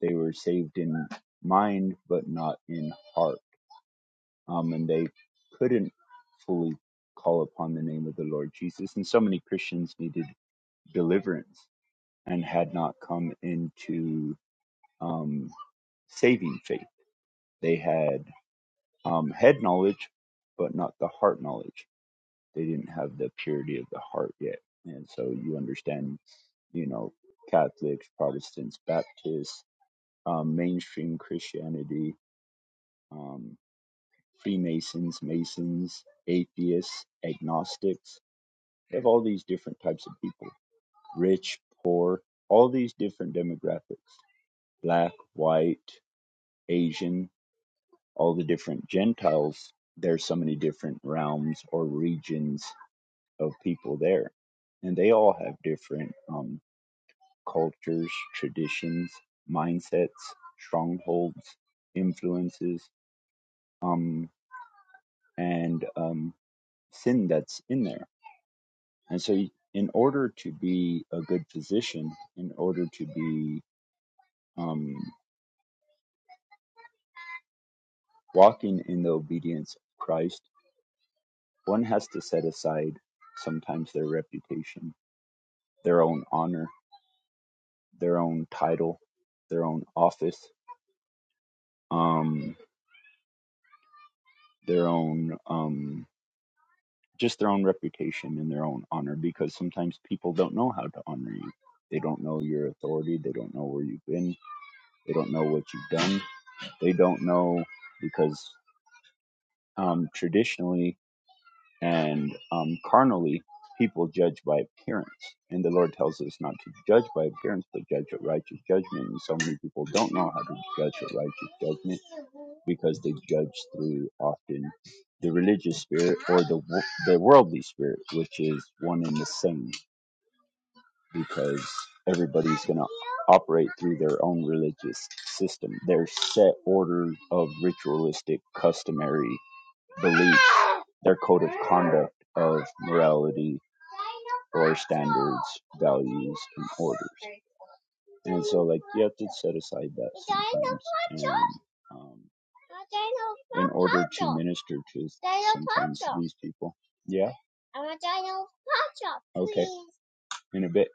[SPEAKER 1] They were saved in mind, but not in heart. Um, and they couldn't fully call upon the name of the Lord Jesus. And so many Christians needed deliverance and had not come into um, saving faith. They had um, head knowledge, but not the heart knowledge. They didn't have the purity of the heart yet. And so you understand, you know, Catholics, Protestants, Baptists, um, mainstream Christianity. Um, Freemasons, Masons, atheists, agnostics. They have all these different types of people rich, poor, all these different demographics black, white, Asian, all the different Gentiles. There's so many different realms or regions of people there. And they all have different um, cultures, traditions, mindsets, strongholds, influences, um, and um, sin that's in there And so, y- in order to be a good physician, in order to be um, walking in the obedience of Christ, one has to set aside sometimes their reputation, their own honor, their own title, their own office, um, their own um, just their own reputation and their own honor, because sometimes people don't know how to honor you. They don't know your authority. They don't know where you've been. They don't know what you've done. They don't know because um, traditionally and um, carnally, people judge by appearance. And the Lord tells us not to judge by appearance, but judge with righteous judgment. And so many people don't know how to judge with righteous judgment because they judge through often the religious spirit or the wo- the worldly spirit, which is one and the same, because everybody's going to operate through their own religious system, their set order of ritualistic, customary beliefs, their code of conduct of morality or standards, values, and orders. And so, like, you have to set aside that sometimes. And, um, in order to minister to sometimes these people. Yeah? Okay. In a bit.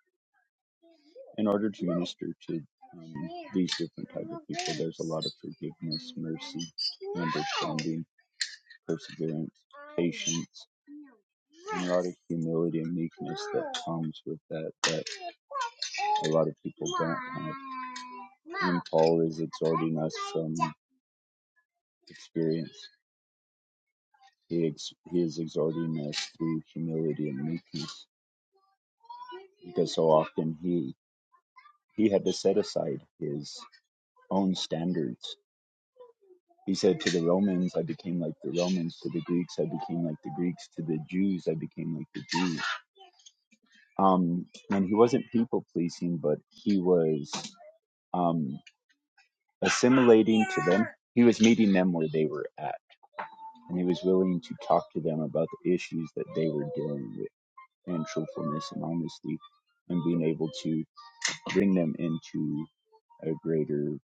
[SPEAKER 1] In order to minister to um, these different type of people, there's a lot of forgiveness, mercy, understanding, perseverance, patience. and a lot of humility and meekness that comes with that that a lot of people don't have. And Paul is exhorting us from experience. He ex- he is exhorting us through humility and meekness because so often he he had to set aside his own standards. He said to the Romans, I became like the Romans. To the Greeks, I became like the Greeks. To the Jews, I became like the Jews. Um, and he wasn't people pleasing, but he was. Um, assimilating to them. He was meeting them where they were at, and he was willing to talk to them about the issues that they were dealing with, and truthfulness and honesty, and being able to bring them into a greater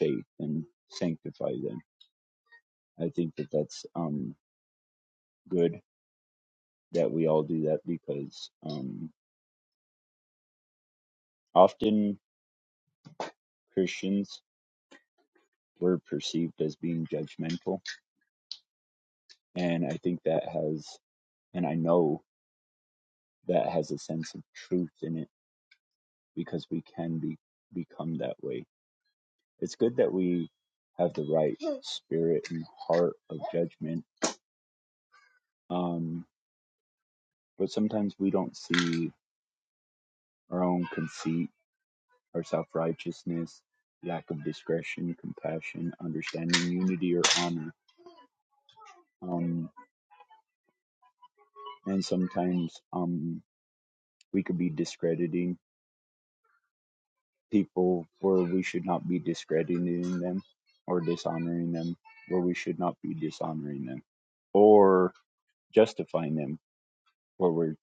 [SPEAKER 1] faith and sanctify them. I think that that's um, good that we all do that because um, often Christians were perceived as being judgmental, and I think that has, and I know that has a sense of truth in it because we can be become that way. It's good that we have the right spirit and heart of judgment. Um, but sometimes we don't see our own conceit, our self righteousness, lack of discretion, compassion, understanding, unity, or honor. Um, and sometimes um, we could be discrediting people where we should not be discrediting them or dishonoring them where we should not be dishonoring them or justifying them where we're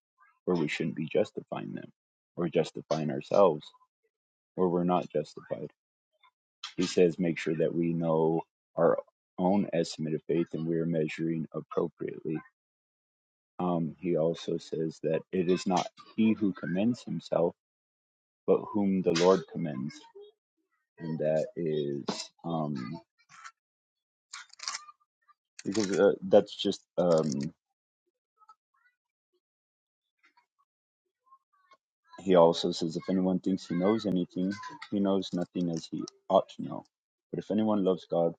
[SPEAKER 1] where we shouldn't be justifying them or justifying ourselves where we're not justified he says make sure that we know our own estimate of faith and we're measuring appropriately um, he also says that it is not he who commends himself but whom the lord commends and that is um, because uh, that's just um, He also says, If anyone thinks he knows anything, he knows nothing as he ought to know. But if anyone loves God,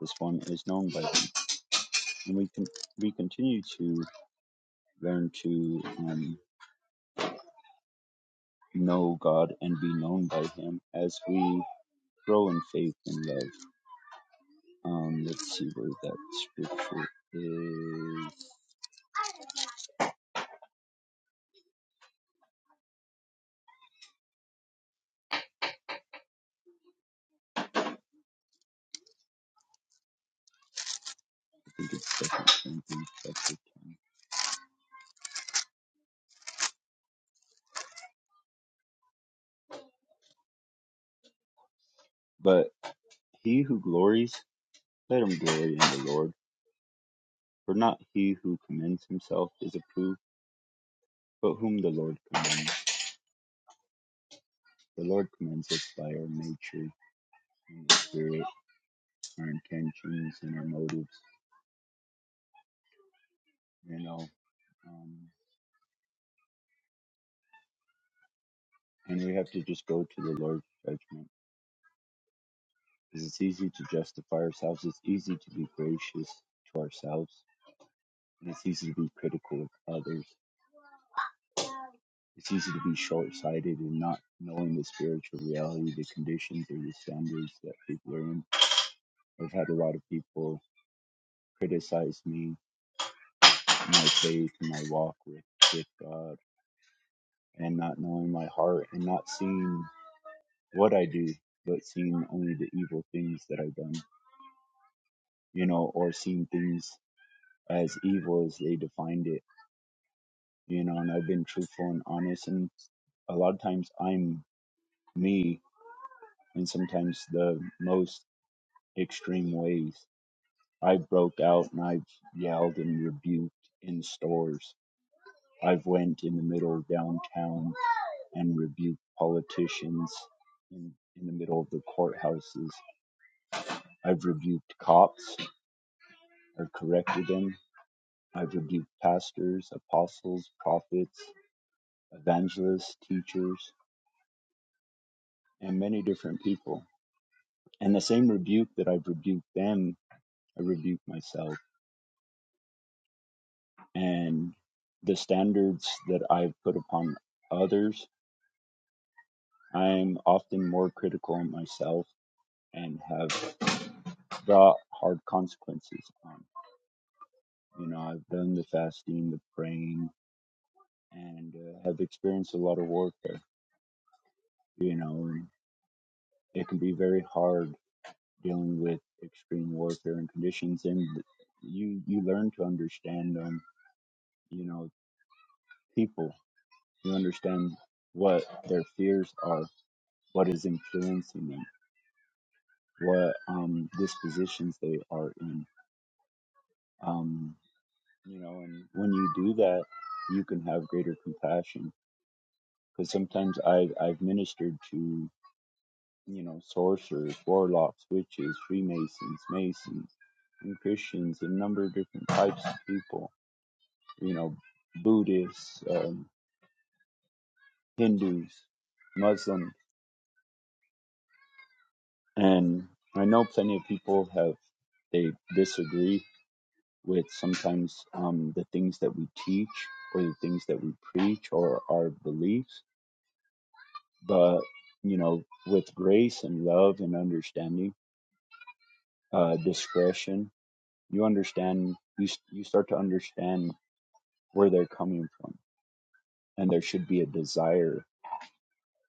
[SPEAKER 1] this one is known by him. And we can we continue to learn to um, know God and be known by him as we grow in faith and love. Um, let's see where that scripture is. I think it's second Corinthians chapter ten. But he who glories, let him glory in the Lord. For not he who commends himself is approved But whom the Lord commands, the Lord commands us by our nature and the spirit, our intentions and our motives, you know. Um, and we have to just go to the Lord's judgment because it's easy to justify ourselves, it's easy to be gracious to ourselves, and it's easy to be critical of others. It's easy to be short sighted and not knowing the spiritual reality, the conditions or the standards that people are in. I've had a lot of people criticize me, my faith, my walk with with God and not knowing my heart and not seeing what I do, but seeing only the evil things that I've done, you know, or seeing things as evil as they defined it, you know, and I've been truthful and honest. And a lot of times I'm me and sometimes the most extreme ways. I broke out and I've yelled and rebuked in stores. I've went in the middle of downtown and rebuked politicians in, in the middle of the courthouses. I've rebuked cops. I've corrected them. I've rebuked pastors, apostles, prophets, evangelists, teachers, and many different people. And the same rebuke that I've rebuked them, I rebuke myself. And the standards that I've put upon others, I'm often more critical on myself and have brought hard consequences on. You know, I've done the fasting, the praying, and uh, have experienced a lot of warfare, you know, and it can be very hard dealing with extreme warfare and conditions and you you learn to understand um you know people you understand what their fears are what is influencing them what um dispositions they are in um you know and when you do that you can have greater compassion because sometimes i i've ministered to you know, sorcerers, warlocks, witches, Freemasons, Masons, and Christians, a number of different types of people, you know, Buddhists, um, Hindus, Muslims. And I know plenty of people have, they disagree with sometimes um, the things that we teach or the things that we preach or our beliefs. But, you know, with grace and love and understanding, uh, discretion, you understand you you start to understand where they're coming from and there should be a desire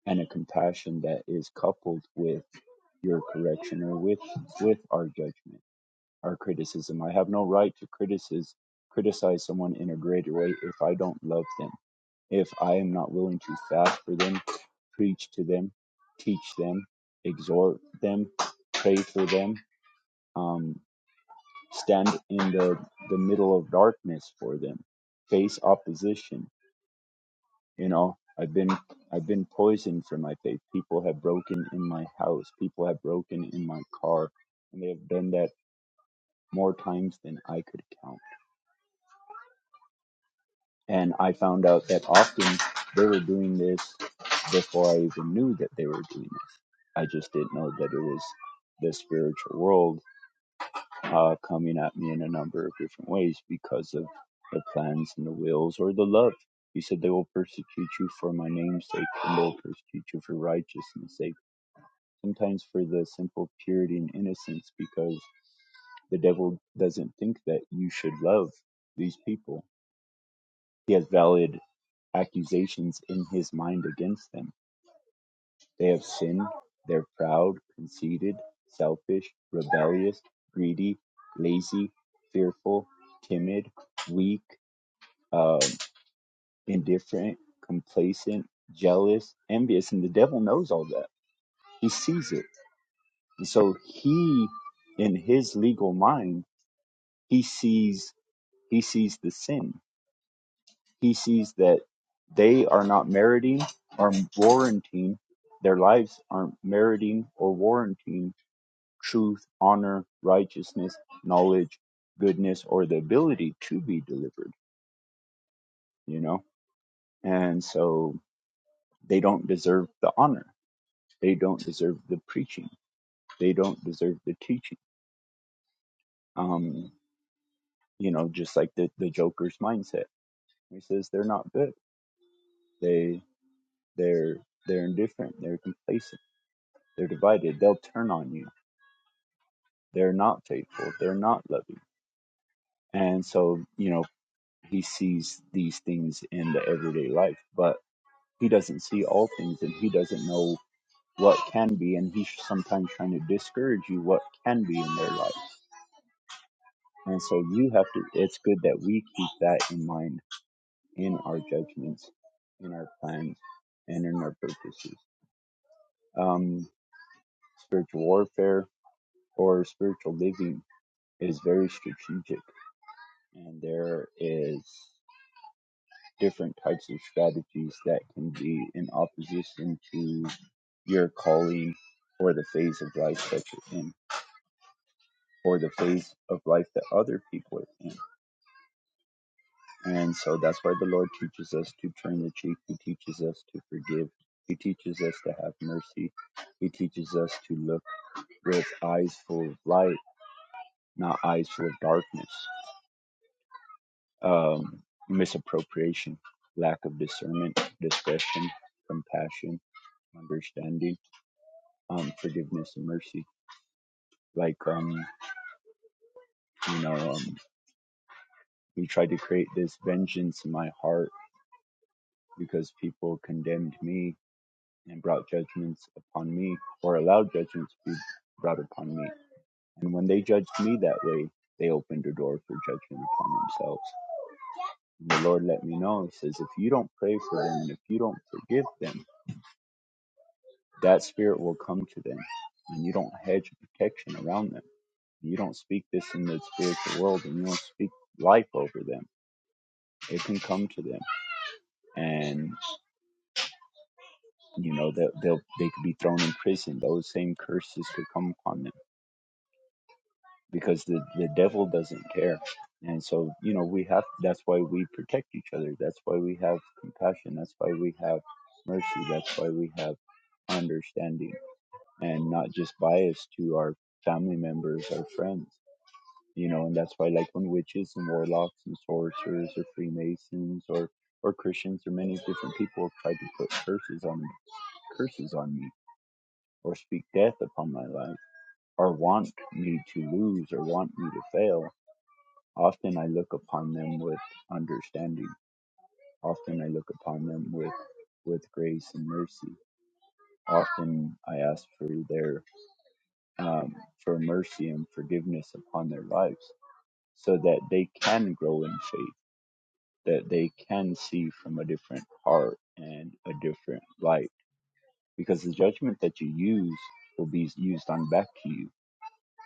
[SPEAKER 1] and a compassion that is coupled with your correction or with with our judgment our criticism i have no right to criticize criticize someone in a greater way if i don't love them if i am not willing to fast for them preach to them teach them exhort them pray for them um, stand in the the middle of darkness for them face opposition you know i've been i've been poisoned for my faith people have broken in my house people have broken in my car and they have done that more times than i could count and i found out that often they were doing this before i even knew that they were doing this i just didn't know that it was the spiritual world uh, coming at me in a number of different ways because of the plans and the wills or the love. He said, They will persecute you for my name's sake, and they'll persecute you for righteousness' sake. Sometimes for the simple purity and innocence, because the devil doesn't think that you should love these people. He has valid accusations in his mind against them. They have sinned. They're proud, conceited, selfish, rebellious, greedy, lazy, fearful, timid, weak, um, indifferent, complacent, jealous, envious. And the devil knows all that. He sees it. And so he, in his legal mind, he sees, he sees the sin. He sees that they are not meriting or warranting, their lives aren't meriting or warranting truth, honor, righteousness, knowledge, goodness, or the ability to be delivered, you know? And so they don't deserve the honor. They don't deserve the preaching. They don't deserve the teaching. Um, you know, just like the, the Joker's mindset. He says they're not good. They they're they're indifferent, they're complacent, they're divided, they'll turn on you. They're not faithful, they're not loving. And so, you know, he sees these things in the everyday life. But He doesn't see all things and he doesn't know what can be. And he's sometimes trying to discourage you what can be in their life. And so you have to, it's good that we keep that in mind in our judgments, in our plans, and in our purposes. Um, spiritual warfare or spiritual living is very strategic. And there is different types of strategies that can be in opposition to your calling or the phase of life that you're in or the phase of life that other people are in. And so that's why the Lord teaches us to turn the cheek. He teaches us to forgive. He teaches us to have mercy. He teaches us to look with eyes full of light, not eyes full of darkness, um, misappropriation, lack of discernment, discretion, compassion, understanding, um, forgiveness, and mercy. Like, um, you know, um, we tried to create this vengeance in my heart because people condemned me and brought judgments upon me, or allowed judgments to be brought upon me. And when they judged me that way, they opened a door for judgment upon themselves. And the Lord let me know, He says, if you don't pray for them and if you don't forgive them, that spirit will come to them, and you don't hedge protection around them. You don't speak this in the spiritual world, and you don't speak life over them. It can come to them, and you know that they'll, they'll they could be thrown in prison. Those same curses could come upon them because the, the devil doesn't care. And so, you know, we have, that's why we protect each other. That's why we have compassion. That's why we have mercy. That's why we have understanding and not just bias to our family members, our friends, you know, and that's why like when witches and warlocks and sorcerers or Freemasons or, or Christians or many different people have tried to put curses on me, curses on me or speak death upon my life or want me to lose or want me to fail Often I look upon them with understanding. Often I look upon them with with grace and mercy. Often I ask for their um, for mercy and forgiveness upon their lives, so that they can grow in faith, that they can see from a different heart and a different light. Because the judgment that you use will be used on back to you.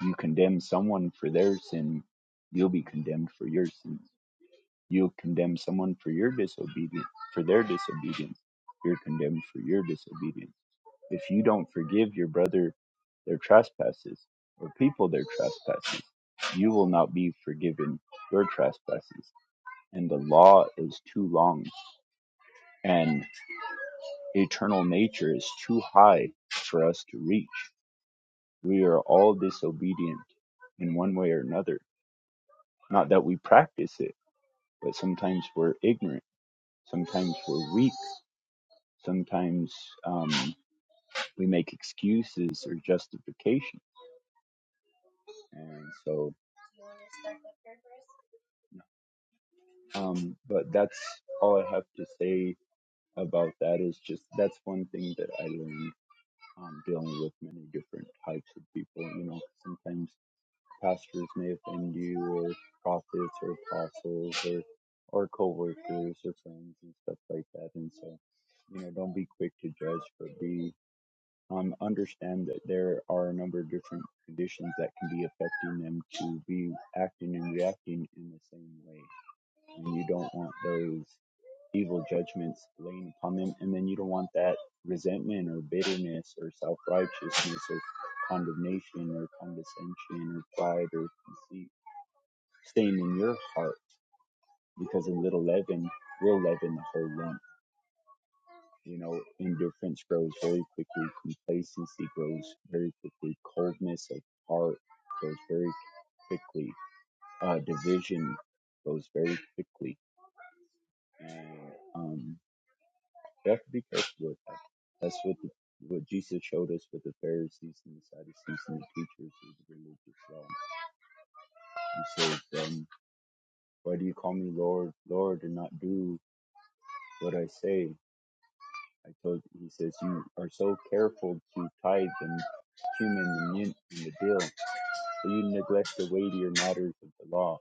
[SPEAKER 1] You condemn someone for their sin, you'll be condemned for your sins You'll condemn someone for your disobedience, for their disobedience. You're condemned for your disobedience. If you don't forgive your brother their trespasses or people their trespasses, you will not be forgiven your trespasses. And the law is too long, and eternal nature is too high for us to reach. We are all disobedient in one way or another. Not that we practice it, but sometimes we're ignorant, sometimes we're weak Sometimes um, we make excuses or justifications, and so. Um, but that's all I have to say about that. Is just that's one thing that I learned um, dealing with many different types of people. You know, sometimes pastors may offend you, or prophets, or apostles, or or coworkers, or friends, and stuff like that. And so, you know, don't be quick to judge, but be um, understand that there are a number of different conditions that can be affecting them to be acting and reacting in the same way. And you don't want those evil judgments laying upon them. And then you don't want that resentment or bitterness or self righteousness or condemnation or condescension or pride or conceit staying in your heart because a little leaven will leaven the whole lump You know, indifference grows very quickly, complacency grows very quickly, coldness of heart grows very quickly, uh, division goes very quickly. And um, you have to be careful with that. That's what the, what Jesus showed us with the Pharisees and the Sadducees and the teachers of the religious law. He says, um, "Why do you call me Lord, Lord, and not do what I say?" I told he says you are so careful to tithe and cumin and mint and the dill that you neglect the weightier matters of the law,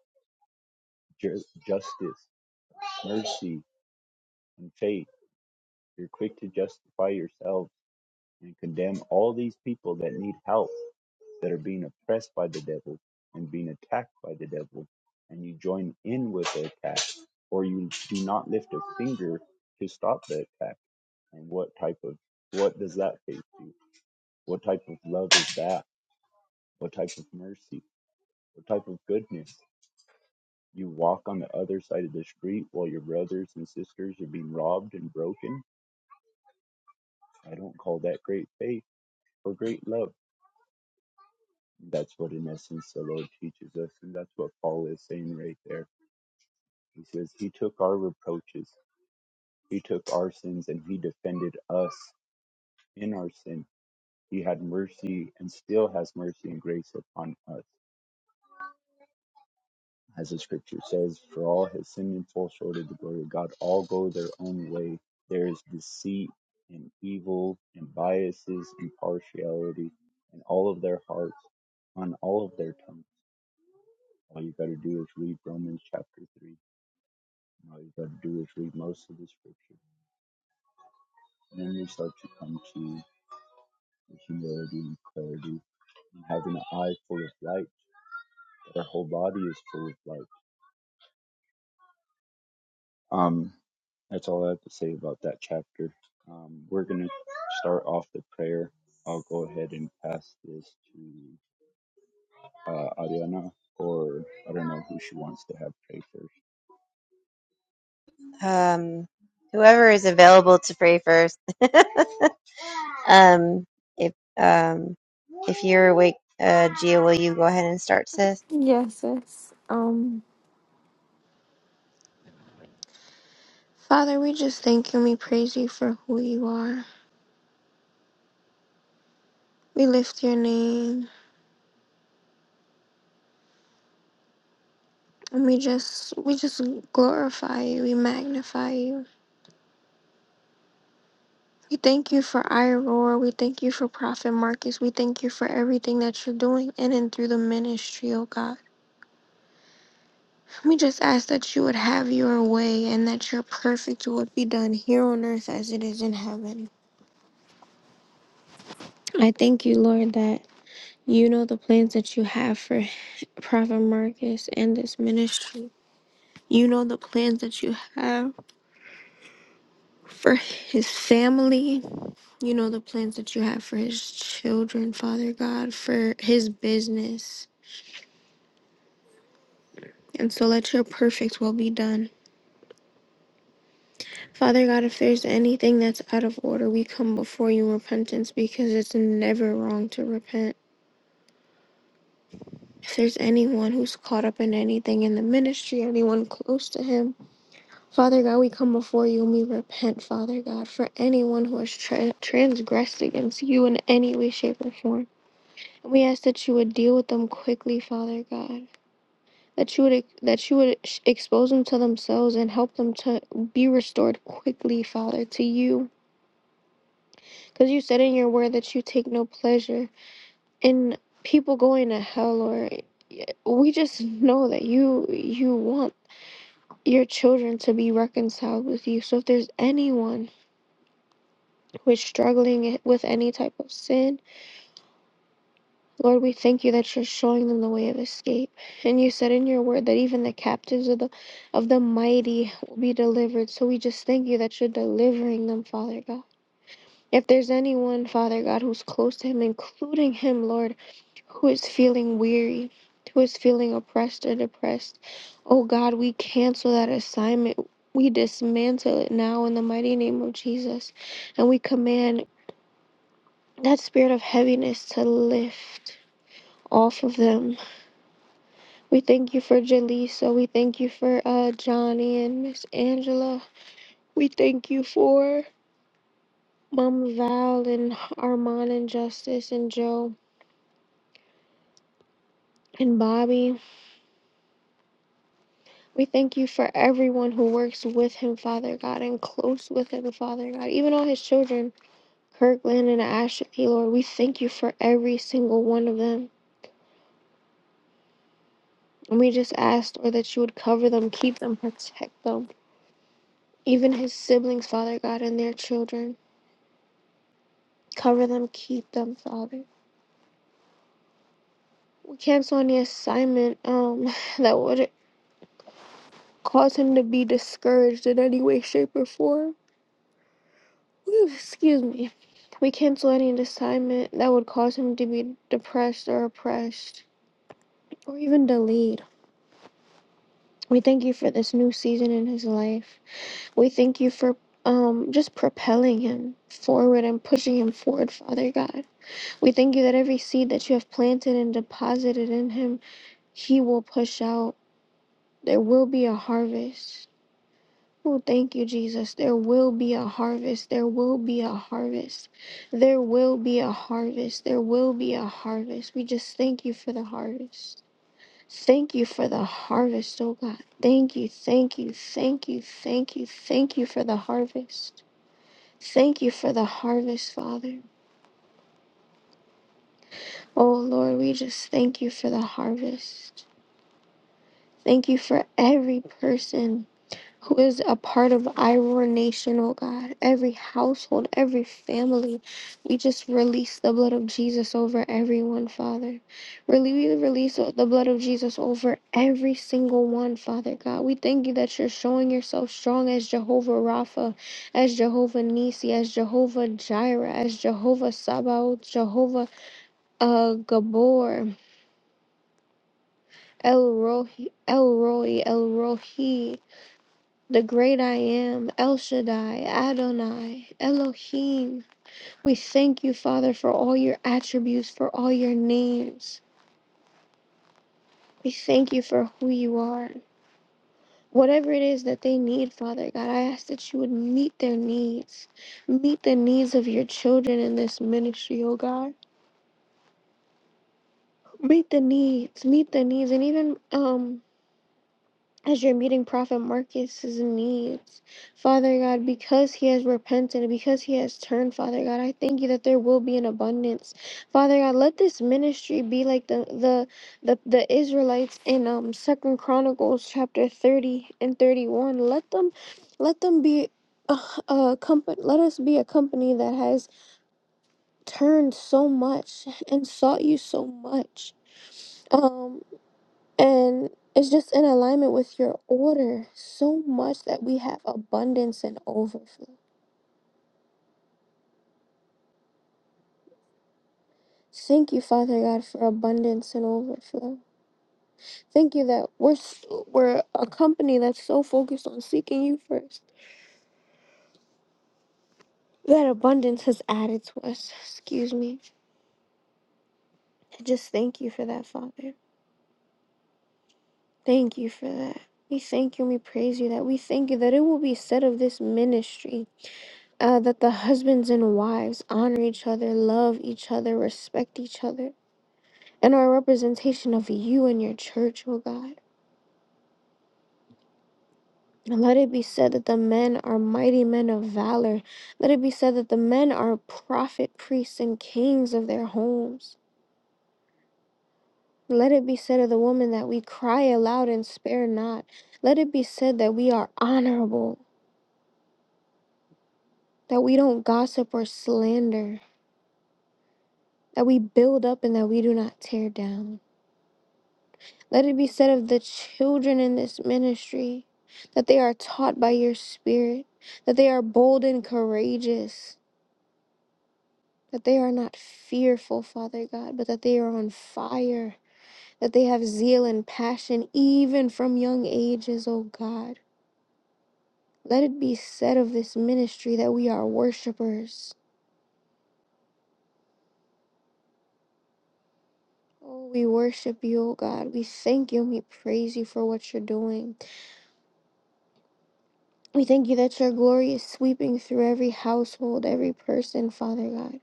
[SPEAKER 1] ju- justice, mercy, and faith. You're quick to justify yourselves and condemn all these people that need help, that are being oppressed by the devil and being attacked by the devil, and you join in with the attack, or you do not lift a finger to stop the attack. And what type of what does that faith do? What type of love is that? What type of mercy, what type of goodness? You walk on the other side of the street while your brothers and sisters are being robbed and broken? I don't call that great faith or great love. That's what, in essence, the Lord teaches us, and that's what Paul is saying right there. He says, He took our reproaches, He took our sins, and He defended us in our sin. He had mercy and still has mercy and grace upon us. As the scripture says, for all have sinned and fall short of the glory of God, all go their own way. There is deceit and evil and biases and partiality in all of their hearts, on all of their tongues. All you got to do is read Romans chapter 3. And all you got to do is read most of the scripture. And then you start to come to the humility and clarity and having an eye full of light, that our whole body is full of light Um, that's all I have to say about that chapter. Um, we're going to start off the prayer. I'll go ahead and pass this to uh, Ariana, or I don't know who she wants to have pray first.
[SPEAKER 2] Um, whoever is available to pray first. Um, if um, if you're awake, uh, Gia, will you go ahead and start, sis?
[SPEAKER 3] Yes, sis. Um, Father, we just thank you and we praise you for who you are. We lift your name and we just we just glorify you. We magnify you. We thank you for Iroar. We thank you for Prophet Marcus. We thank you for everything that you're doing in and through the ministry, oh God. We just ask that you would have your way and that your perfect would be done here on earth as it is in heaven. I thank you, Lord, that you know the plans that you have for Prophet Marcus and this ministry. You know the plans that you have for his family. You know the plans that you have for his children, Father God, for his business And so let your perfect will be done. Father God, if there's anything that's out of order, we come before you in repentance because it's never wrong to repent. If there's anyone who's caught up in anything in the ministry, anyone close to him, Father God, we come before you and we repent, Father God, for anyone who has tra- transgressed against you in any way, shape, or form. And we ask that you would deal with them quickly, Father God. that you would ex- that you would sh- expose them to themselves and help them to be restored quickly, Father, to you, because you said in your word that you take no pleasure in people going to hell or we just know that you you want your children to be reconciled with you. So if there's anyone who is struggling with any type of sin Lord, we thank you that you're showing them the way of escape. And you said in your word that even the captives of the of the mighty will be delivered. So we just thank you that you're delivering them, Father God. If there's anyone, Father God, who's close to him, including him, Lord, who is feeling weary, who is feeling oppressed or depressed, oh God, we cancel that assignment. We dismantle it now in the mighty name of Jesus. And we command that spirit of heaviness to lift off of them We thank you for Jaleesa. We thank you for uh, Johnny and Miss Angela. We thank you for Mama Val and Armand and Justice and Joe and Bobby. We thank you for everyone who works with him, Father God, and close with him, Father God. Even all his children, Kirkland and Ashley, Lord, we thank you for every single one of them. And we just ask, Lord, that you would cover them, keep them, protect them. Even his siblings, Father God, and their children. Cover them, keep them, Father. camps on the assignment um that would cause him to be discouraged in any way, shape, or form. Whew, Excuse me. We cancel any assignment that would cause him to be depressed or oppressed or even delayed. We thank you for this new season in his life. We thank you for um, just propelling him forward and pushing him forward, Father God. We thank you that every seed that you have planted and deposited in him, he will push out. There will be a harvest Oh, thank you, Jesus. There will be a harvest. There will be a harvest. There will be a harvest. There will be a harvest. We just thank you for the harvest. Thank you for the harvest, oh God. Thank you, thank you, thank you, thank you, thank you for the harvest. Thank you for the harvest, Father. Oh Lord, we just thank you for the harvest. Thank you for every person who is a part of Iroar Nation, oh God, every household, every family. We just release the blood of Jesus over everyone, Father. Really, we release the blood of Jesus over every single one, Father God. We thank you that you're showing yourself strong as Jehovah Rapha, as Jehovah Nisi, as Jehovah Jireh, as Jehovah Sabaoth, Jehovah uh, Gabor, El Rohi, El Roy, El Rohi. the great I am, El Shaddai, Adonai, Elohim. We thank you, Father, for all your attributes, for all your names. We thank you for who you are. Whatever it is that they need, Father God, I ask that you would meet their needs. Meet the needs of your children in this ministry, oh God. Meet the needs, meet the needs, and even um as you're meeting Prophet Marcus's needs, Father God, because he has repented and because he has turned, Father God, I thank you that there will be an abundance, Father God. Let this ministry be like the the the, the Israelites in um Second Chronicles chapter thirty and thirty one. Let them, let them be. A, a company let us be a company that has turned so much and sought you so much Um. And it's just in alignment with your order so much that we have abundance and overflow. Thank you, Father God, for abundance and overflow. Thank you that we're s- we're a company that's so focused on seeking you first. That abundance has added to us. Excuse me. I just thank you for that, Father. Thank you for that. We thank you and we praise you that we thank you that it will be said of this ministry uh, that the husbands and wives honor each other, love each other, respect each other and our representation of you and your church, oh God. And let it be said that the men are mighty men of valor. Let it be said that the men are prophet, priests, and kings of their homes. Let it be said of the woman that we cry aloud and spare not. Let it be said that we are honorable, that we don't gossip or slander, that we build up and that we do not tear down. Let it be said of the children in this ministry that they are taught by your spirit, that they are bold and courageous, that they are not fearful, Father God, but that they are on fire, that they have zeal and passion even from young ages, O God. Let it be said of this ministry that we are worshipers. Oh, we worship you, O God. We thank you and we praise you for what you're doing. We thank you that your glory is sweeping through every household, every person, Father God.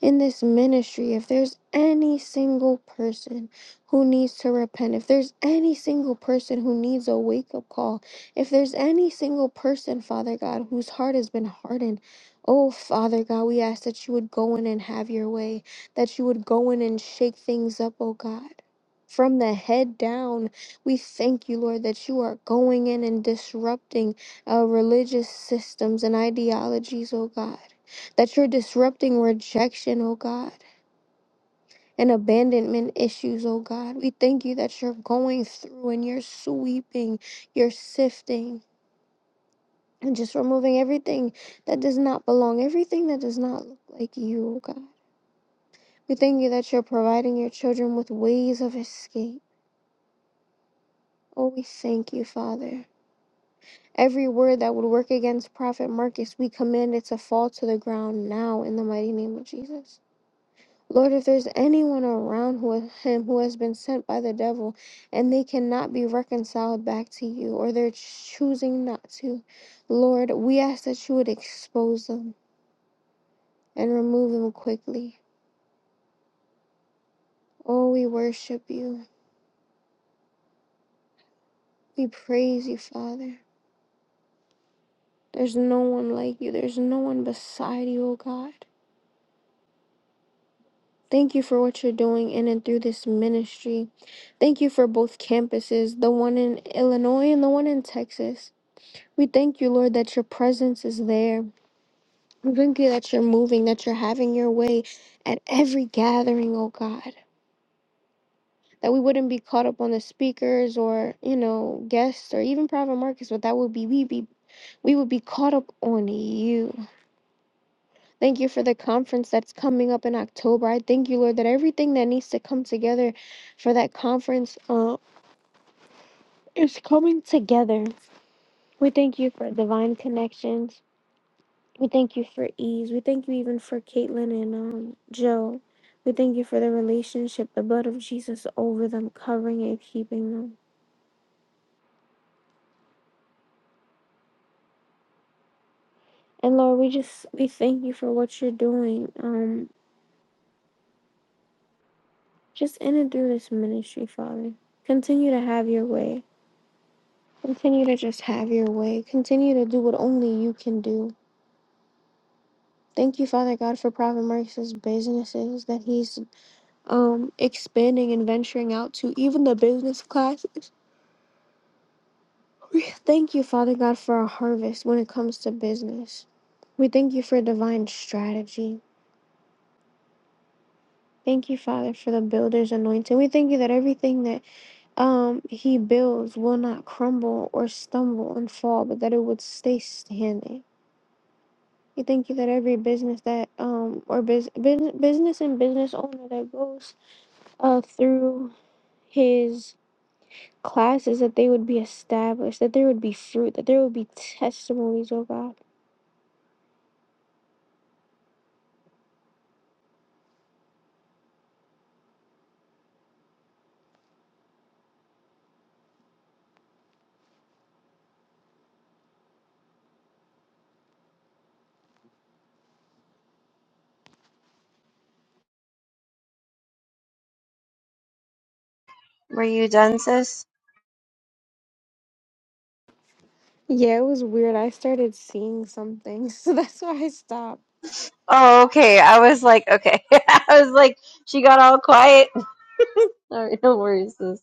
[SPEAKER 3] in this ministry, if there's any single person who needs to repent, if there's any single person who needs a wake up call, if there's any single person, Father God, whose heart has been hardened, oh Father God, we ask that you would go in and have your way, that you would go in and shake things up, oh God. From the head down, we thank you, Lord, that you are going in and disrupting uh, religious systems and ideologies, oh God that you're disrupting rejection, oh God, and abandonment issues, oh God. We thank you that you're going through and you're sweeping, you're sifting, and just removing everything that does not belong, everything that does not look like you, oh God. We thank you that you're providing your children with ways of escape. Oh, we thank you, Father. Every word that would work against Prophet Marcus, we command it to fall to the ground now in the mighty name of Jesus. Lord, if there's anyone around who, him who has been sent by the devil and they cannot be reconciled back to you or they're choosing not to, Lord, we ask that you would expose them and remove them quickly. Oh, we worship you. We praise you, Father. There's no one like you, there's no one beside you, oh God. Thank you for what you're doing in and through this ministry. Thank you for both campuses, the one in Illinois and the one in Texas. We thank you, Lord, that your presence is there. We thank you that you're moving, that you're having your way at every gathering, oh God. That we wouldn't be caught up on the speakers or, you know, guests or even private markets, but that would be we be we would be caught up on you. Thank you for the conference that's coming up in October. I thank you, Lord, that everything that needs to come together for that conference uh, is coming together. We thank you for divine connections. We thank you for ease. We thank you even for Caitlin and um, Joe. We thank you for the relationship, the blood of Jesus over them, covering and keeping them. And Lord, we just we thank you for what you're doing. Um, just in and through this ministry, Father. Continue to have your way. Continue to just have your way. Continue to do what only you can do. Thank you, Father God, for Prophet Marcus's businesses that he's um expanding and venturing out to, even the business classes. We Thank you, Father God, for our harvest when it comes to business. We thank you for divine strategy. Thank you, Father, for the builder's anointing. We thank you that everything that um he builds will not crumble or stumble and fall, but that it would stay standing. We thank you that every business that um or bus- bus- business and business owner that goes uh through his classes that they would be established, that there would be fruit, that there would be testimonies, oh God.
[SPEAKER 2] Were you done, sis?
[SPEAKER 3] Yeah, it was weird. I started seeing something, so that's why I stopped.
[SPEAKER 2] Oh, okay. I was like, okay. I was like, she got all quiet. Sorry, no worries, sis.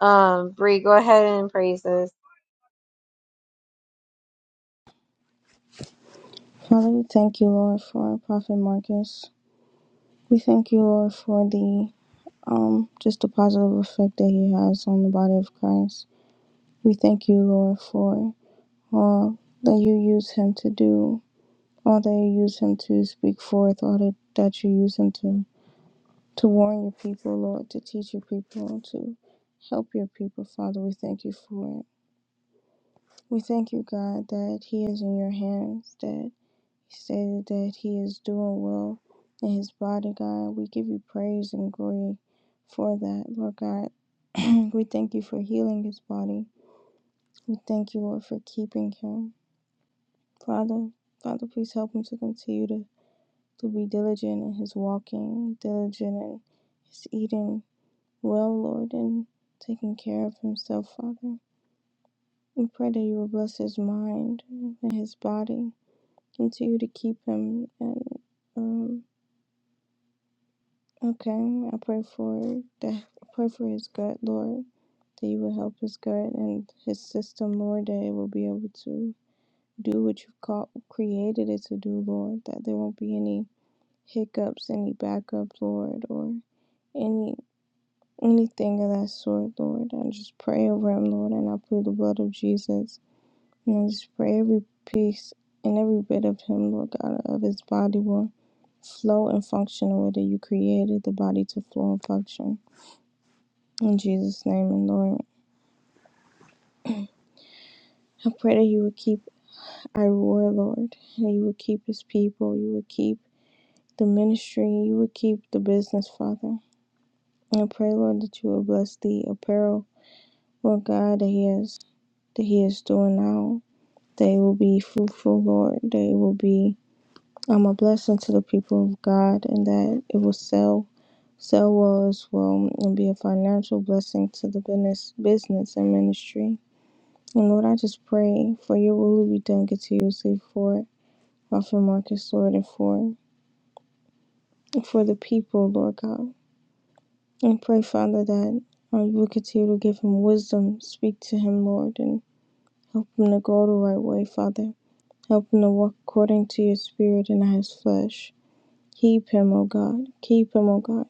[SPEAKER 2] Um, Bree, go ahead and pray, sis.
[SPEAKER 5] Father, we thank you, Lord, for our prophet Marcus. We thank you, Lord, for the um just the positive effect that he has on the body of Christ. We thank you, Lord, for all that you use him to do, all that you use him to speak forth, all that, that you use him to to warn your people, Lord, to teach your people, to help your people, Father. We thank you for it. We thank you, God, that he is in your hands, that He stated that he is doing well in his body, God. We give you praise and glory for that, Lord God. we thank you for healing his body. We thank you, Lord, for keeping him. Father, Father, please help him to continue to, to be diligent in his walking, diligent in his eating well, Lord, and taking care of himself, Father. We pray that you will bless his mind and his body. Continue to keep him and um, Okay, I pray for that. I pray for his gut, Lord, that you will help his gut and his system, Lord, that it will be able to do what you've called, created it to do, Lord. That there won't be any hiccups, any backup, Lord, or any anything of that sort, Lord. I just pray over him, Lord, and I plead the blood of Jesus, and I just pray every piece and every bit of him, Lord God, of his body will flow and function the way that you created the body to flow and function. In Jesus' name and Lord. I pray that you would keep our war, Lord. That you would keep his people. You would keep the ministry. You would keep the business, Father. And I pray, Lord, that you will bless the apparel, Lord God, that he is that he is doing now. They will be fruitful, Lord. They will be um, a blessing to the people of God and that it will sell sell well as well and be a financial blessing to the business business and ministry. And Lord, I just pray for your will to be done continuously for Prophet Marcus, Lord, and for, for the people, Lord God. And pray, Father, that uh, you will continue to give him wisdom, speak to him, Lord, and help him to go the right way, Father. Help him to walk according to your spirit and not his flesh. Keep him, O God. Keep him, O God.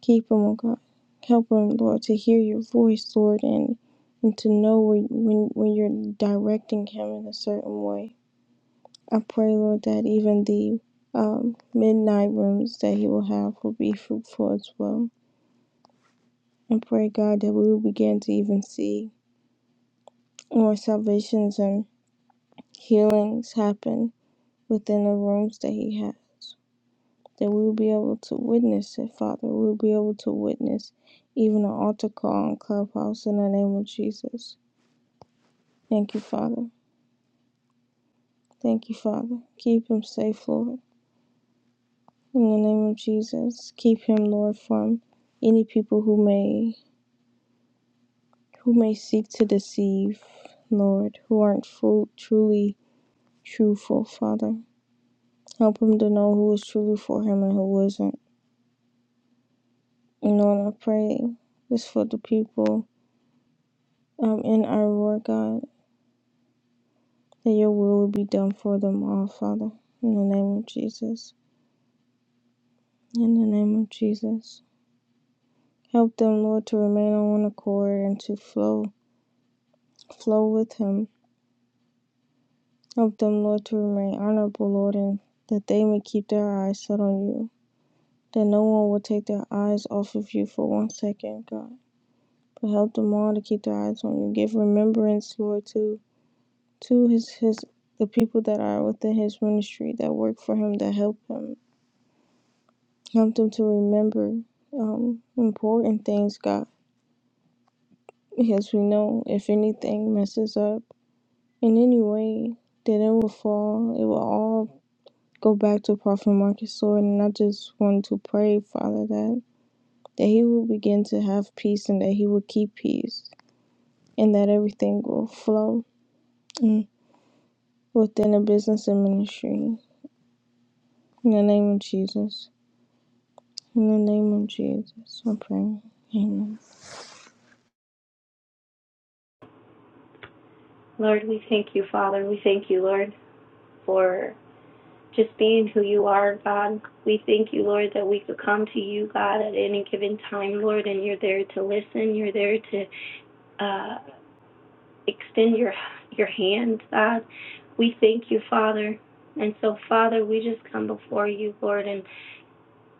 [SPEAKER 5] Keep him, O God. Help him, Lord, to hear your voice, Lord, and, and to know when, when, when you're directing him in a certain way. I pray, Lord, that even the um, midnight rooms that He will have will be fruitful as well. And pray, God, that we will begin to even see more salvations and healings happen within the rooms that He has. That we will be able to witness it, Father. We will be able to witness even an altar call on Clubhouse in the name of Jesus. Thank you, Father. Thank you, Father. Keep him safe, Lord. In the name of Jesus, keep him, Lord, from any people who may who may seek to deceive, Lord, who aren't full, truly truthful, Father. Help him to know who is truly for him and who isn't. And Lord, I pray this for the people um, in our Lord God, that your will will be done for them all, Father. In the name of Jesus. In the name of Jesus. Help them, Lord, to remain on one accord and to flow, flow with him. Help them, Lord, to remain honorable, Lord, and that they may keep their eyes set on you. that no one will take their eyes off of you for one second, God. But help them all to keep their eyes on you. Give remembrance, Lord, to to his his the people that are within his ministry that work for him that help him. Help them to remember um, important things, God, because we know if anything messes up in any way, then it will fall. It will all go back to Prophet Marcus, Lord. And I just want to pray, Father, that that he will begin to have peace and that he will keep peace and that everything will flow mm, within the business and ministry. In the name of Jesus. In the name of Jesus, I pray. Amen.
[SPEAKER 6] Lord, we thank you, Father. We thank you, Lord, for just being who you are, God. We thank you, Lord, that we could come to you, God, at any given time, Lord, and you're there to listen. You're there to uh, extend your your hand, God. We thank you, Father. And so, Father, we just come before you, Lord, and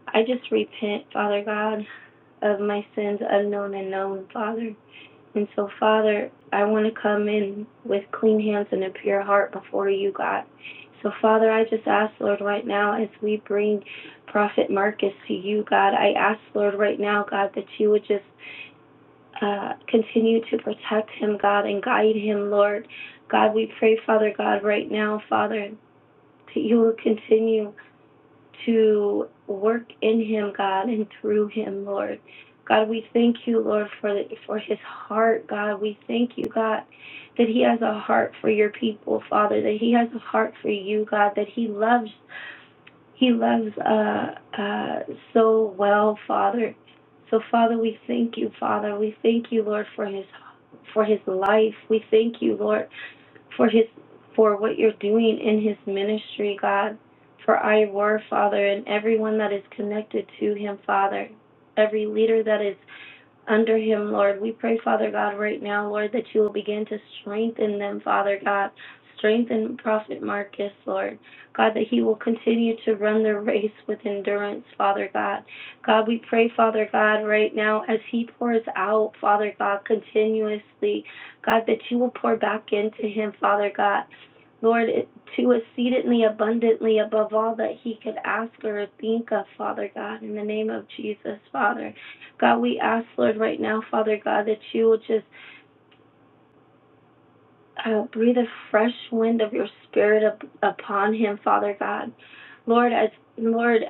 [SPEAKER 6] I just repent, Father God, of my sins unknown and known, Father. And so, Father, I want to come in with clean hands and a pure heart before you, God. So, Father, I just ask, Lord, right now, as we bring Prophet Marcus to you, God, I ask, Lord, right now, God, that you would just uh, continue to protect him, God, and guide him, Lord. God, we pray, Father God, right now, Father, that you will continue to work in him, God, and through him, Lord. God, we thank you, Lord, for the, for his heart, God. We thank you, God, that he has a heart for your people, Father. That he has a heart for you, God. That he loves he loves uh uh so well, Father. So, Father, we thank you, Father. We thank you, Lord, for his for his life. We thank you, Lord for his for what you're doing in his ministry, God, for our word, Father, and everyone that is connected to him, Father, every leader that is under him, Lord. We pray, Father God, right now, Lord, that you will begin to strengthen them, Father God. Strengthen Prophet Marcus, Lord. God, that he will continue to run the race with endurance, Father God. God, we pray, Father God, right now, as he pours out, Father God, continuously, God, that you will pour back into him, Father God. Lord, to exceedingly abundantly above all that he could ask or think of, Father God, in the name of Jesus, Father. God, we ask, Lord, right now, Father God, that you will just uh, breathe a fresh wind of your spirit up, upon him, Father God. Lord, I, Lord,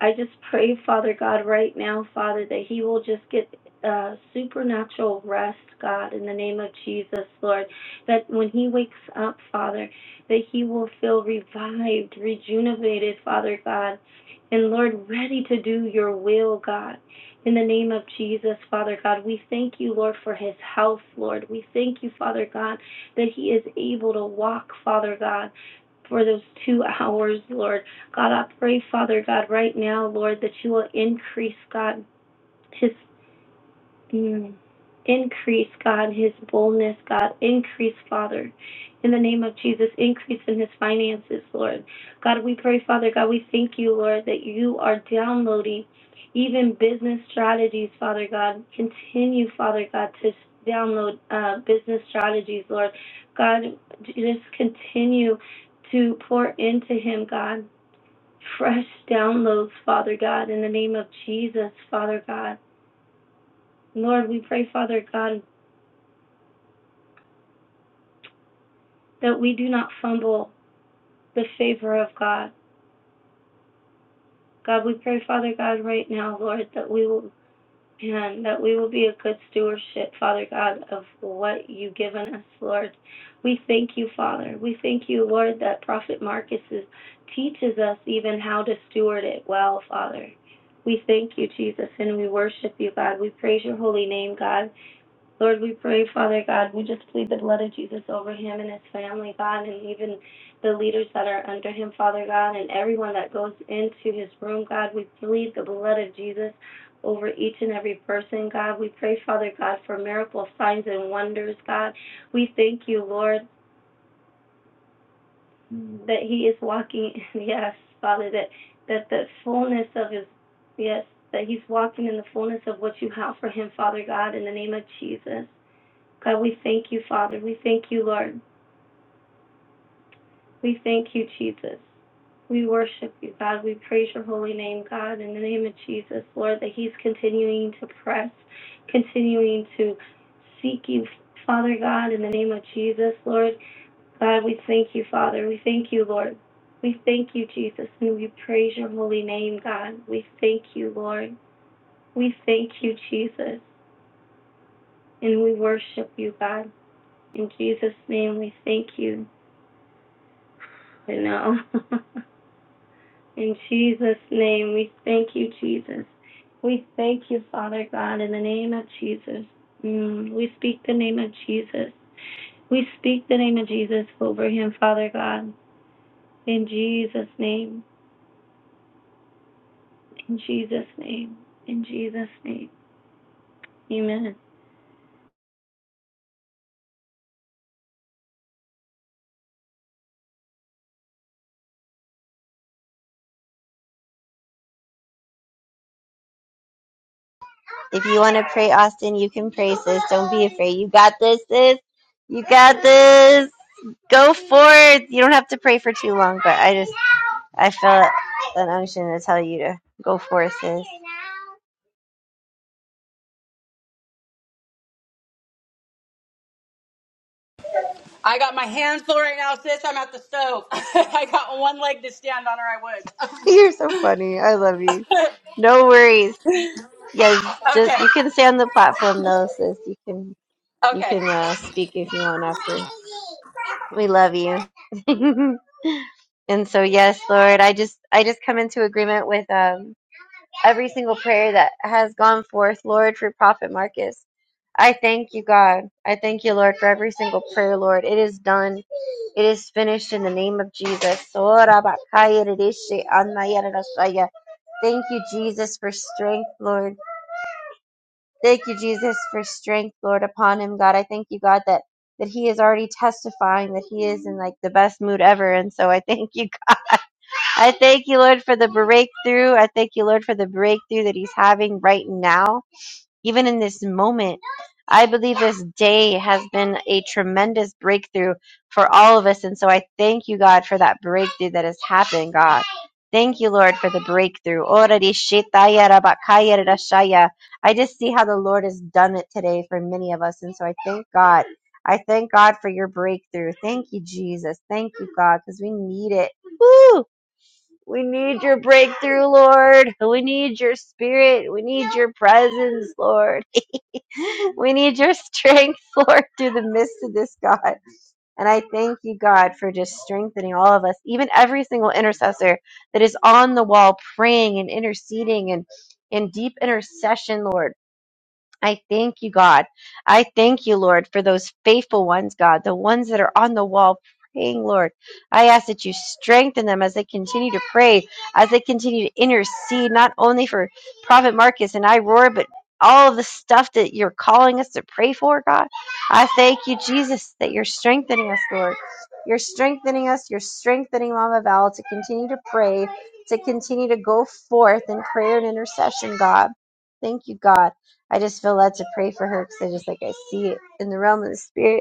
[SPEAKER 6] I just pray, Father God, right now, Father, that he will just get uh, supernatural rest, God, in the name of Jesus, Lord. That when he wakes up, Father, that he will feel revived, rejuvenated, Father God, and Lord, ready to do your will, God. In the name of Jesus, Father God, we thank you, Lord, for his health, Lord. We thank you, Father God that he is able to walk, Father God, for those two hours, Lord. God, I pray, Father God, right now, Lord, that you will increase, God, his Mm. Increase, God, his boldness, God. Increase, Father, in the name of Jesus. Increase in his finances, Lord. God, we pray, Father, God, we thank you, Lord, that you are downloading even business strategies, Father God. Continue, Father God, to download uh, business strategies, Lord. God, just continue to pour into him, God. Fresh downloads, Father God, in the name of Jesus, Father God. Lord, we pray, Father God. that we do not fumble the favor of God. God, we pray, Father God, right now, Lord, that we will and that we will be a good stewardship, Father God, of what you've given us, Lord. We thank you, Father. We thank you, Lord, that Prophet Marcus is, teaches us even how to steward it well, Father. We thank you, Jesus, and we worship you, God. We praise your holy name, God. Lord, we pray, Father God, we just plead the blood of Jesus over him and his family, God, and even the leaders that are under him, Father God, and everyone that goes into his room, God. We plead the blood of Jesus over each and every person, God. We pray, Father God, for miracle signs and wonders, God. We thank you, Lord, that he is walking, yes, Father, that, that the fullness of his, yes, that he's walking in the fullness of what you have for him, Father God, in the name of Jesus. God, we thank you, Father. We thank you, Lord. We thank you, Jesus. We worship you, God. We praise your holy name, God, in the name of Jesus, Lord, that he's continuing to press, continuing to seek you, Father God, in the name of Jesus, Lord. God, we thank you, Father. We thank you, Lord. We thank you, Jesus, and we praise your holy name, God. We thank you, Lord. We thank you, Jesus, and we worship you, God. In Jesus' name, we thank you. to know. in Jesus' name, we thank you, Jesus. We thank you, Father God, in the name of Jesus. Mm, we speak the name of Jesus. We speak the name of Jesus over him, Father God. In Jesus' name. In Jesus' name. In Jesus' name. Amen.
[SPEAKER 2] If you want to pray, Austin, you can pray, sis. Don't be afraid. You got this, sis. You got this. Go for it. You don't have to pray for too long, but I just, I felt an unction to tell you to go for it, sis.
[SPEAKER 4] got my hands full right now, sis. I'm at the stove. I got one leg to stand on, or
[SPEAKER 2] You're so funny. I love you.
[SPEAKER 4] I would.
[SPEAKER 2] No worries. Yes, just you
[SPEAKER 4] okay,
[SPEAKER 2] can stay on the platform though, sis. You can you
[SPEAKER 4] okay.
[SPEAKER 2] can uh, speak if you want after. We love you. and so yes, Lord, I just I just come into agreement with um every single prayer that has gone forth, Lord, for Prophet Marcus. I thank you, God. I thank you, Lord, for every single prayer, Lord. It is done. It is finished in the name of Jesus. Ora bakaya ridishi anaya rarashaya. Thank you, Jesus, for strength, Lord. Thank you, Jesus, for strength, Lord, upon him, God. I thank you, God, that that he is already testifying that he is in like the best mood ever. And so I thank you. I thank you, Lord, for the breakthrough. I thank you, Lord, for the breakthrough that he's having right now. Even in this moment, I believe this day has been a tremendous breakthrough for all of us. And so I thank you, God, for that breakthrough that has happened, God. Thank you, Lord, for the breakthrough. Ora di I just see how the Lord has done it today for many of us. And so I thank God. I thank God for your breakthrough. Thank you, Jesus. Thank you, God, because we need it. Woo! We need your breakthrough, Lord. We need your spirit. We need your presence, Lord. we need your strength, Lord, through the midst of this, God. And I thank you, God, for just strengthening all of us, even every single intercessor that is on the wall praying and interceding and in deep intercession, Lord. I thank you, God. I thank you, Lord, for those faithful ones, God, the ones that are on the wall praying, Lord. I ask that you strengthen them as they continue to pray, as they continue to intercede, not only for Prophet Marcus and I, Roar, but all of the stuff that you're calling us to pray for, God. I thank you, Jesus, that you're strengthening us, Lord. You're strengthening us. You're strengthening Mama Val to continue to pray, to continue to go forth in prayer and intercession, God. Thank you, God. I just feel led to pray for her because I just like I see it in the realm of the spirit.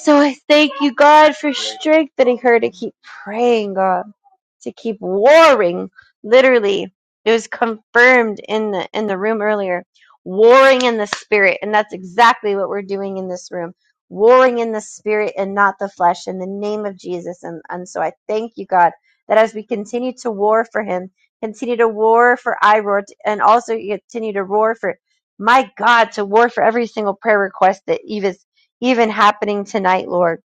[SPEAKER 2] So I thank you, God, for strengthening her to keep praying, God, to keep warring. Literally, it was confirmed in the in the room earlier. Warring in the spirit, and that's exactly what we're doing in this room. Warring in the spirit and not the flesh, in the name of Jesus. And and so I thank you, God, that as we continue to war for Him, continue to war for I and also continue to roar for my God, to war for every single prayer request that Eve has even happening tonight, Lord.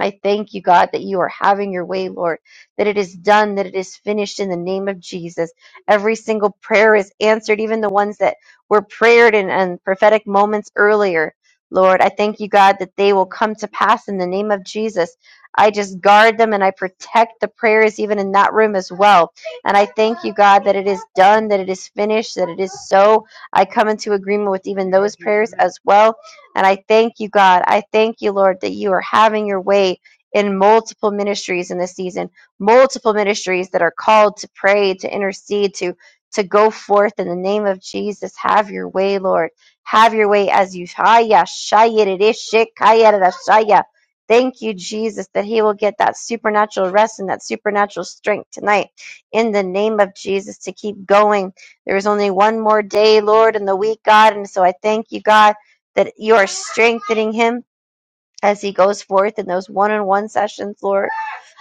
[SPEAKER 2] I thank you, God, that you are having your way, Lord, that it is done, that it is finished in the name of Jesus. Every single prayer is answered, even the ones that were prayed in and prophetic moments earlier. Lord, I thank you, God, that they will come to pass in the name of Jesus. I just guard them and I protect the prayers even in that room as well. And I thank you, God, that it is done, that it is finished, that it is so. I come into agreement with even those prayers as well and I thank you, God. I thank you, Lord, that you are having your way in multiple ministries in this season, multiple ministries that are called to pray, to intercede, to to go forth in the name of Jesus. Have your way, Lord. Have your way as you Haya, shaya, dede, shikaya, dada, shaya. Thank you, Jesus, that he will get that supernatural rest and that supernatural strength tonight in the name of Jesus to keep going. There is only one more day, Lord, in the week, God. And so I thank you, God that you are strengthening him as he goes forth in those one on one sessions, Lord.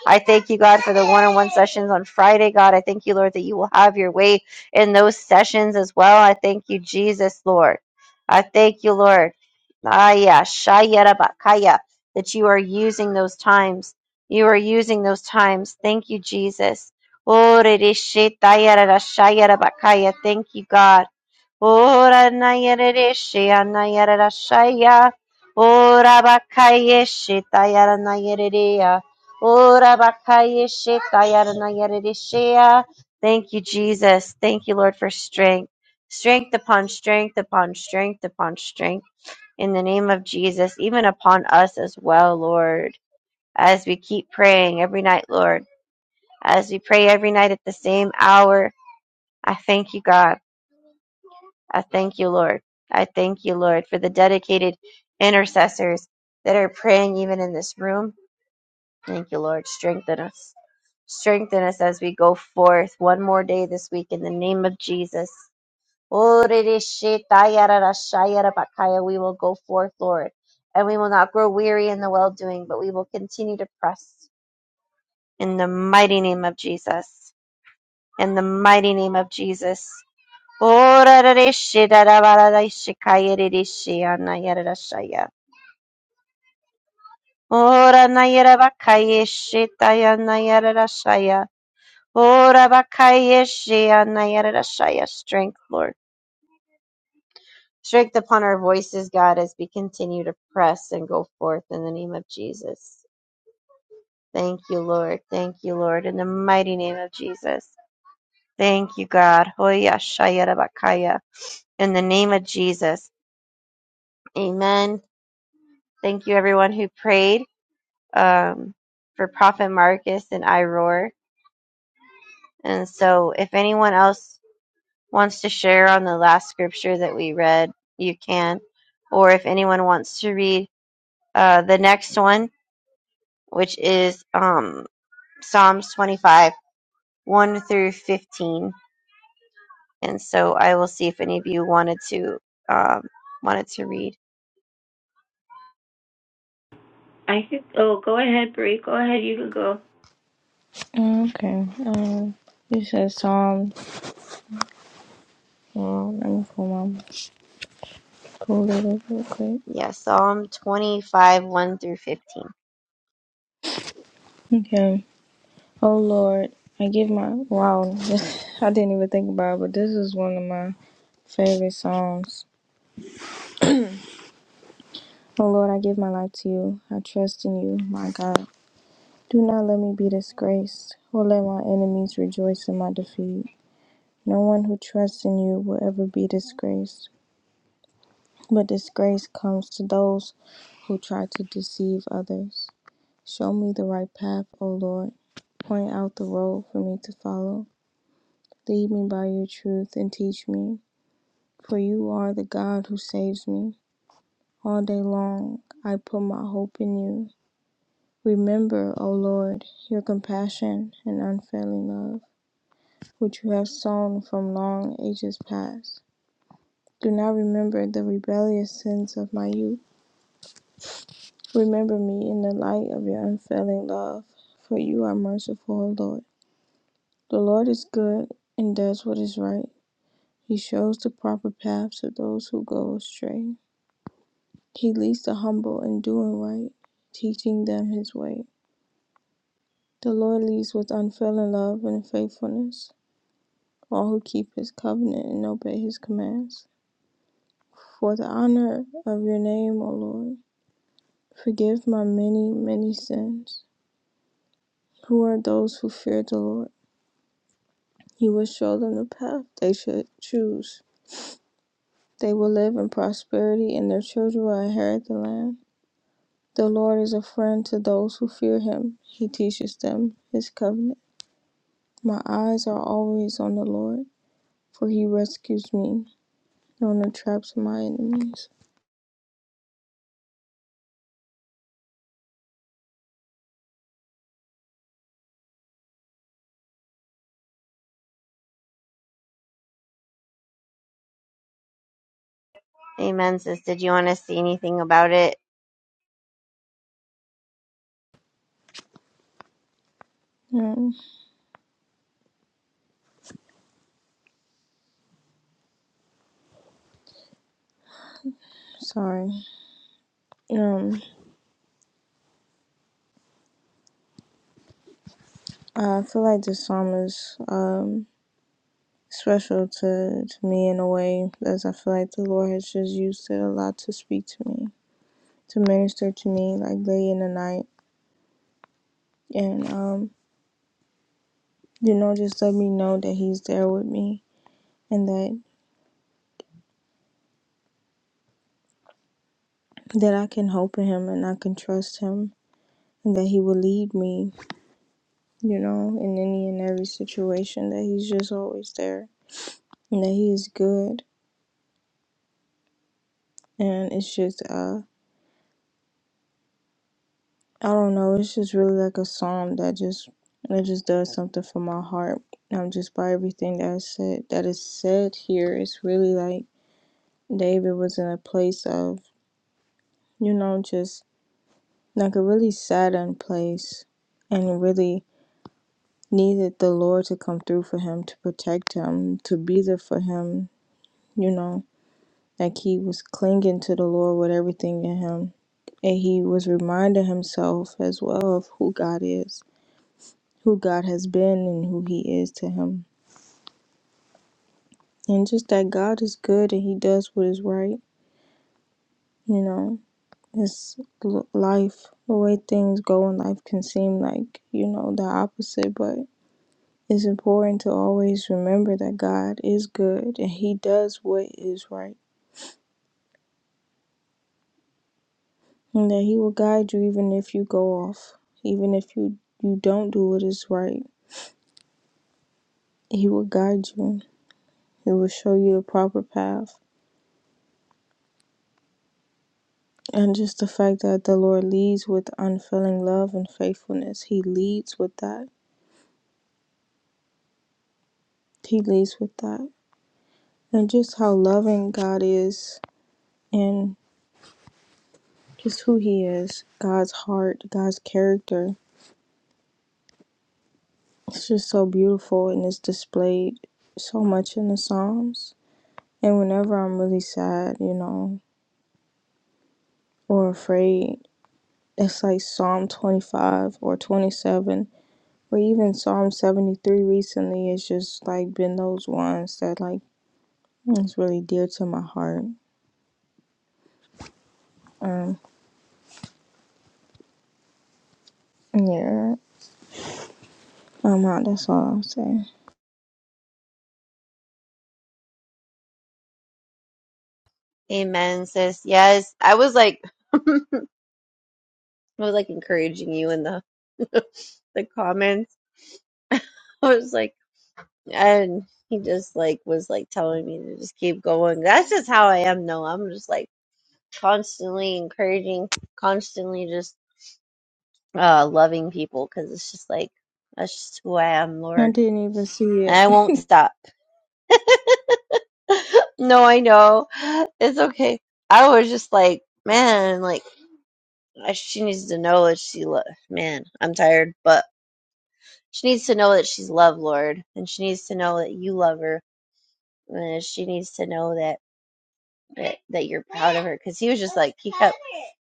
[SPEAKER 2] I thank you, God, for the one on one sessions on Friday, God. I thank you, Lord, that you will have your way in those sessions as well. I thank you, Jesus, Lord. I thank you, Lord. Ah, yeah, Shayarabakaya, that you are using those times. You are using those times. Thank you, Jesus. Oh, Thank you, God. Ora nayerereshe anayarashaya. Ora bakayeshe tayara nayerereya. Ora bakayeshe tayara nayereresheya. Thank you, Jesus. Thank you, Lord, for strength. Strength upon strength upon strength upon strength in the name of Jesus, even upon us as well, Lord. As we keep praying every night, Lord, as we pray every night at the same hour, I thank you, God. I thank you, Lord. I thank you, Lord, for the dedicated intercessors that are praying even in this room. Thank you, Lord. Strengthen us. Strengthen us as we go forth one more day this week in the name of Jesus. Oh, We will go forth, Lord, and we will not grow weary in the well doing, but we will continue to press in the mighty name of Jesus. In the mighty name of Jesus. Ora rishi dara bara rishi kaya rishi anayara rashaya. Ora nayara bakaya shi taya Ora bakaya shi anayara Strength, Lord. Strength upon our voices, God, as we continue to press and go forth in the name of Jesus. Thank you, Lord. Thank you, Lord. In the mighty name of Jesus. Thank you, God. Hoya shayara bakaya. In the name of Jesus. Amen. Thank you, everyone who prayed. um, for Prophet Marcus and I And so, if anyone else wants to share on the last scripture that we read, you can. Or if anyone wants to read uh, the next one, which is um, Psalms 25, 1 through 15. And so, I will see if any of you wanted to um, wanted to read.
[SPEAKER 6] I could oh go ahead, Bree. Go ahead, you can go.
[SPEAKER 5] Okay. Um, you said Psalm. Well, let me pull my pull it up real quick.
[SPEAKER 2] Yeah, Psalm 25, 1 through 15.
[SPEAKER 5] Okay. Oh Lord, I give my wow. This, I didn't even think about it, but this is one of my favorite songs. Oh Lord, I give my life to you. I trust in you, my God. Do not let me be disgraced, or let my enemies rejoice in my defeat. No one who trusts in you will ever be disgraced, but disgrace comes to those who try to deceive others. Show me the right path, O Lord. Point out the road for me to follow. Lead me by your truth and teach me, for you are the God who saves me. All day long I put my hope in you. Remember, O Lord, your compassion and unfailing love which you have sown from long ages past. Do not remember the rebellious sins of my youth. Remember me in the light of your unfailing love, for you are merciful, O Lord. The Lord is good and does what is right. He shows the proper path to those who go astray. He leads the humble in doing right, teaching them his way. The Lord leads with unfailing love and faithfulness all who keep his covenant and obey his commands. For the honor of your name, O Lord, forgive my many, many sins. Who are those who fear the Lord? He will show them the path they should choose. They will live in prosperity, and their children will inherit the land. The Lord is a friend to those who fear him. He teaches them his covenant. My eyes are always on the Lord, for he rescues me from the traps of my enemies.
[SPEAKER 2] Amen, sis. Did you want to say anything about it?
[SPEAKER 5] Um, sorry. Um, I feel like the psalmist um special to, to me in a way as I feel like the Lord has just used it a lot to speak to me, to minister to me like late in the night. And um, you know, just let me know that he's there with me and that that I can hope in him and I can trust him and that he will lead me, you know, in any and every situation that he's just always there and that he is good and it's just uh I don't know. It's just really like a psalm that just that just does something for my heart. Um, just by everything that I said that is said here, it's really like David was in a place of you know just like a really saddened place, and really needed the Lord to come through for him, to protect him, to be there for him. You know, like he was clinging to the Lord with everything in him, and he was reminding himself as well of who God is who God has been and who He is to him. And just that God is good and He does what is right. You know, it's life. The way things go in life can seem like, you know, the opposite, but it's important to always remember that God is good and He does what is right. And that He will guide you even if you go off, even if you, you don't do what is right. He will guide you, He will show you the proper path And just the fact that the Lord leads with unfailing love and faithfulness, He leads with that. He leads with that. And just how loving God is and just who He is, God's heart, God's character. It's just so beautiful and it's displayed so much in the Psalms. And whenever I'm really sad, you know, or afraid, it's like Psalm 25 or 27 or even Psalm 73 recently. It's just like been those ones that like It's really dear to my heart. Um, yeah. Um, uh, that's all I'll say.
[SPEAKER 2] Amen, sis. Yes. I was like I was like encouraging you in the the comments. I was like, and he just like was like telling me to just keep going. That's just how I am. No, I'm just like constantly encouraging, constantly just uh loving people because it's just like that's just who I am,
[SPEAKER 5] I
[SPEAKER 2] Lord,
[SPEAKER 5] didn't even see
[SPEAKER 2] and I won't
[SPEAKER 5] it.
[SPEAKER 2] stop. No, I know it's okay. I was just like, man, like I- she needs to know that she. Lo- man, I'm tired, but. She needs to know that she's loved, Lord, and she needs to know that you love her, and she needs to know that that, that you're proud of her. Because he was just like he kept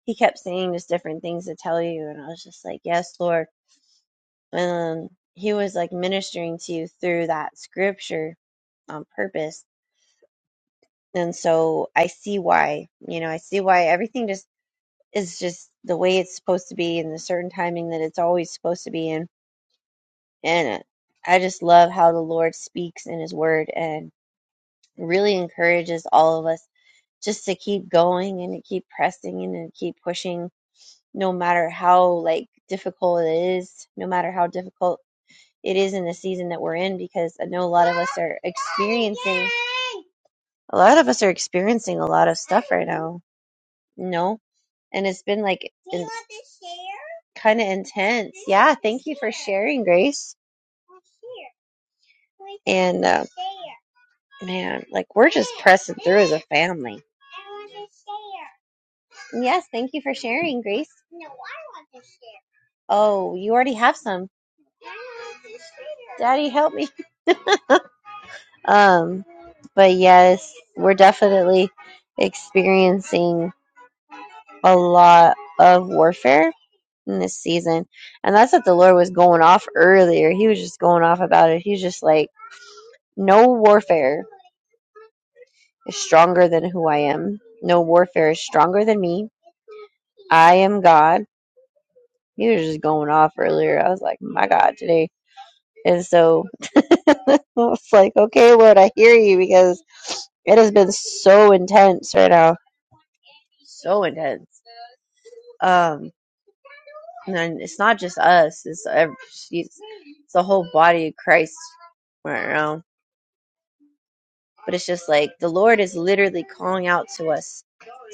[SPEAKER 2] he kept saying just different things to tell you, and I was just like, yes, Lord. And he was like ministering to you through that scripture on purpose, and so I see why. You know, I see why everything just is just the way it's supposed to be and the certain timing that it's always supposed to be in, and. I just love how the Lord speaks in His Word, and. really encourages all of us just to keep going and to keep pressing and to keep pushing no matter how like difficult it is no matter how difficult it is in the season that we're in because i know a lot of us are ex- a lot of us are experiencing a lot of stuff right now you know and it's been like kind of intense sharing grace and uh, man like we're just a family yes thank you for sharing grace oh you already have some daddy help me Um. But yes, we're definitely experiencing a lot of warfare in this season. And that's what the Lord was going off earlier. He was just going off about it. He's just like, no warfare is stronger than who I am. No warfare is stronger than me. I am God. He was just going off earlier. I was like, my God, today. And so I was like, okay, Lord, I hear you because it has been so intense right now. So intense. Um, And it's not just us; it's ev- it's, the whole body of Christ. Right now, but it's just like the Lord is literally calling out to us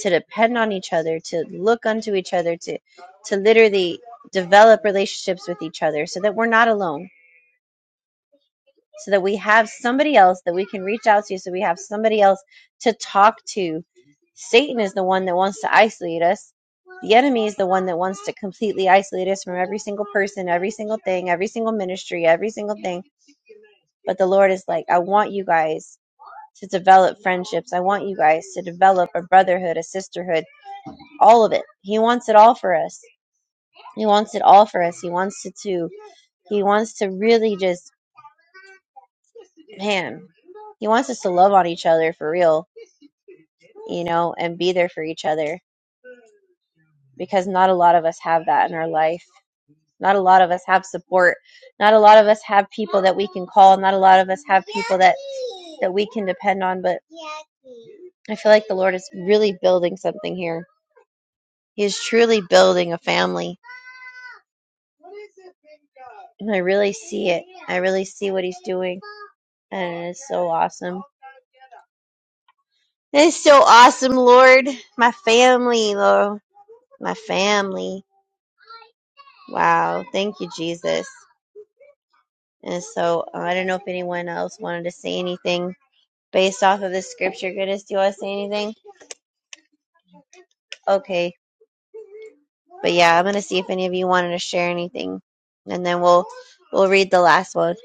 [SPEAKER 2] to depend on each other, to look unto each other, to to literally develop relationships with each other, so that we're not alone so that we have somebody else that we can reach out to, so we have somebody else to talk to. Satan is the one that wants to isolate us. The enemy is the one that wants to completely isolate us from every single person, every single thing, every single ministry, every single thing. But the Lord is like, I want you guys to develop friendships. I want you guys to develop a brotherhood, a sisterhood, all of it. He wants it all for us. He wants it all for us. He wants it to, he wants to really just, man, he wants us to love on each other for real you know, and be there for each other because not a lot of us have that in our life. Not a lot of us have support. Not a lot of us have people that we can call. Not a lot of us have people that that we can depend on, but I feel like the Lord is really building something here. He is truly building a family. And I really see it. I really see what he's doing. And it's so awesome. It's so awesome, Lord. My family, Lord. My family. Wow. Thank you, Jesus. And so uh, I don't know if anyone else wanted to say anything based off of this scripture. Goodness, do you want to say anything? Okay, but yeah, I'm gonna see if any of you wanted to share anything, and then we'll we'll read the last one.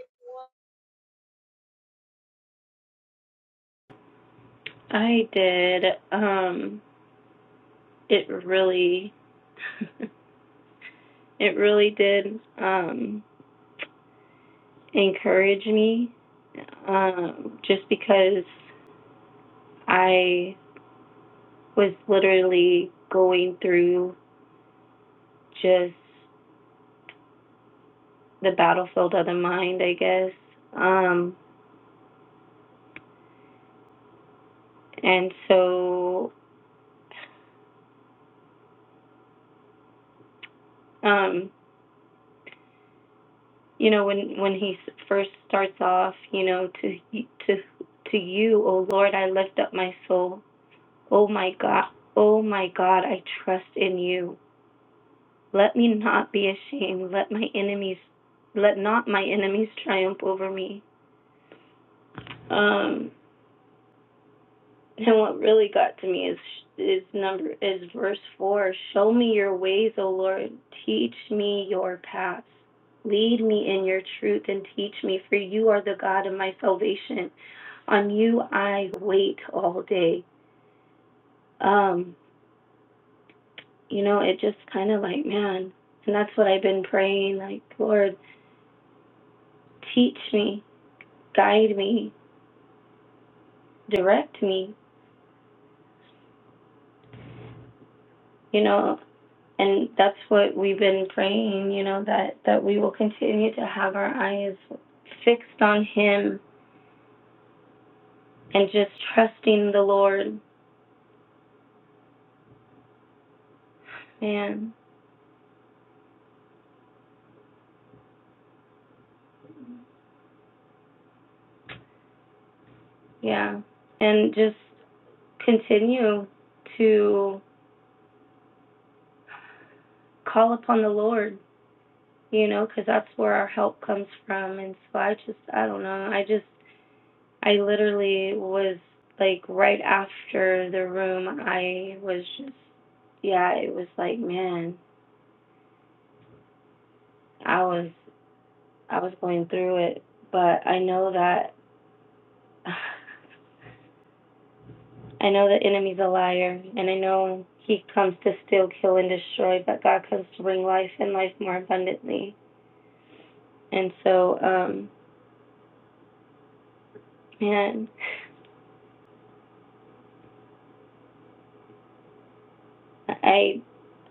[SPEAKER 6] I did. Um it really it really did. Um encourage me um, just because I was literally going through just the battlefield of the mind, I guess. Um, and so, um, you know, when when he first starts off, you know, to to to you, O Lord, I lift up my soul. Oh my God, oh my God, I trust in you. Let me not be ashamed. Let my enemies, let not my enemies triumph over me. Um, and what really got to me is is number is verse four. Show me your ways, O Lord. Teach me your paths. Lead me in your truth and teach me, for you are the God of my salvation. On you I wait all day. Um, you know, it just kind of like man, and that's what I've been praying. Like Lord, teach me, guide me, direct me, you know. And that's what we've been praying, you know, that, that we will continue to have our eyes fixed on Him and just trusting the Lord. Man, yeah. And just continue to call upon the Lord, you know, because that's where our help comes from. And so I just, I don't know. I just I literally was like right after the room. I was just yeah. It was like man, I was I was going through it, but I know that I know the enemy's a liar, and I know he comes to steal, kill, and destroy, but God comes to bring life and life more abundantly. And so, um, man, I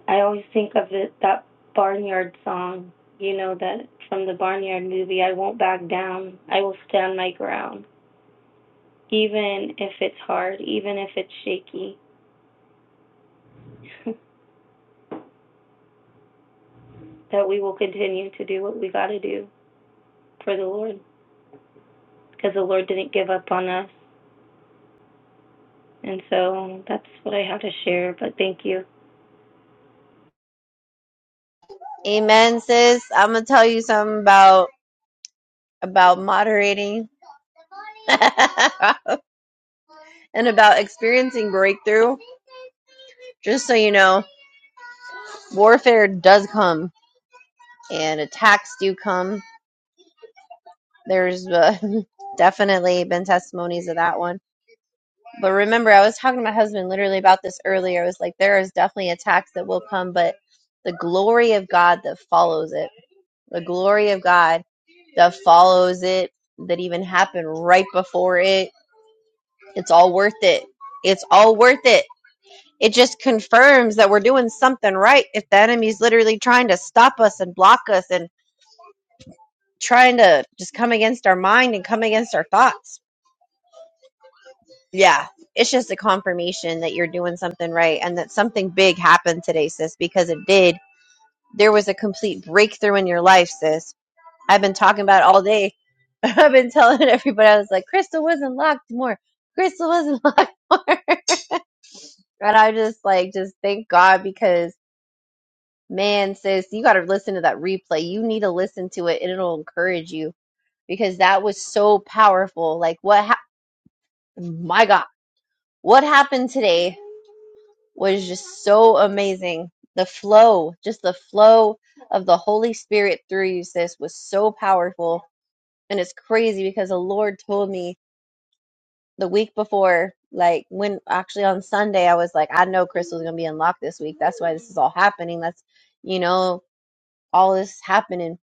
[SPEAKER 6] I always think of it that barnyard song, you know, that from the barnyard movie, I won't back down. I will stand my ground, even if it's hard, even if it's shaky. that we will continue to do what we got to do for the Lord because the Lord didn't give up on us. And so that's what I have to share, but thank you.
[SPEAKER 2] Amen, sis. I'm gonna tell you something about about moderating and about experiencing breakthrough. Just so you know, warfare does come, and attacks do come. There's uh, definitely been testimonies of that one But remember, I was talking to my husband literally about this earlier. I was like there is definitely attacks that will come, but the glory of God that follows it, the glory of God that follows it, that even happened right before it, it's all worth it. It's all worth it. It just confirms that we're doing something right if the enemy's literally trying to stop us and block us and trying to just come against our mind and come against our thoughts yeah it's just a confirmation that you're doing something right and that something big happened today sis because it did there was a complete breakthrough in your life sis i've been talking about it all day i've been telling everybody i was like crystal was unlocked more crystal was unlocked more and i just like just thank god because man sis you got to listen to that replay you need to listen to it and it'll encourage you because that was so powerful like what hap my god what happened today was just so amazing. The flow, just the flow of the Holy Spirit through you, sis, was so powerful. And it's crazy because the Lord told me the week before, like when actually on Sunday, I was like, I know Crystal's going to be unlocked this week. That's why this is all happening. That's, you know, all this is happening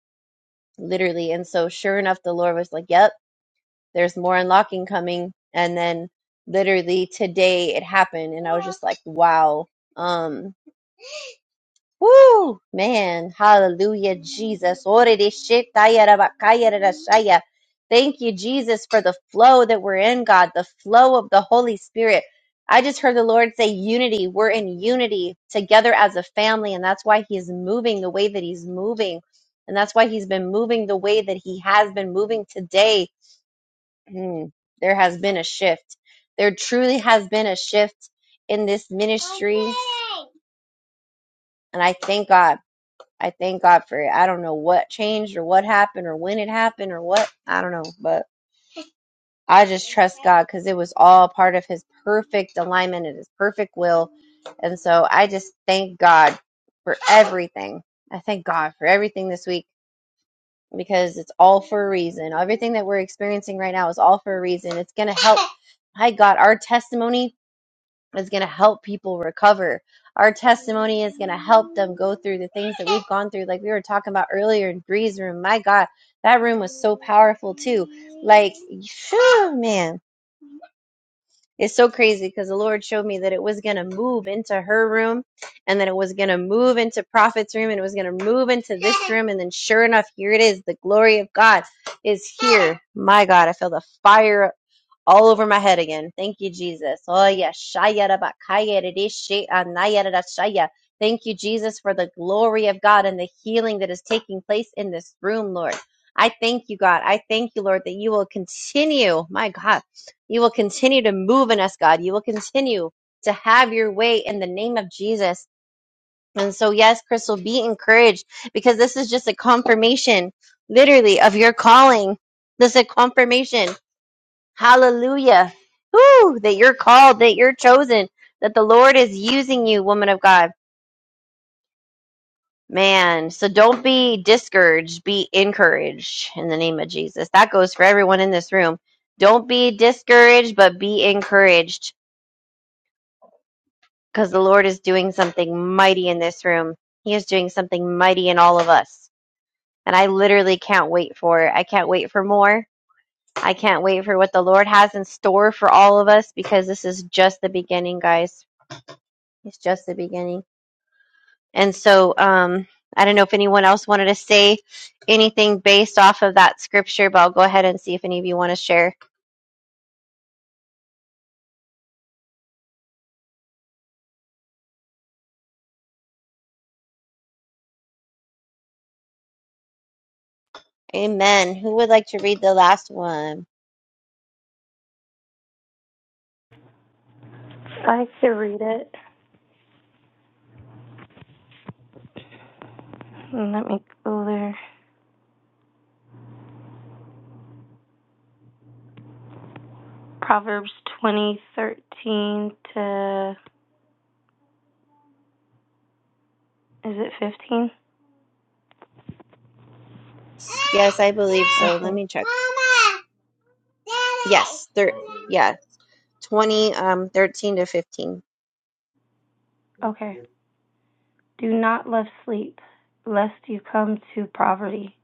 [SPEAKER 2] literally. And so, sure enough, the Lord was like, Yep, there's more unlocking coming. And then literally today it happened. And I was just like, Wow. Um, Woo, man. Hallelujah, Jesus. Thank you, Jesus, for the flow that we're in, God, the flow of the Holy Spirit. I just heard the Lord say unity. We're in unity together as a family, and that's why He is moving the way that He's moving. And that's why He's been moving the way that He has been moving today. Mm, there has been a shift. There truly has been a shift in this ministry, and I thank God. I thank God for it. I don't know what changed or what happened or when it happened or what. I don't know, but I just trust God because it was all part of His perfect alignment and His perfect will. And so I just thank God for everything. I thank God for everything this week because it's all for a reason. Everything that we're experiencing right now is all for a reason. It's going to help. My God, our testimony is going to help people recover. Our testimony is going to help them go through the things that we've gone through. Like we were talking about earlier in Bree's room. My God, that room was so powerful too. Like, phew, man, it's so crazy because the Lord showed me that it was going to move into her room and then it was going to move into Prophet's room and it was going to move into this room. And then sure enough, here it is. The glory of God is here. My God, I feel the fire all over my head again. Thank you, Jesus. Oh yes, shaya da ba kaya da de she- ah, naya da da shaya. Thank you, Jesus, for the glory of God and the healing that is taking place in this room, Lord. I thank you, God. I thank you, Lord, that you will continue, my God, you will continue to move in us, God. You will continue to have your way in the name of Jesus. And so, yes, Crystal, be encouraged because this is just a confirmation, literally, of your calling. This is a confirmation Hallelujah. Woo, that you're called, that you're chosen, that the Lord is using you, woman of God. Man, so don't be discouraged, be encouraged in the name of Jesus. That goes for everyone in this room. Don't be discouraged, but be encouraged because the Lord is doing something mighty in this room. He is doing something mighty in all of us. And I literally can't wait for it. I can't wait for more. I can't wait for what the Lord has in store for all of us because this is just the beginning, guys It's just the beginning. And so um, I don't know if anyone else wanted to say anything based off of that scripture, but I'll go ahead and see if any of you want to share. Amen. Who would like to read the last one?
[SPEAKER 6] I could read it. Let me go there. Proverbs 20:13 to is it 15?
[SPEAKER 2] Yes, I believe so. Let
[SPEAKER 6] Okay.
[SPEAKER 2] me check. Yes, thir- yeah, 20, um, 13 to 15.
[SPEAKER 6] Okay. Do not love sleep, lest you come to poverty.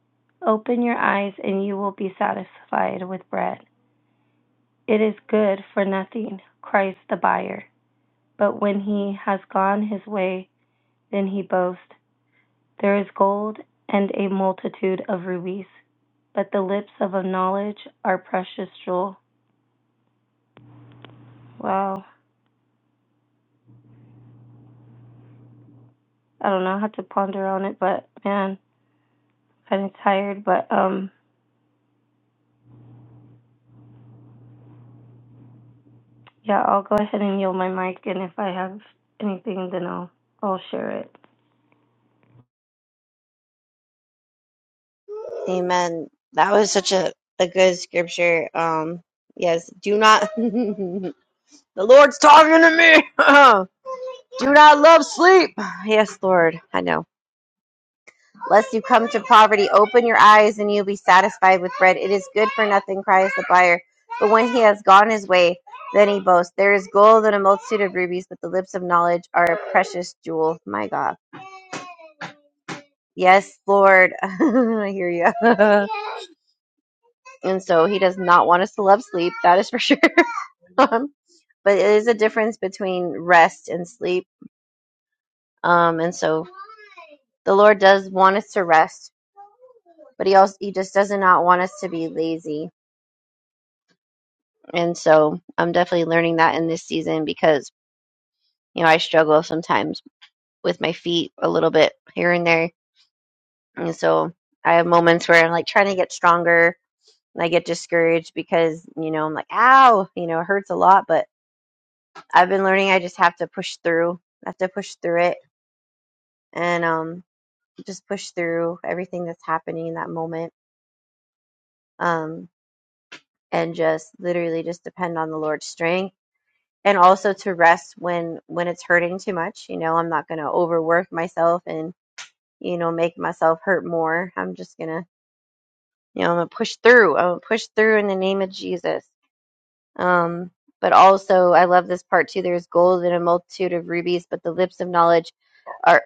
[SPEAKER 6] Open your eyes, and you will be satisfied with bread. It is good for nothing, Christ the buyer. But when he has gone his way, then he boasts. There is gold and a multitude of rubies, but the lips of a knowledge are precious jewel. Wow. I don't know how to ponder on it, but man, I'm kind of tired. But um, Yeah, I'll go ahead and yield my mic, and if I have anything, then I'll I'll share it.
[SPEAKER 2] Amen. That was such a, a good scripture. Um, yes, do not, the Lord's talking to me. do not love sleep. Yes, Lord. I know. Lest you come to poverty, open your eyes and you'll be satisfied with bread. It is good for nothing, cries the buyer. But when he has gone his way, then he boasts, There is gold and a multitude of rubies, but the lips of knowledge are a precious jewel. My God. Yes, Lord. I hear you. and so he does not want us to love sleep, that is for sure. Um, but it is a difference between rest and sleep. Um, and so the Lord does want us to rest, but he also he just does not want us to be lazy And so I'm definitely learning that in this season because, you know, I struggle sometimes with my feet a little bit here and there. And so I have moments where I'm like trying to get stronger and I get discouraged because, you know, I'm like, ow, you know, it hurts a lot. But I've been learning I just have to push through. I have to push through it and um, just push through everything that's happening in that moment. Um, and just literally just depend on the Lord's strength and also to rest when when it's hurting too much you know i'm not going to overwork myself and you know make myself hurt more i'm just going to you know i'm going to push through i'm going to push through in the name of jesus um but also i love this part too there's gold in a multitude of rubies but the lips of knowledge are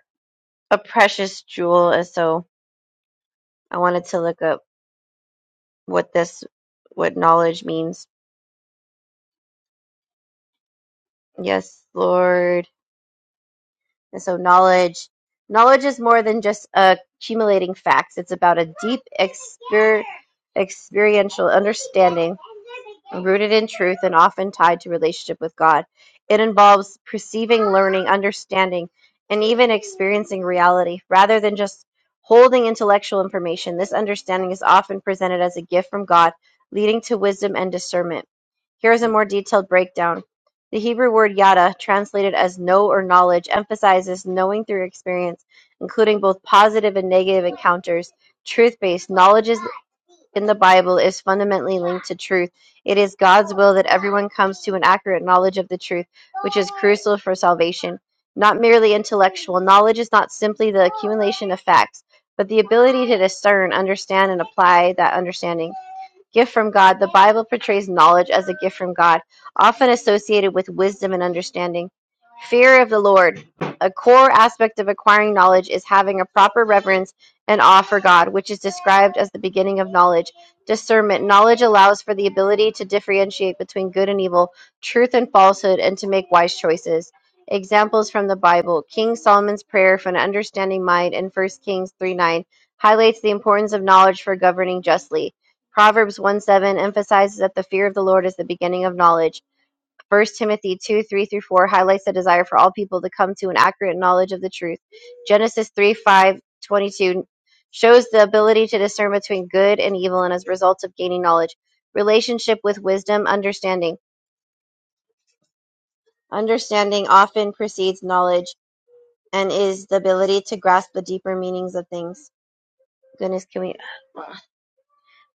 [SPEAKER 2] a precious jewel and so i wanted to look up what this what knowledge means yes lord And so knowledge knowledge is more than just accumulating facts. It's about a deep exper- experiential understanding rooted in truth and often tied to relationship with God. It involves perceiving, learning, understanding, and even experiencing reality rather than just holding intellectual information. This understanding is often presented as a gift from God, leading to wisdom and discernment. Here is a more detailed breakdown. The Hebrew word "yada", translated as "know" or "knowledge", emphasizes knowing through experience, including both positive and negative encounters. Truth-based knowledge is, in the Bible is fundamentally linked to truth. It is God's will that everyone comes to an accurate knowledge of the truth, which is crucial for salvation. Not merely intellectual, knowledge is not simply the accumulation of facts, but the ability to discern, understand, and apply that understanding. Gift from God. The Bible portrays knowledge as a gift from God, often associated with wisdom and understanding. Fear of the Lord. A core aspect of acquiring knowledge is having a proper reverence and awe for God, which is described as the beginning of knowledge. Discernment. Knowledge allows for the ability to differentiate between good and evil, truth and falsehood, and to make wise choices. Examples from the Bible King Solomon's prayer for an understanding mind in 1 Kings 3 9 highlights the importance of knowledge for governing justly. Proverbs one seven emphasizes that the fear of the Lord is the beginning of knowledge. First Timothy 2, 3 through 4 highlights the desire for all people to come to an accurate knowledge of the truth. Genesis 3, twenty two shows the ability to discern between good and evil and as a result of gaining knowledge. Relationship with wisdom, understanding. Understanding often precedes knowledge and is the ability to grasp the deeper meanings of things. Goodness, can we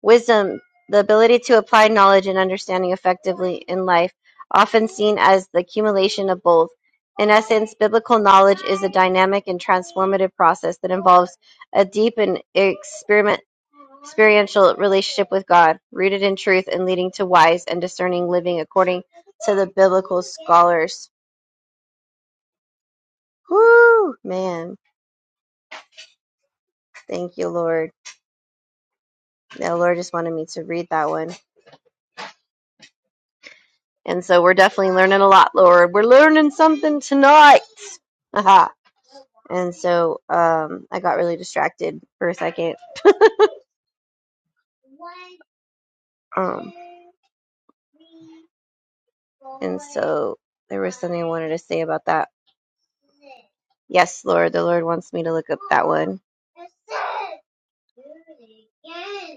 [SPEAKER 2] Wisdom: the ability to apply knowledge and understanding effectively in life, often seen as the accumulation of both. In essence, biblical knowledge is a dynamic and transformative process that involves a deep and experiment, experiential relationship with God, rooted in truth and leading to wise and discerning living according to the biblical scholars. Whoo, man. Thank you, Lord. The Lord just wanted me to read that one. And so we're definitely learning a lot, Lord. We're learning something tonight. Aha. And so um, I got really distracted for a second. Um, and so there was something I wanted to say about that. Yes, Lord, the Lord wants me to look up that one.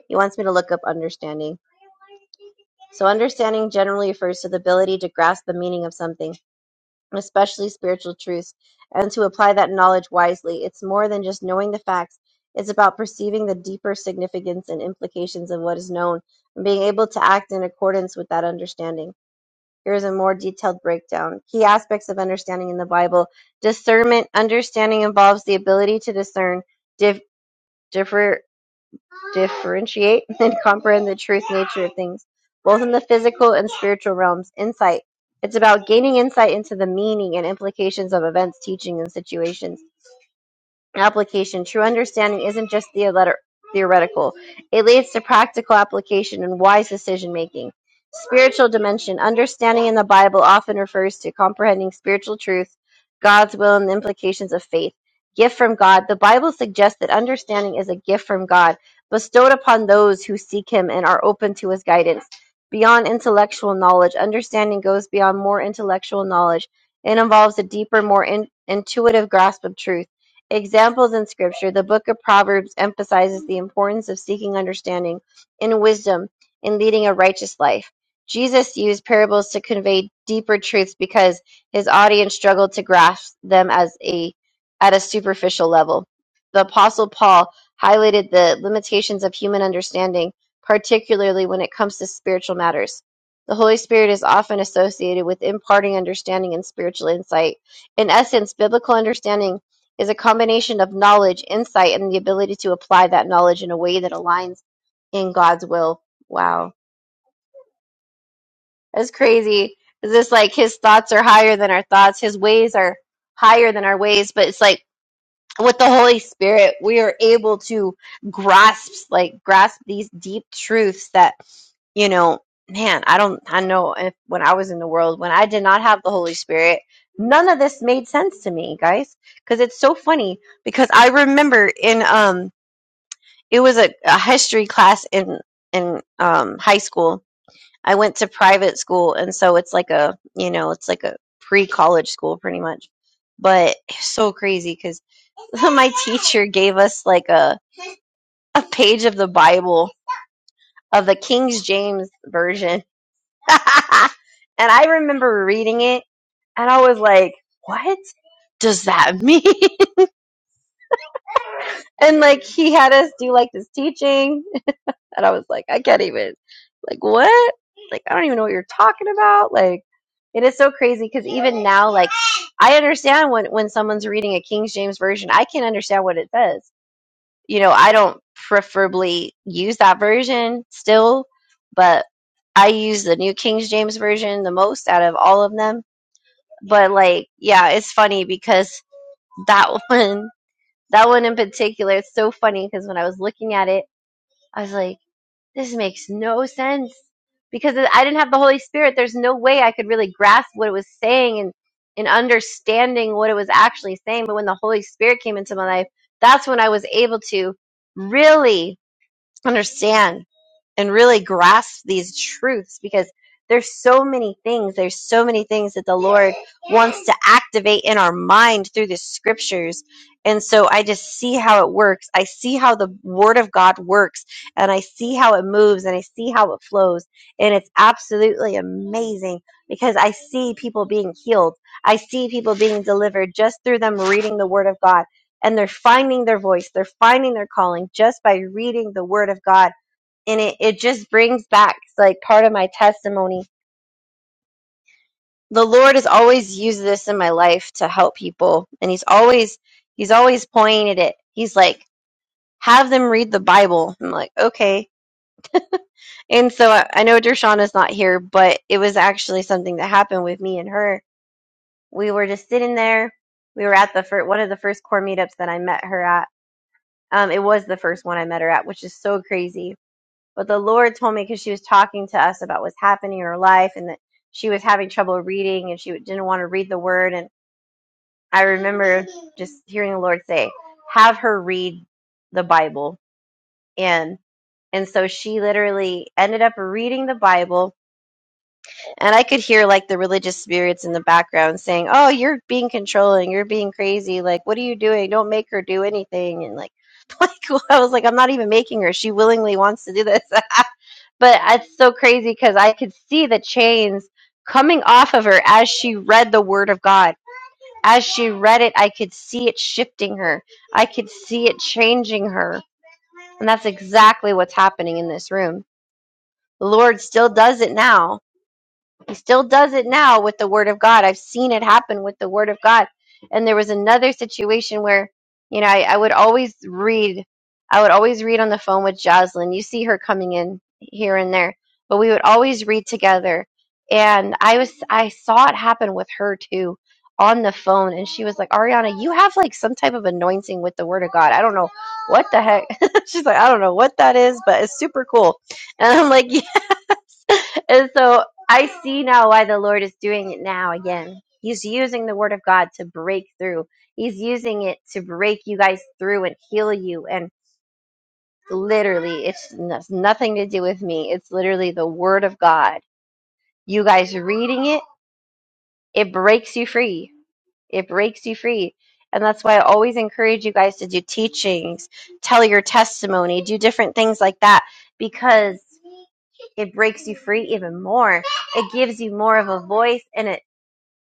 [SPEAKER 2] He wants me to look up understanding. So understanding generally refers to the ability to grasp the meaning of something. especially spiritual truths, and to apply that knowledge wisely. It's more than just knowing the facts, it's about perceiving the deeper significance and implications of what is known and being able to act in accordance with that understanding. Here's a more detailed breakdown. Key aspects of understanding in the Bible discernment. Understanding involves the ability to discern dif- differ, differentiate and comprehend the truth nature of things, both in the physical and spiritual realms. Insight. It's about gaining insight into the meaning and implications of events, teaching, and situations application. True understanding isn't just theoretical, it leads to practical application and wise decision making. Spiritual dimension understanding in the Bible often refers to comprehending spiritual truth, God's will, and the implications of faith. Gift from God. The Bible suggests that understanding is a gift from God, bestowed upon those who seek Him and are open to His guidance. Beyond intellectual knowledge, understanding goes beyond more intellectual knowledge. It involves a deeper, more in- intuitive grasp of truth. Examples in Scripture: The book of Proverbs emphasizes the importance of seeking understanding and wisdom in leading a righteous life. Jesus used parables to convey deeper truths because his audience struggled to grasp them as a at a superficial level. The apostle Paul highlighted the limitations of human understanding, particularly when it comes to spiritual matters. The Holy Spirit is often associated with imparting understanding and spiritual insight. In essence, biblical understanding is a combination of knowledge, insight, and the ability to apply that knowledge in a way that aligns in God's will. Wow. That's crazy. Is this like his thoughts are higher than our thoughts? His ways are higher than our ways, but it's like with the Holy Spirit, we are able to grasp, like, grasp these deep truths that, you know, man, I don't, I know if when I was in the world, when I did not have the Holy Spirit, none of this made sense to me, guys. Cause it's so funny because I remember in, um, it was a, a history class in, in, um, high school. I went to private school. And so it's like a, you know, it's like a pre college school pretty much. But it's so crazy. because. my teacher gave us like a, a page of the Bible of the King James version. and I remember reading it and I was like, what does that mean? and like he had us do like this teaching and I was like, I can't even like what? Like I don't even know what you're talking about. Like it is so crazy because even now, like I understand when when someone's reading a King James version, I can understand what it says you know, I don't preferably use that version still, but I use the New King James version the most out of all of them. But like, yeah, it's funny because that one, that one in particular, it's so funny because when I was looking at it, I was like, this makes no sense because I didn't have the Holy Spirit. There's no way I could really grasp what it was saying and and understanding what it was actually saying. But when the Holy Spirit came into my life, that's when I was able to really understand and really grasp these truths because there's so many things there's so many things that the lord wants to activate in our mind through the scriptures and so i just see how it works i see how the word of god works and i see how it moves and i see how it flows and it's absolutely amazing because i see people being healed i see people being delivered just through them reading the word of god and they're finding their voice they're finding their calling just by reading the word of god and it, it just brings back like part of my testimony the lord has always used this in my life to help people and he's always he's always pointed it he's like have them read the bible i'm like okay and so i, I know dershawn is not here but it was actually something that happened with me and her we were just sitting there we were at the first one of the first core meetups that i met her at um, it was the first one i met her at which is so crazy But the Lord told me because she was talking to us about what's happening in her life and that she was having trouble reading and she didn't want to read the word. And I remember just hearing the Lord say, have her read the Bible. And and so she literally ended up reading the Bible, and I could hear like the religious spirits in the background saying, "Oh, you're being controlling. You're being crazy. Like, what are you doing? Don't make her do anything." And like, like I was like, "I'm not even making her. She willingly wants to do this." but it's so crazy because I could see the chains coming off of her as she read the Word of God. As she read it, I could see it shifting her. I could see it changing her. And that's exactly what's happening in this room. The Lord still does it now he still does it now with the word of God. I've seen it happen with the word of God. And there was another situation where, you know, I, I would always read, I would always read on the phone with Jocelyn. You see her coming in here and there, but we would always read together. And I was, I saw it happen with her too on the phone. And she was like, Ariana, you have like some type of anointing with the word of God. I don't know what the heck. She's like, I don't know what that is, but it's super cool. And I'm like, "Yeah, and so I see now why the Lord is doing it now again. He's using the word of God to break through. He's using it to break you guys through and heal you. And literally, it's n- it's nothing to do with me. It's literally the word of God. You guys reading it, it breaks you free. It breaks you free. And that's why I always encourage you guys to do teachings, tell your testimony, do different things like that because it breaks you free even more it gives you more of a voice and it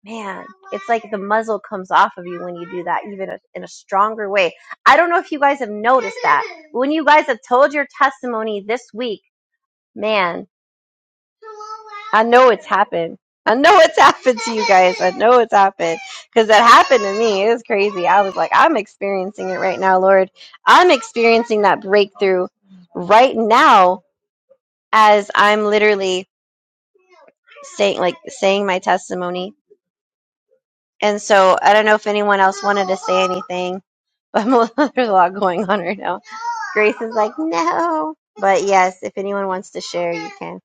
[SPEAKER 2] man it's like the muzzle comes off of you when you do that even in a stronger way i don't know if you guys have noticed that when you guys have told your testimony this week man i know it's happened i know it's happened to you guys i know it's happened because that happened to me it was crazy i was like i'm experiencing it right now lord i'm experiencing that breakthrough right now as i'm literally saying like saying my testimony And so I don't know if anyone else wanted to say anything, but there's a lot going on right now. Grace is like, no. But yes, if anyone wants to share, you can.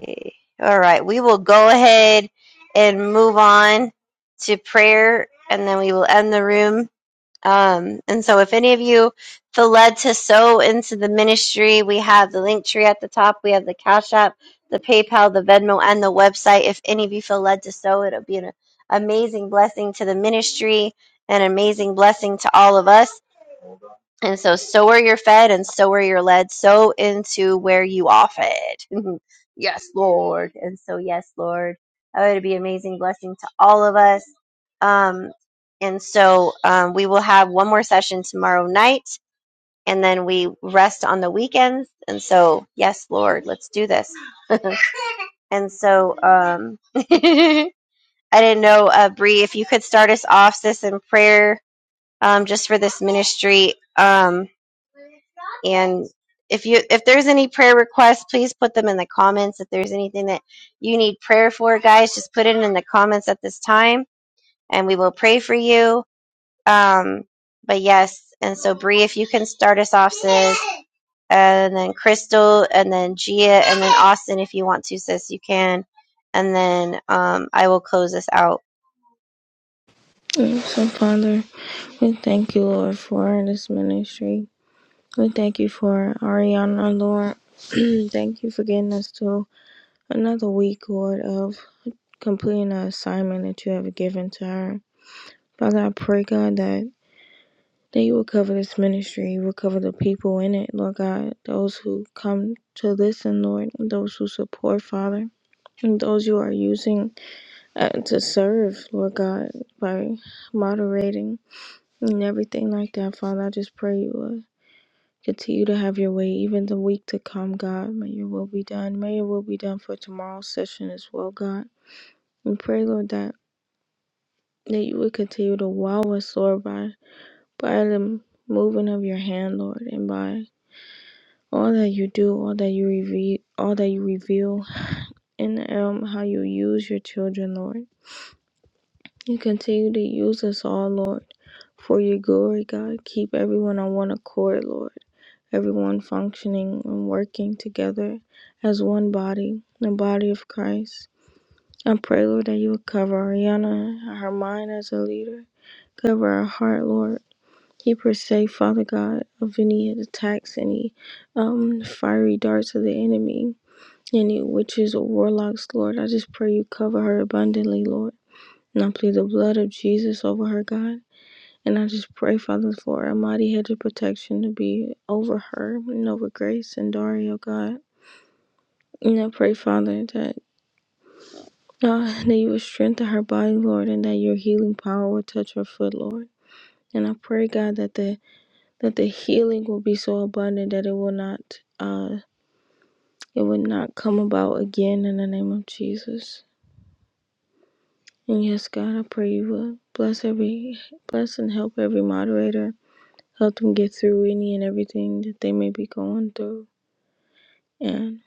[SPEAKER 2] Okay. All right. We will go ahead and move on to prayer, and then we will end the room. Um, and so, if any of you feel led to sow into the ministry, we have the link tree at the top, we have the Cash App, the PayPal, the Venmo, and the website. If any of you feel led to sow, it'll be an amazing blessing to the ministry, an amazing blessing to all of us. And so, so are you fed and so are you led, so into where you are fed. yes, Lord. And so, yes, Lord. that would be amazing blessing to all of us. Um, and so, um, we will have one more session tomorrow night and then we rest on the weekends. And so, yes, Lord, let's do this. And so, um, I didn't know, uh, Bree, if you could start us off, sis, in prayer, um, just for this ministry. Um, And if you if there's any prayer requests, please put them in the comments. If there's anything that you need prayer for, guys, just put it in the comments at this time, and we will pray for you. Um, but yes, and so Bree, if you can start us off, sis, and then Crystal, and then Gia, and then Austin, if you want to, sis, you can, and then um, I will close this out.
[SPEAKER 5] so, Father, we thank you, Lord, for this ministry. We thank you for Ariana, Lord. thank you for getting us to another week, Lord, of completing the assignment that you have given to her. Father, I pray, God, that That you will cover this ministry. You will cover the people in it, Lord God. Those who come to listen, Lord. And those who support, Father. And those you are using uh, to serve, Lord God, by moderating and everything like that, Father. I just pray you will continue to have your way even the week to come, God. May your will be done. May your will be done for tomorrow's session as well, God. And pray, Lord, that, that you would continue to wow us, Lord, by, by the moving of your hand, Lord, and by all that you do, all that you reveal, all that you reveal, and um, how you use your children, Lord. You continue to use us all, Lord, for your glory, God. Keep everyone on one accord, Lord. Everyone functioning and working together as one body, the body of Christ. I pray, Lord, that you would cover Ariana, her mind as a leader. Cover her heart, Lord. Keep her safe, Father God, of any attacks, any um, fiery darts of the enemy any witches or warlocks, Lord. I just pray you cover her abundantly, Lord. And I plead the blood of Jesus over her, God. And I just pray, Father, for a mighty hedge of protection to be over her and over Grace and Dario, God. And I pray, Father, that uh, that you would strengthen her body, Lord, and that your healing power will touch her foot, Lord. And I pray, God, that the that the healing will be so abundant that it will not uh it will not come about again in the name of Jesus. And yes, God, I pray you will bless every bless and help every moderator. Help them get through any and everything that they may be going through. And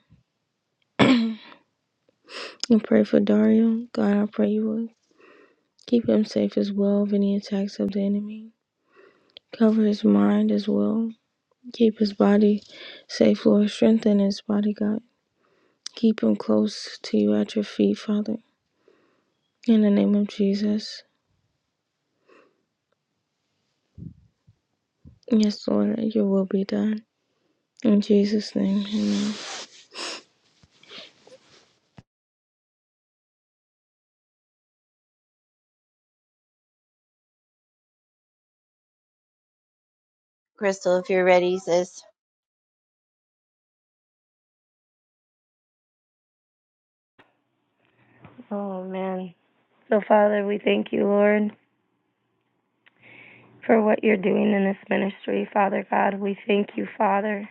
[SPEAKER 5] and pray for Dario. God, I pray you will keep him safe as well of any attacks of the enemy. Cover his mind as well. Keep his body safe, Lord. Strengthen his body, God. Keep him close to you at your feet, Father. In the name of Jesus. Yes, Lord, your will be done. In Jesus' name, amen.
[SPEAKER 2] Crystal, if you're ready, sis.
[SPEAKER 6] Oh man. So Father, we thank you, Lord, for what you're doing in this ministry. Father God, we thank you, Father,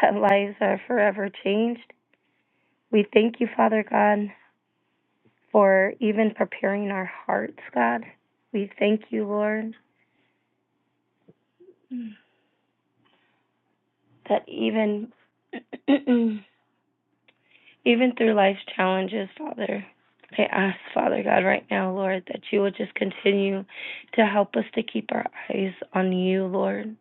[SPEAKER 6] that lives are forever changed. We thank you, Father God, for even preparing our hearts, God. We thank you, Lord, that even Even through life's challenges, Father, I ask, Father God, right now, Lord, that you will just continue to help us to keep our eyes on you, Lord.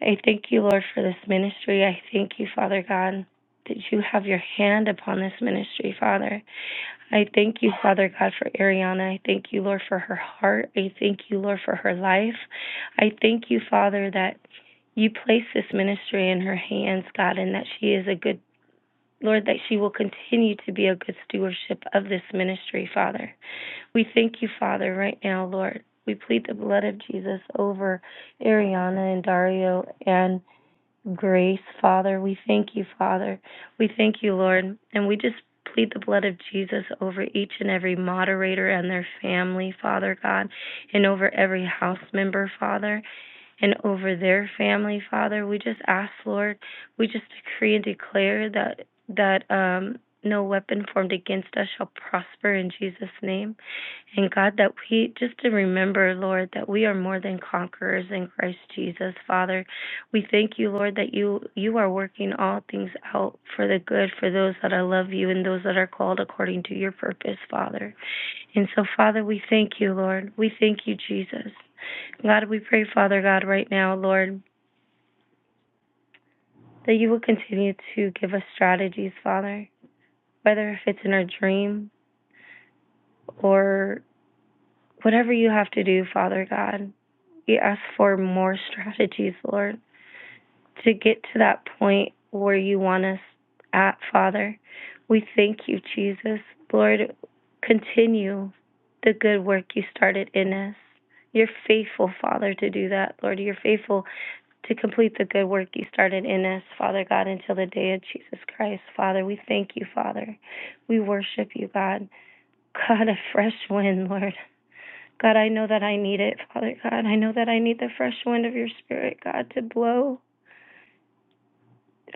[SPEAKER 6] I thank you, Lord, for this ministry. I thank you, Father God, that you have your hand upon this ministry, Father. I thank you, Father God, for Ariana. I thank you, Lord, for her heart. I thank you, Lord, for her life. I thank you, Father, that you place this ministry in her hands, God, and that she is a good Lord, that she will continue to be a good stewardship of this ministry, Father. We thank you, Father, right now, Lord. We plead the blood of Jesus over Ariana and Dario and Grace, Father. We thank you, Father. We thank you, Lord. And we just plead the blood of Jesus over each and every moderator and their family, Father God, and over every house member, Father and over their family, Father. We just ask, Lord, we just decree and declare that that um, no weapon formed against us shall prosper in Jesus' name. And God, that we just to remember, Lord, that we are more than conquerors in Christ Jesus, Father. We thank you, Lord, that you you are working all things out for the good for those that I love you and those that are called according to your purpose, Father. And so, Father, we thank you, Lord. We thank you, Jesus. God, we pray, Father God, right now, Lord, that you will continue to give us strategies, Father, whether if it's in our dream or whatever you have to do, Father God. We ask for more strategies, Lord. to get to that point where you want us at, Father. We thank you, Jesus. Lord, continue the good work you started in us. You're faithful, Father, to do that, Lord. You're faithful to complete the good work you started in us, Father God, until the day of Jesus Christ. Father, we thank you, Father. We worship you, God. God, a fresh wind, Lord. God, I know that I need it, Father God. I know that I need the fresh wind of your spirit, God, to blow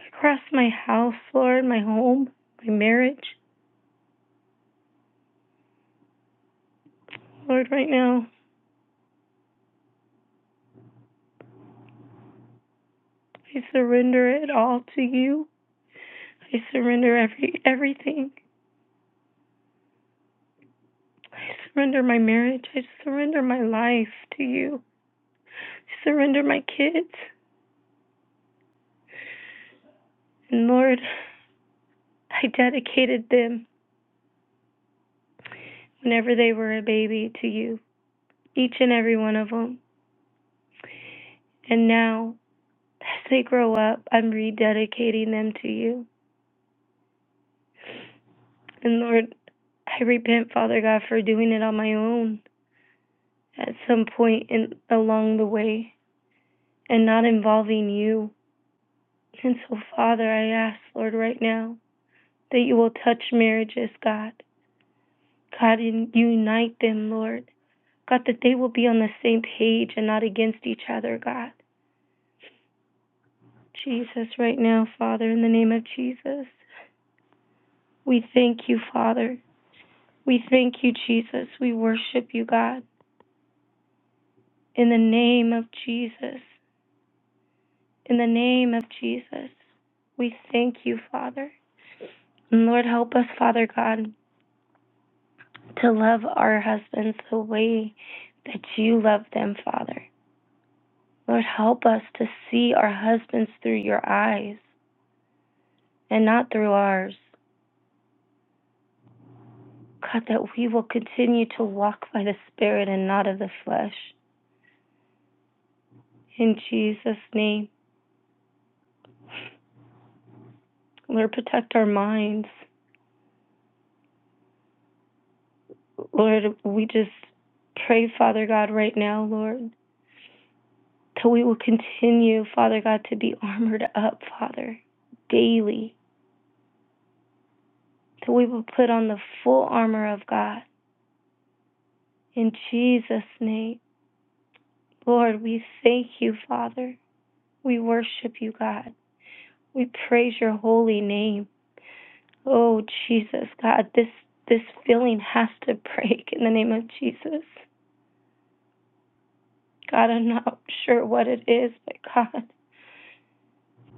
[SPEAKER 6] across my house, Lord, my home, my marriage. Lord, right now, I surrender it all to you. I surrender every everything. I surrender my marriage. I surrender my life to you. I surrender my kids. And Lord, I dedicated them whenever they were a baby to you, each and every one of them. And now, as they grow up, I'm rededicating them to you. And Lord, I repent, Father God, for doing it on my own at some point in, along the way and not involving you. And so, Father, I ask, Lord, right now that you will touch marriages, God. God, and unite them, Lord. God, that they will be on the same page and not against each other, God. Jesus, right now, Father, in the name of Jesus, we thank you, Father. We thank you, Jesus. We worship you, God. In the name of Jesus. In the name of Jesus, we thank you, Father. And Lord, help us, Father God, to love our husbands the way that you love them, Father. Lord, help us to see our husbands through your eyes and not through ours. God, that we will continue to walk by the Spirit and not of the flesh. In Jesus' name, Lord, protect our minds. Lord, we just pray, Father God, right now, Lord, that we will continue, Father God, to be armored up, Father, daily, that we will put on the full armor of God. In Jesus' name, Lord, we thank you, Father. We worship you, God. We praise your holy name. Oh, Jesus, God, this, this feeling has to break in the name of Jesus. God, I'm not sure what it is, but God,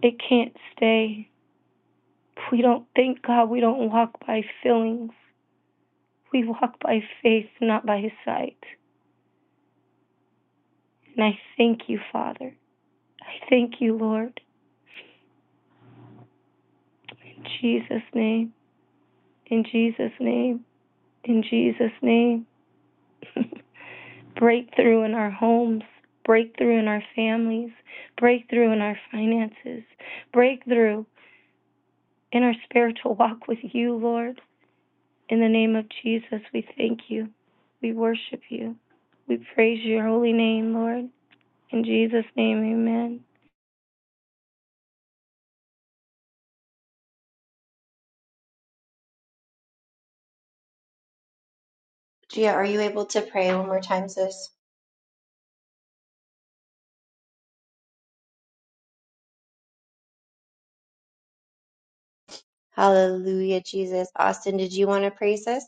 [SPEAKER 6] it can't stay. We don't think, God, we don't walk by feelings. We walk by faith, not by sight. And I thank you, Father. I thank you, Lord. In Jesus' name, in Jesus' name, in Jesus' name. breakthrough in our homes, breakthrough in our families, breakthrough in our finances, breakthrough in our spiritual walk with you, Lord. In the name of Jesus, we thank you. We worship you. We praise your holy name, Lord. In Jesus' name, amen.
[SPEAKER 2] Gia, are you able to pray one more time, sis? Hallelujah, Jesus. Austin, did you want to pray, sis?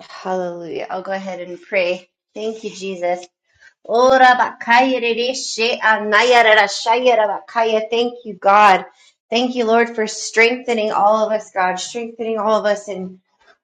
[SPEAKER 2] Hallelujah. I'll go ahead and pray. Thank you, Jesus. Ora bakaya rereshe anaya rarashaya rabakaya. Thank you, God. Thank you, Lord, for strengthening all of us, God, strengthening all of us. And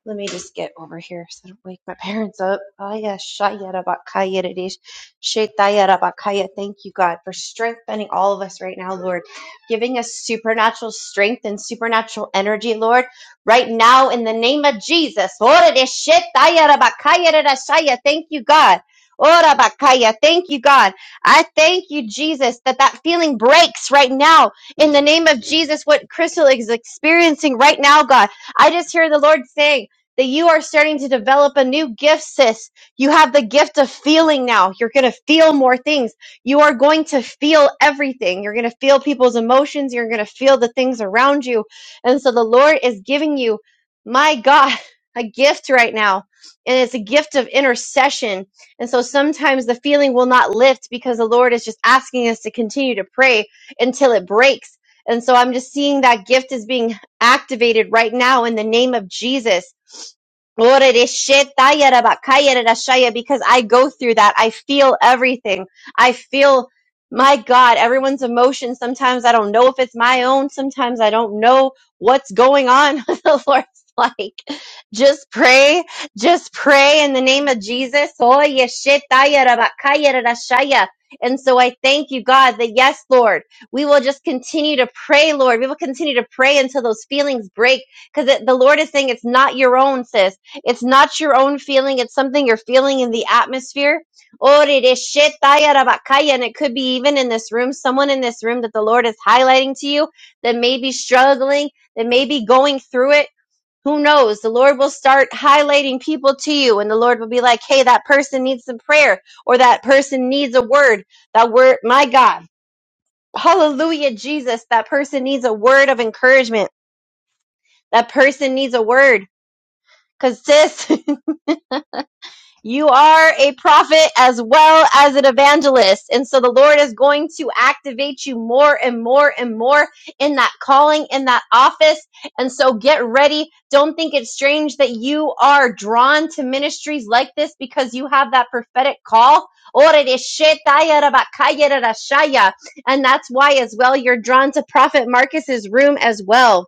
[SPEAKER 2] let me just get over here so I don't wake my parents up. Aya shaya rabakaya reresh- shetaya rabakaya. Thank you, God, for strengthening all of us right now, Lord, giving us supernatural strength and supernatural energy, Lord, right now in the name of Jesus. Ora reshetaya rabakaya rarashaya. Thank you, God. Ora bakaya. Thank you, God. I thank you, Jesus, that that feeling breaks right now in the name of Jesus. What Crystal is experiencing right now, God, I just hear the Lord saying that you are starting to develop a new gift, sis. You have the gift of feeling now. You're going to feel more things. You are going to feel everything. You're going to feel people's emotions. You're going to feel the things around you. And so the Lord is giving you, my God, a gift right now. And it's a gift of intercession and so sometimes the feeling will not lift because the Lord is just asking us to continue to pray until it breaks. And so I'm just seeing that gift is being activated right now in the name of Jesus. Because I go through that. I feel everything. I feel, my God, everyone's emotions. Sometimes I don't know if it's my own. Sometimes I don't know what's going on. the Lord's like, just pray just pray in the name of Jesus. Oh, And so I thank you, God, that yes, Lord, we will just continue to pray, Lord. We will continue to pray until those feelings break because the Lord is saying it's not your own, sis. It's not your own feeling. It's something you're feeling in the atmosphere. Oh, And it could be even in this room, someone in this room that the Lord is highlighting to you that may be struggling, that may be going through it who knows the lord will start highlighting people to you and the lord will be like hey that person needs some prayer or that person needs a word that word my god hallelujah jesus that person needs a word of encouragement that person needs a word because sis You are a prophet as well as an evangelist. And so the Lord is going to activate you more and more and more in that calling, in that office. And so get ready. Don't think it's strange that you are drawn to ministries like this because you have that prophetic call. And that's why, as well, you're drawn to Prophet Marcus's room as well.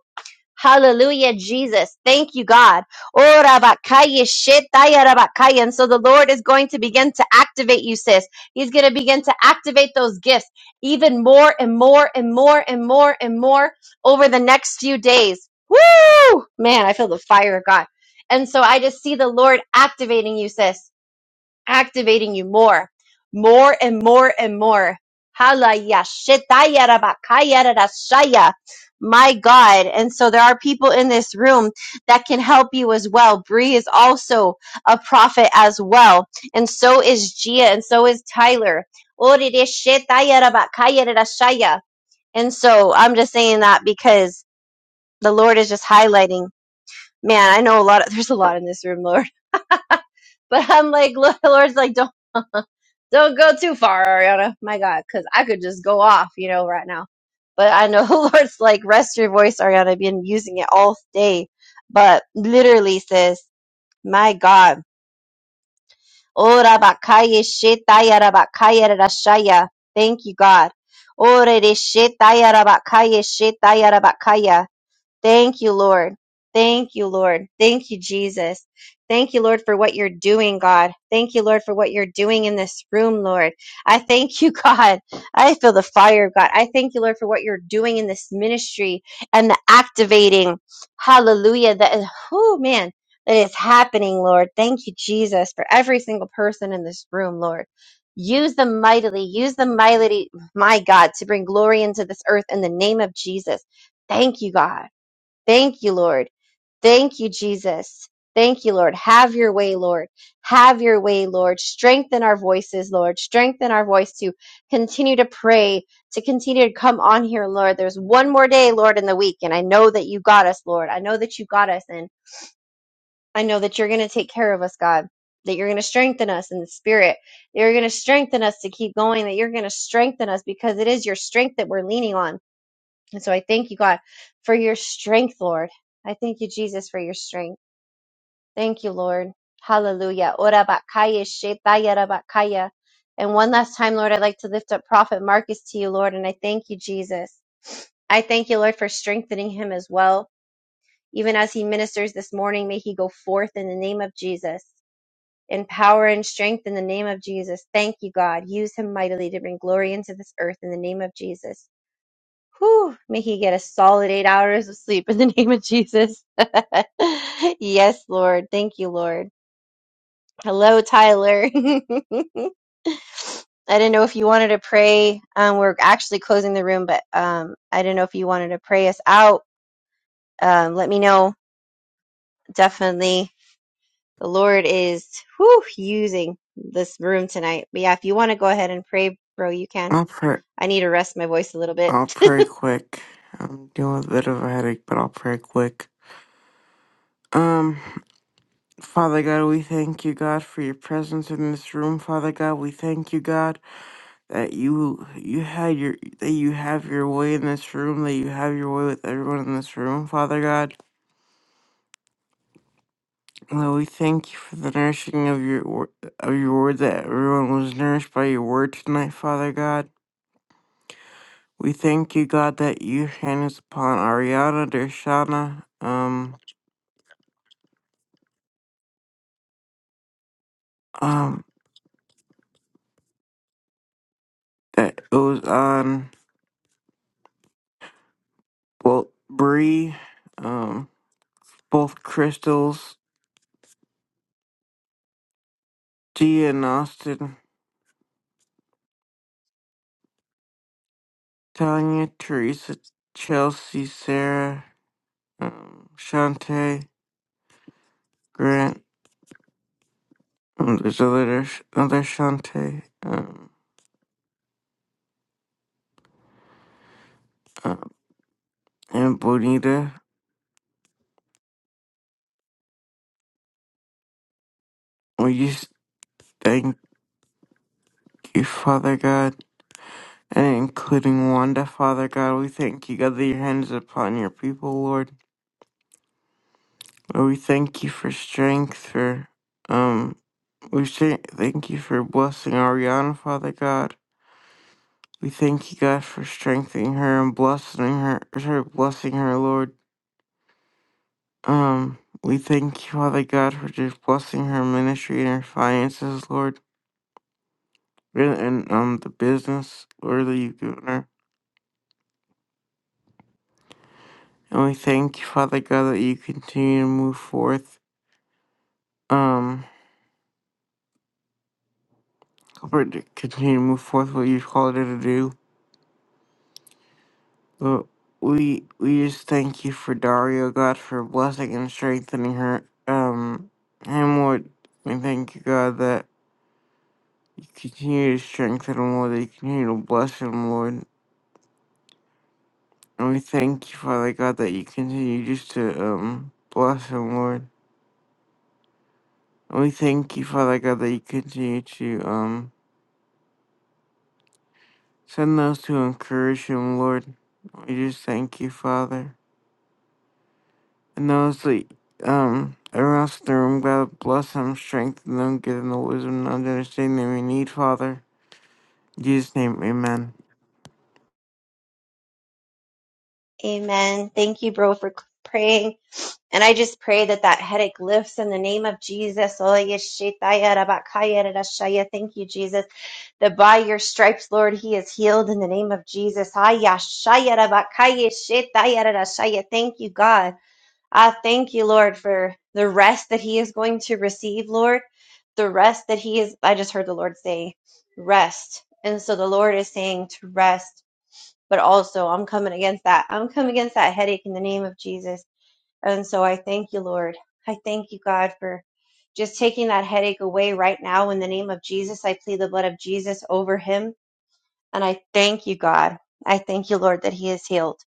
[SPEAKER 2] Hallelujah, Jesus. Thank you, God. Oh, rabakaya, shetaya, rabakaya. And so the Lord is going to begin to activate you, sis. He's going to begin to activate those gifts even more and more and more and more and more over the next few days. Woo! Man, I feel the fire of God. And so I just see the Lord activating you, sis activating you more, more and more and more. Halayashitayarabakayarashaya. My God. And so there are people in this room that can help you as well. Bree is also a prophet as well. And so is Gia and so is Tyler. Oririshitayarabakayarashaya. And so I'm just saying that because the Lord is just highlighting. Man, I know a lot of, there's a lot in this room, Lord. But I'm like, Lord's like, Don't go too far, Ariana. My God, because I could just go off, you know, right now. But I know the Lord's like, rest your voice, Ariana. I've been using it all day. But literally, sis. my God. Ora bakaya shetaya rabakaya rashaya. Thank you, God. Ore de shetaya rabakaya shetaya rabakaya. Thank you, Lord. Thank you, Lord. Thank you, Jesus. Thank you, Lord, for what you're doing, God. Thank you, Lord, for what you're doing in this room, Lord. I thank you, God. I feel the fire, God. I thank you, Lord, for what you're doing in this ministry and the activating. Hallelujah. That is, whoo, man, that is happening, Lord. Thank you, Jesus, for every single person in this room, Lord. Use them mightily. Use them mightily, my God, to bring glory into this earth in the name of Jesus. Thank you, God. Thank you, Lord. Thank you, Jesus. Thank you, Lord. Have your way, Lord. Have your way, Lord. Strengthen our voices, Lord. Strengthen our voice to continue to pray, to continue to come on here, Lord. There's one more day, Lord, in the week, and I know that you got us, Lord. I know that you got us, and I know that you're going to take care of us, God. That you're going to strengthen us in the spirit. That you're going to strengthen us to keep going. That you're going to strengthen us because it is your strength that we're leaning on. And so I thank you, God, for your strength, Lord. I thank you, Jesus, for your strength. Thank you, Lord. Hallelujah. Ora bakaya shetaya rabakaya. And one last time, Lord, I'd like to lift up Prophet Marcus to you, Lord, and I thank you, Jesus. I thank you, Lord, for strengthening him as well. Even as he ministers this morning, may he go forth in the name of Jesus, in power and strength in the name of Jesus. Thank you, God. Use him mightily to bring glory into this earth in the name of Jesus. Whew, may he get a solid eight hours of sleep in the name of Jesus. yes, Lord. Thank you, Lord. Hello, Tyler. I didn't know if you wanted to pray. Um, we're actually closing the room, but um, I didn't know if you wanted to pray us out. Um, let me know. Definitely. The Lord is whew, using this room tonight. But yeah, if you want to go ahead and pray, bro, you can.
[SPEAKER 7] I'll pray.
[SPEAKER 2] I need to rest my voice a little bit.
[SPEAKER 7] I'll pray quick. I'm dealing with a bit of a headache, but I'll pray quick. Um, Father God, we thank you, God, for your presence in this room. Father God, we thank you, God, that you you had your that you have your way in this room, that you have your way with everyone in this room. Father God, Lord, we thank you for the nourishing of your wor- of your word that everyone was nourished by your word tonight. Father God, we thank you, God, that your hand is upon Ariana, Dershana, um. um that it was on well Bree, um both crystals, Gia and Austin, Tanya, Teresa, Chelsea, Sarah, um Shantae, Grant, um, there's another another Shantae, um, um and Bonita. We just thank you, Father God. And including Wanda, Father God, we thank you, God, that your hands upon your people, Lord. Lord, we thank you for strength, for um We say thank you for blessing Ariana, Father God. We thank you, God, for strengthening her and blessing her, her blessing her, Lord. Um, we thank you, Father God, for just blessing her ministry and her finances, Lord, and and, um the business, Lord, that you've given her. And we thank you, Father God, that you continue to move forth, um, help her to continue to move forth what you've called her to do. Lord, we we just thank you for Dario, God, for blessing and strengthening her. Um, and Lord, we thank you, God, that you continue to strengthen him, Lord, that you continue to bless him, Lord. And we thank you, Father God, that you continue just to um bless him, Lord. And we thank you, Father God, that you continue to um send those to encourage him, Lord. We just thank you, Father. And I like, um, arouse the room, God bless them, strengthen them, give them the wisdom and understanding we need, Father. In Jesus' name, amen.
[SPEAKER 2] Amen. Thank you, bro, for c- praying. And I just pray that that headache lifts in the name of Jesus. Oh, yeshitaya rabakaya rarashaya. Thank you, Jesus. That by your stripes, Lord, he is healed in the name of Jesus. Ayashaya rabakaya shitaya rarashaya. Thank you, God. I thank you, Lord, for the rest that he is going to receive, Lord. The rest that he is, I just heard the Lord say, rest. And so the Lord is saying to rest, but also I'm coming against that. I'm coming against that headache in the name of Jesus. And so I thank you, Lord. I thank you, God, for just taking that headache away right now in the name of Jesus. I plead the blood of Jesus over him. And I thank you, God. I thank you, Lord, that he is healed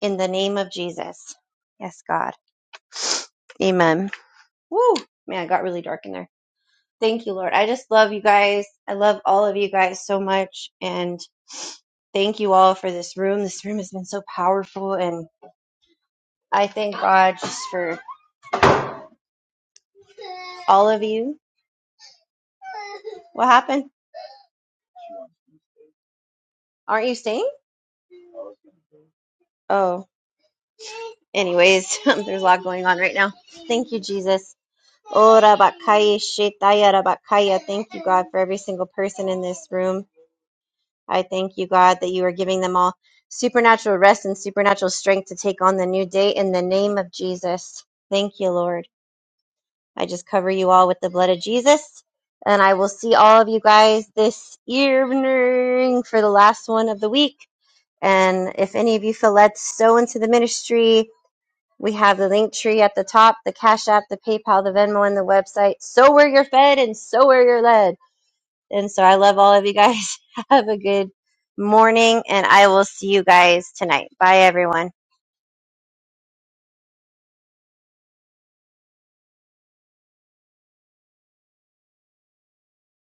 [SPEAKER 2] in the name of Jesus. Yes, God. Amen. Woo! Man, it got really dark in there. Thank you, Lord. I just love you guys. I love all of you guys so much. And thank you all for this room. This room has been so powerful. And I thank God just for all of you. What happened? Aren't you staying? Oh, anyways, there's a lot going on right now. Thank you, Jesus. Ora bakaya shetaya rabakaya. Thank you, God, for every single person in this room. I thank you, God, that you are giving them all supernatural rest and supernatural strength to take on the new day in the name of Jesus. Thank you, Lord. I just cover you all with the blood of Jesus. And I will see all of you guys this evening for the last one of the week. And if any of you feel led to sow into the ministry, We have the link tree at the top, the Cash App, the PayPal, the Venmo, and the website. So where you're fed and so where you're led. And so I love all of you guys. Have a good morning, and I will see you guys tonight. Bye, everyone.